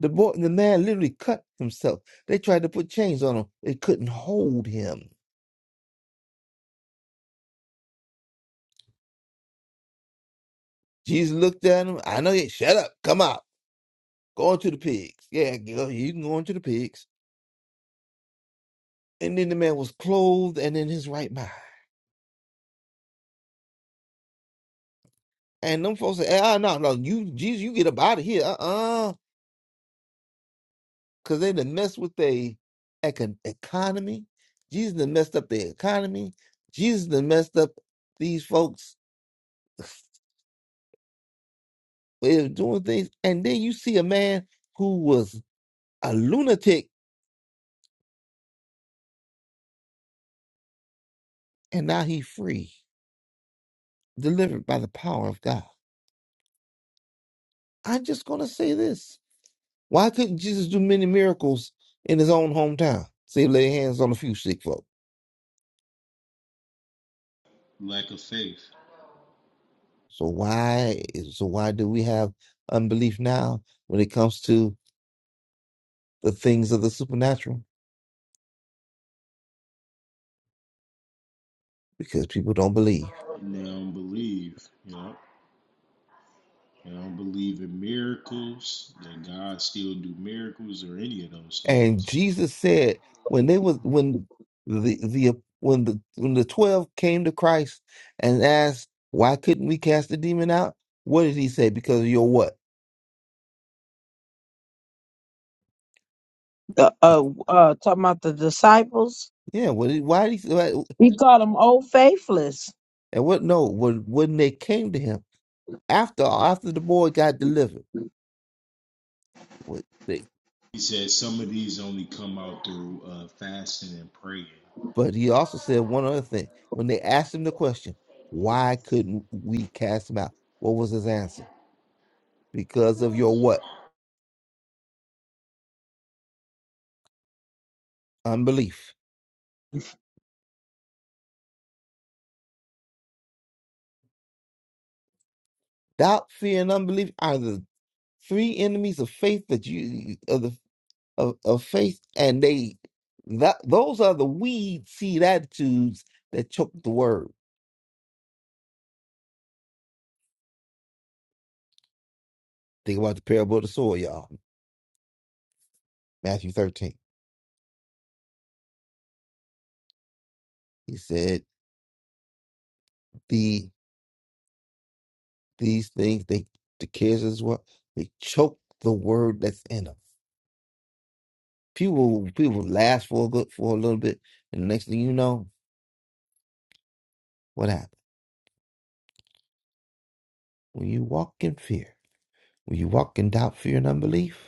D: The boy, the man literally cut himself. They tried to put chains on him. They couldn't hold him. Jesus looked at him. I know you. Shut up. Come out. Go into the pigs. Yeah, girl, you can go into the pigs. And then the man was clothed and in his right mind. And them folks said, ah, no, no, you, Jesus, you get up out of here. Uh-uh. Because they done messed with their econ- economy. Jesus done messed up their economy. Jesus done messed up these folks' way of doing things. And then you see a man who was a lunatic and now he free, delivered by the power of God. I'm just gonna say this. Why couldn't Jesus do many miracles in his own hometown? Say lay hands on a few sick folk. So why so why do we have unbelief now when it comes to the things of the supernatural? Because people don't believe. And Jesus said, when they was when the the when the when the twelve came to Christ and asked, why couldn't we cast the demon out? What did he say? Because of your what?
A: The uh uh talking about the disciples.
D: Yeah. What? Did, why did he? Why,
A: He called them old faithless.
D: and what? No. When when they came to him after after the boy got delivered, what they, but he also said one other thing when they asked him the question, why couldn't we cast him out? What was his answer? Because of your what? Unbelief. Doubt, fear, and unbelief three enemies of faith that you of the of, of faith and they that those are the weed seed attitudes that choke the word think about the parable of the soil y'all matthew 13 he said the these things they the kids as well they choke the word that's in them people people last for a good for a little bit and the next thing you know what happened when you walk in fear when you walk in doubt fear and unbelief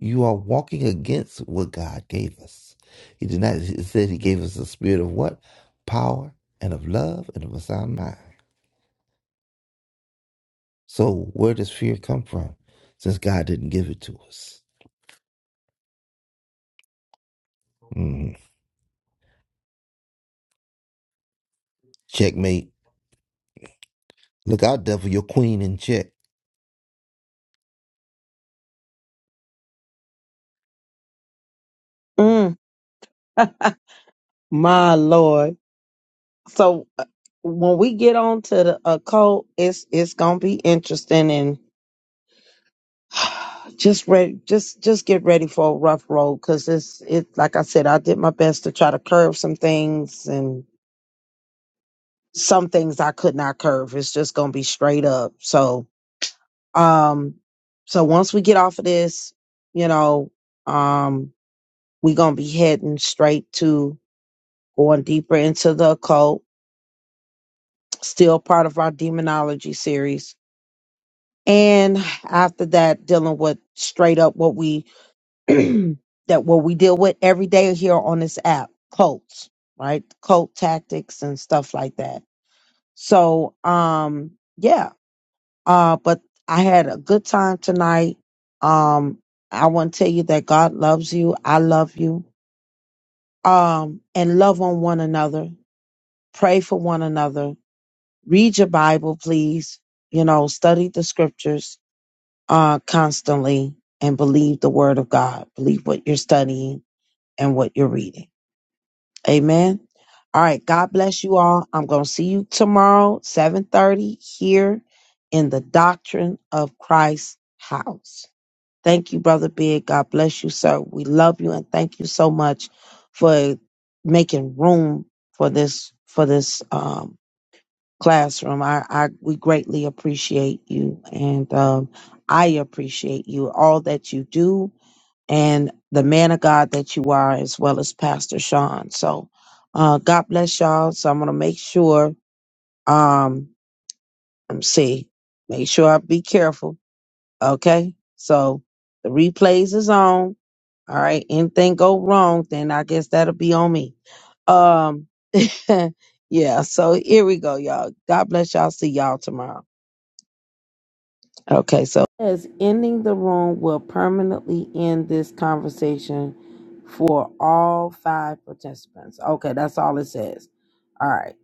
D: You are walking against what God gave us. He did not, he said he gave us a spirit of what? Power and of love and of a sound mind. So where does fear come from since God didn't give it to us? Mhm. Checkmate. Look out, devil, your queen in check.
A: Mm. [laughs] My lord. So uh, when we get on to the occult, it's it's gonna be interesting and [sighs] just ready just just get ready for a rough road because it's it like i said i did my best to try to curve some things and some things i could not curve it's just gonna be straight up so um so once we get off of this you know um we gonna be heading straight to going deeper into the occult still part of our demonology series and after that dealing with straight up what we [clears throat] that what we deal with every day here on this app, cults, right? Cult tactics and stuff like that. So, um, yeah. Uh, but I had a good time tonight. Um, I want to tell you that God loves you. I love you. Um, and love on one another. Pray for one another. Read your Bible, please. You know, study the scriptures, uh, constantly and believe the word of God. Believe what you're studying and what you're reading. Amen. All right. God bless you all. I'm going to see you tomorrow, 7:30 here in the Doctrine of Christ house. Thank you, brother Big. God bless you, sir. We love you and thank you so much for making room for this for this um classroom. I I we greatly appreciate you and um I appreciate you all that you do and the man of God that you are, as well as Pastor Sean. So, uh, God bless y'all. So I'm gonna make sure. Um, let me see. Make sure I be careful. Okay. So the replays is on. All right. Anything go wrong, then I guess that'll be on me. Um, [laughs] yeah. So here we go, y'all. God bless y'all. See y'all tomorrow. Okay, so as ending the room will permanently end this conversation for all five participants. Okay, that's all it says. All right.